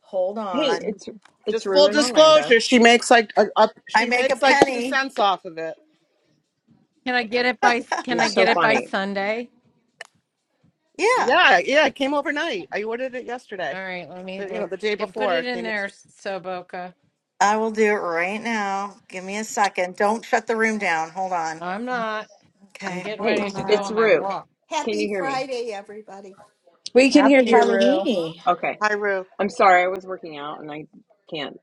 Speaker 7: Hold
Speaker 11: hey,
Speaker 7: on.
Speaker 11: it's it's
Speaker 5: just
Speaker 11: Rue
Speaker 5: full
Speaker 11: in Orlando.
Speaker 5: disclosure, she makes like a, a,
Speaker 7: I
Speaker 5: she
Speaker 7: make a
Speaker 5: makes like two
Speaker 7: penny.
Speaker 5: cents off of it.
Speaker 2: Can I get it
Speaker 7: yeah,
Speaker 2: by can
Speaker 11: You're
Speaker 2: I get
Speaker 11: so
Speaker 2: it by
Speaker 11: funny.
Speaker 2: Sunday?
Speaker 5: Yeah, yeah, it came overnight. I ordered it yesterday.
Speaker 2: All right, let me
Speaker 5: The, you
Speaker 2: look.
Speaker 5: know, the day
Speaker 2: Get put
Speaker 5: before
Speaker 2: it
Speaker 5: it
Speaker 2: in
Speaker 5: came
Speaker 2: there,
Speaker 5: yesterday.
Speaker 2: Soboka.
Speaker 7: I will do it right now. Give me a second. Don't shut the room down. Hold on.
Speaker 2: I'm not. I'm
Speaker 7: Okay.
Speaker 2: getting
Speaker 11: Hey,
Speaker 2: ready
Speaker 7: Hold
Speaker 2: to go
Speaker 7: on.
Speaker 11: it's
Speaker 2: on my
Speaker 11: Rue.
Speaker 2: walk.
Speaker 11: Can you
Speaker 20: Happy
Speaker 11: hear me?
Speaker 20: Friday, everybody.
Speaker 16: We can hear
Speaker 7: Happy
Speaker 16: you,
Speaker 11: Can
Speaker 16: Rue.
Speaker 7: Halloween.
Speaker 11: okay.
Speaker 5: Hi, Rue.
Speaker 11: I'm sorry. I was working out and I can't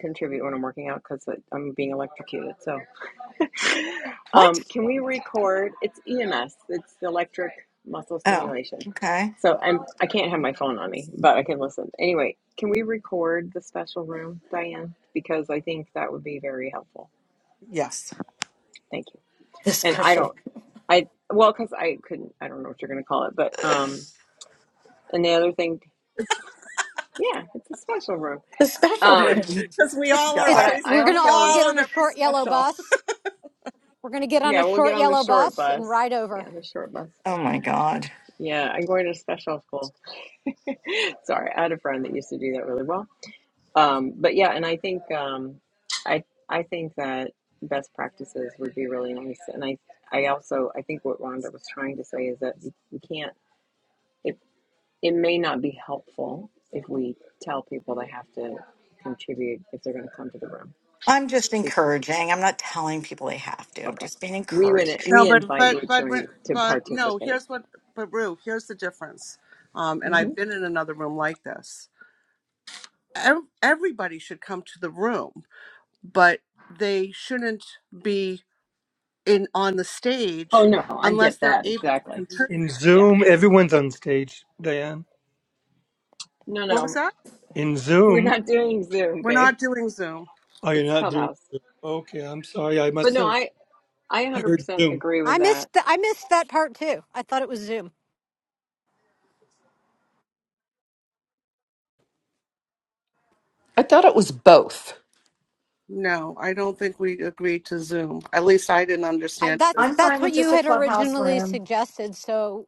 Speaker 11: contribute when I'm working out because I'm being electrocuted. So,
Speaker 7: What?
Speaker 11: um, can we record? It's EMS. It's electric muscle
Speaker 7: Oh,
Speaker 11: stimulation.
Speaker 7: okay.
Speaker 11: So I'm I can't have my phone on me, but I can listen. Anyway, can we record the special room, Diane? Because I think that would be very helpful.
Speaker 5: Yes,
Speaker 11: Thank you.
Speaker 7: The
Speaker 11: And I
Speaker 7: special,
Speaker 11: don't. I well, because I couldn't. I don't know what you're going to call it, but um. And the other thing Yeah, it's a special room.
Speaker 7: the special room.
Speaker 11: Um,
Speaker 5: because we
Speaker 13: It's
Speaker 5: all are
Speaker 13: it's
Speaker 11: but I,
Speaker 5: very
Speaker 7: God.
Speaker 11: I
Speaker 13: we're going
Speaker 5: we
Speaker 13: to all
Speaker 11: also,
Speaker 5: all
Speaker 13: get
Speaker 5: are
Speaker 13: on a
Speaker 5: very
Speaker 13: short yellow
Speaker 5: special.
Speaker 13: bus. We're going to get on
Speaker 11: yeah,
Speaker 13: a
Speaker 11: we'll get
Speaker 13: short
Speaker 11: on the
Speaker 13: yellow
Speaker 11: short
Speaker 13: bus and
Speaker 11: bus.
Speaker 13: ride over.
Speaker 11: Yeah, the short bus.
Speaker 7: Oh my God.
Speaker 11: Yeah, I'm going to special school. Sorry, I had a friend that used to do that really well. Um, but yeah, and I think um, I I think that best practices would be really nice. And I I also I think what Rhonda was trying to say is that we, we can't. It it may not be helpful if we tell people they have to contribute if they're going to come to the room
Speaker 7: I'm just encouraging. I'm not telling people they have to. I'm
Speaker 11: Okay.
Speaker 7: just being
Speaker 11: We would
Speaker 7: encouraging.
Speaker 5: No,
Speaker 11: we
Speaker 5: but
Speaker 11: invite
Speaker 5: but
Speaker 11: you
Speaker 5: but but
Speaker 11: to to
Speaker 5: but no.
Speaker 11: participate.
Speaker 5: Here's what, but Rue, here's the difference. Um, and
Speaker 11: hmm
Speaker 5: I've been in another room like this. Ev- Everybody should come to the room but they shouldn't be in on the
Speaker 11: Oh
Speaker 5: stage
Speaker 11: no, I
Speaker 5: unless
Speaker 11: get
Speaker 5: they're
Speaker 11: that
Speaker 5: able to
Speaker 11: exactly.
Speaker 5: contribute.
Speaker 26: in
Speaker 11: Yeah.
Speaker 26: Zoom. Everyone's on stage, Diane.
Speaker 11: No,
Speaker 5: What was
Speaker 11: no,
Speaker 5: that?
Speaker 26: In
Speaker 11: we're
Speaker 26: Zoom,
Speaker 11: not doing Zoom,
Speaker 5: We're
Speaker 11: babe.
Speaker 5: not doing Zoom.
Speaker 26: oh, you're
Speaker 11: It's
Speaker 26: not doing.
Speaker 11: Clubhouse.
Speaker 26: Zoom. Okay, I'm sorry. I
Speaker 11: But
Speaker 26: must
Speaker 11: no,
Speaker 26: have
Speaker 11: I I
Speaker 26: I heard
Speaker 11: 100%
Speaker 26: Zoom.
Speaker 11: agree
Speaker 13: I
Speaker 11: with that.
Speaker 13: missed th- I missed that part too. I thought it was Zoom.
Speaker 22: I thought it was both.
Speaker 5: No, I don't think we agreed to Zoom. At least I didn't
Speaker 13: I,
Speaker 5: understand. this.
Speaker 13: that's
Speaker 7: I'm
Speaker 13: that's
Speaker 7: fine
Speaker 13: what
Speaker 7: with
Speaker 13: you
Speaker 7: just a
Speaker 13: had
Speaker 7: clubhouse
Speaker 13: originally
Speaker 7: room.
Speaker 13: suggested, so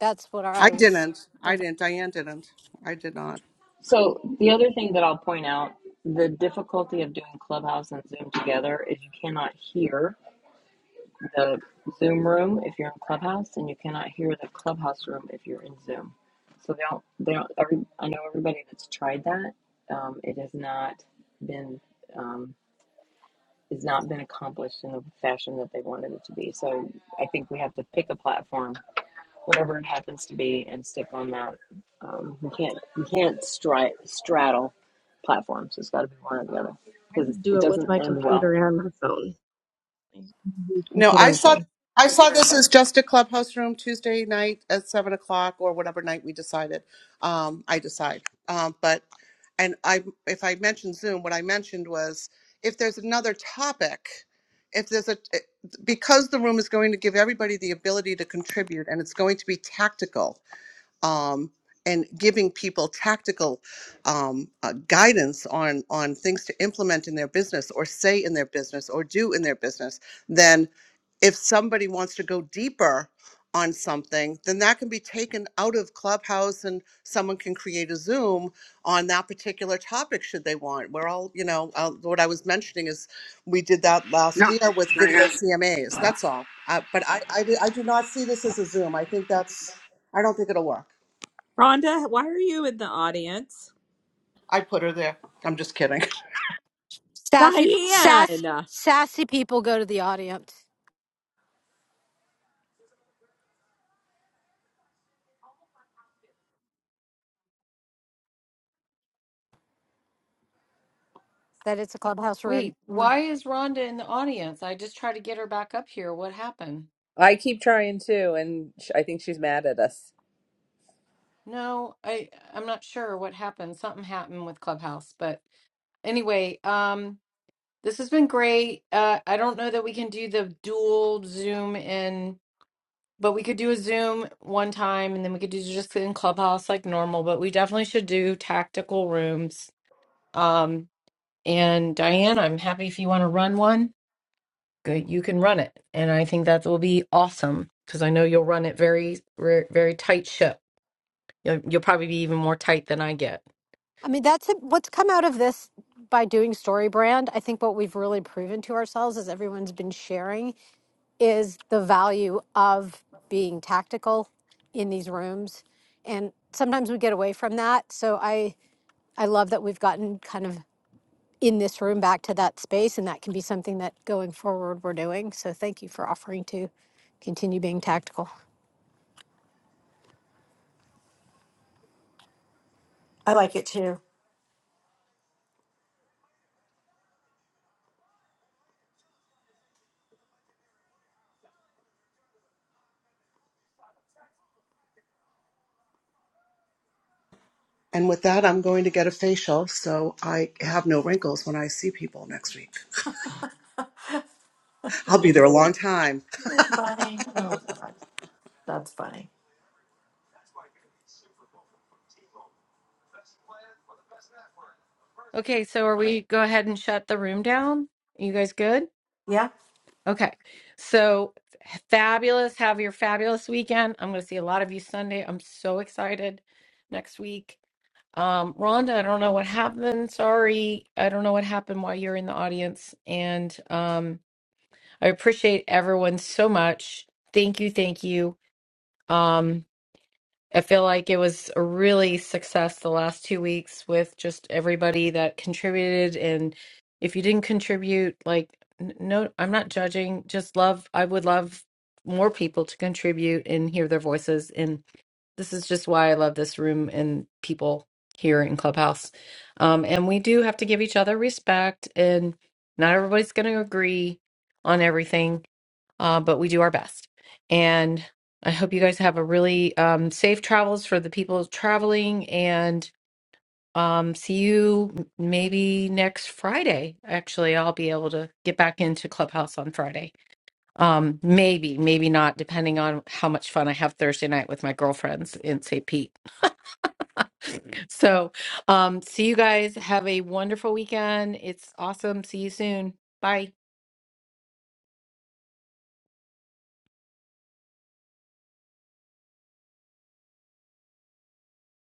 Speaker 13: that's what
Speaker 5: I
Speaker 13: I was.
Speaker 5: didn't. I didn't. Diane didn't. I did not.
Speaker 11: So the other thing that I'll point out, the difficulty of doing Clubhouse and Zoom together is you cannot hear the Zoom room if you're in Clubhouse, and you cannot hear the Clubhouse room in Zoom. So they don't, they don't, every, I know everybody that's tried that, um, it has not been, um, has not been accomplished in the fashion that they wanted it to be. So I think we have to pick a platform, whatever it happens to be, and stick on that. Um, we can't, we can't stri- straddle platforms. It's got to be one or the other
Speaker 1: I
Speaker 11: because
Speaker 1: would do
Speaker 11: it
Speaker 1: it with
Speaker 11: doesn't
Speaker 1: my
Speaker 11: end well.
Speaker 1: computer and my phone. I use
Speaker 5: No,
Speaker 1: Computer
Speaker 5: I
Speaker 1: and
Speaker 5: saw
Speaker 1: phone.
Speaker 5: I saw this as just a clubhouse room Tuesday night at seven o'clock or whatever night we decided. Um, I decide. Um, but and I if I mentioned Zoom, what I mentioned was if there's another topic, if there's a eh, because the room is going to give everybody the ability to contribute and it's going to be tactical. Um, and giving people tactical um, uh, guidance on on things to implement in their business or say in their business or do in their business, then if somebody wants to go deeper on something, then that can be taken out of Clubhouse and someone can create a Zoom on that particular topic should they want. We're all, you know, uh, what I was mentioning is we did that last
Speaker 25: No,
Speaker 5: year with
Speaker 25: Diane,
Speaker 5: video CMAs. That's all. Uh, but I, I, do- I do not see this as a Zoom. I think that's, I don't think it'll work.
Speaker 16: Rhonda, why are you in the audience?
Speaker 5: I put her there. I'm just kidding.
Speaker 13: Sassy, sass,
Speaker 16: Diane!
Speaker 13: sassy people go to the audience. That it's a clubhouse room
Speaker 2: Wait,
Speaker 13: only.
Speaker 2: why is Rhonda in the audience? I just tried to get her back up here. What happened?
Speaker 16: I keep trying to, and sh- I think she's mad at us.
Speaker 2: No, I I'm not sure what happened. Something happened with Clubhouse, but anyway, um this has been great. Uh I don't know that we can do the dual Zoom in. But we could do a Zoom one time and then we could do just in Clubhouse like normal, but we definitely should do tactical rooms. Um, and Diane, I'm happy if you want to run one. Good, you can run it. And I think that will be awesome because I know you'll run it very, very, very tight ship. You'll, you'll probably be even more tight than I get.
Speaker 13: I mean, that's it. what's come out of this by doing story brand. I think what we've really proven to ourselves, as everyone's been sharing, is the value of being tactical in these rooms, and sometimes we get away from that. So I I love that we've gotten kind of in this room back to that space, and that can be something that going forward we're doing. So thank you for offering to continue being tactical.
Speaker 7: I like it too.
Speaker 5: And with that, I'm going to get a facial so I have no wrinkles when I see people next week. I'll be there a long time.
Speaker 7: You're funny. Oh, God. That's funny.
Speaker 2: Okay, so are we go ahead and shut the room down? You guys good?
Speaker 7: Yeah.
Speaker 2: Okay. So fabulous. Have your fabulous weekend. I'm going to see a lot of you Sunday. I'm so excited next week. Um, Rhonda, I don't know what happened. Sorry. I don't know what happened while you're in the audience. And um, I appreciate everyone so much. Thank you. Thank you. Um, I feel like it was a really success the last two weeks with just everybody that contributed. And if you didn't contribute, like, n- no, I'm not judging. Just love, I would love more people to contribute and hear their voices. and. This is just why I love this room and people here in Clubhouse. Um, and we do have to give each other respect, and not everybody's going to agree on everything, uh, but we do our best. And I hope you guys have a really um, safe travels for the people traveling, and um, see you m- maybe next Friday. Actually, I'll be able to get back into Clubhouse on Friday. Um, maybe, maybe not, depending on how much fun I have Thursday night with my girlfriends in St. Pete. So, um, see you guys. Have a wonderful weekend. It's awesome. See you soon. Bye.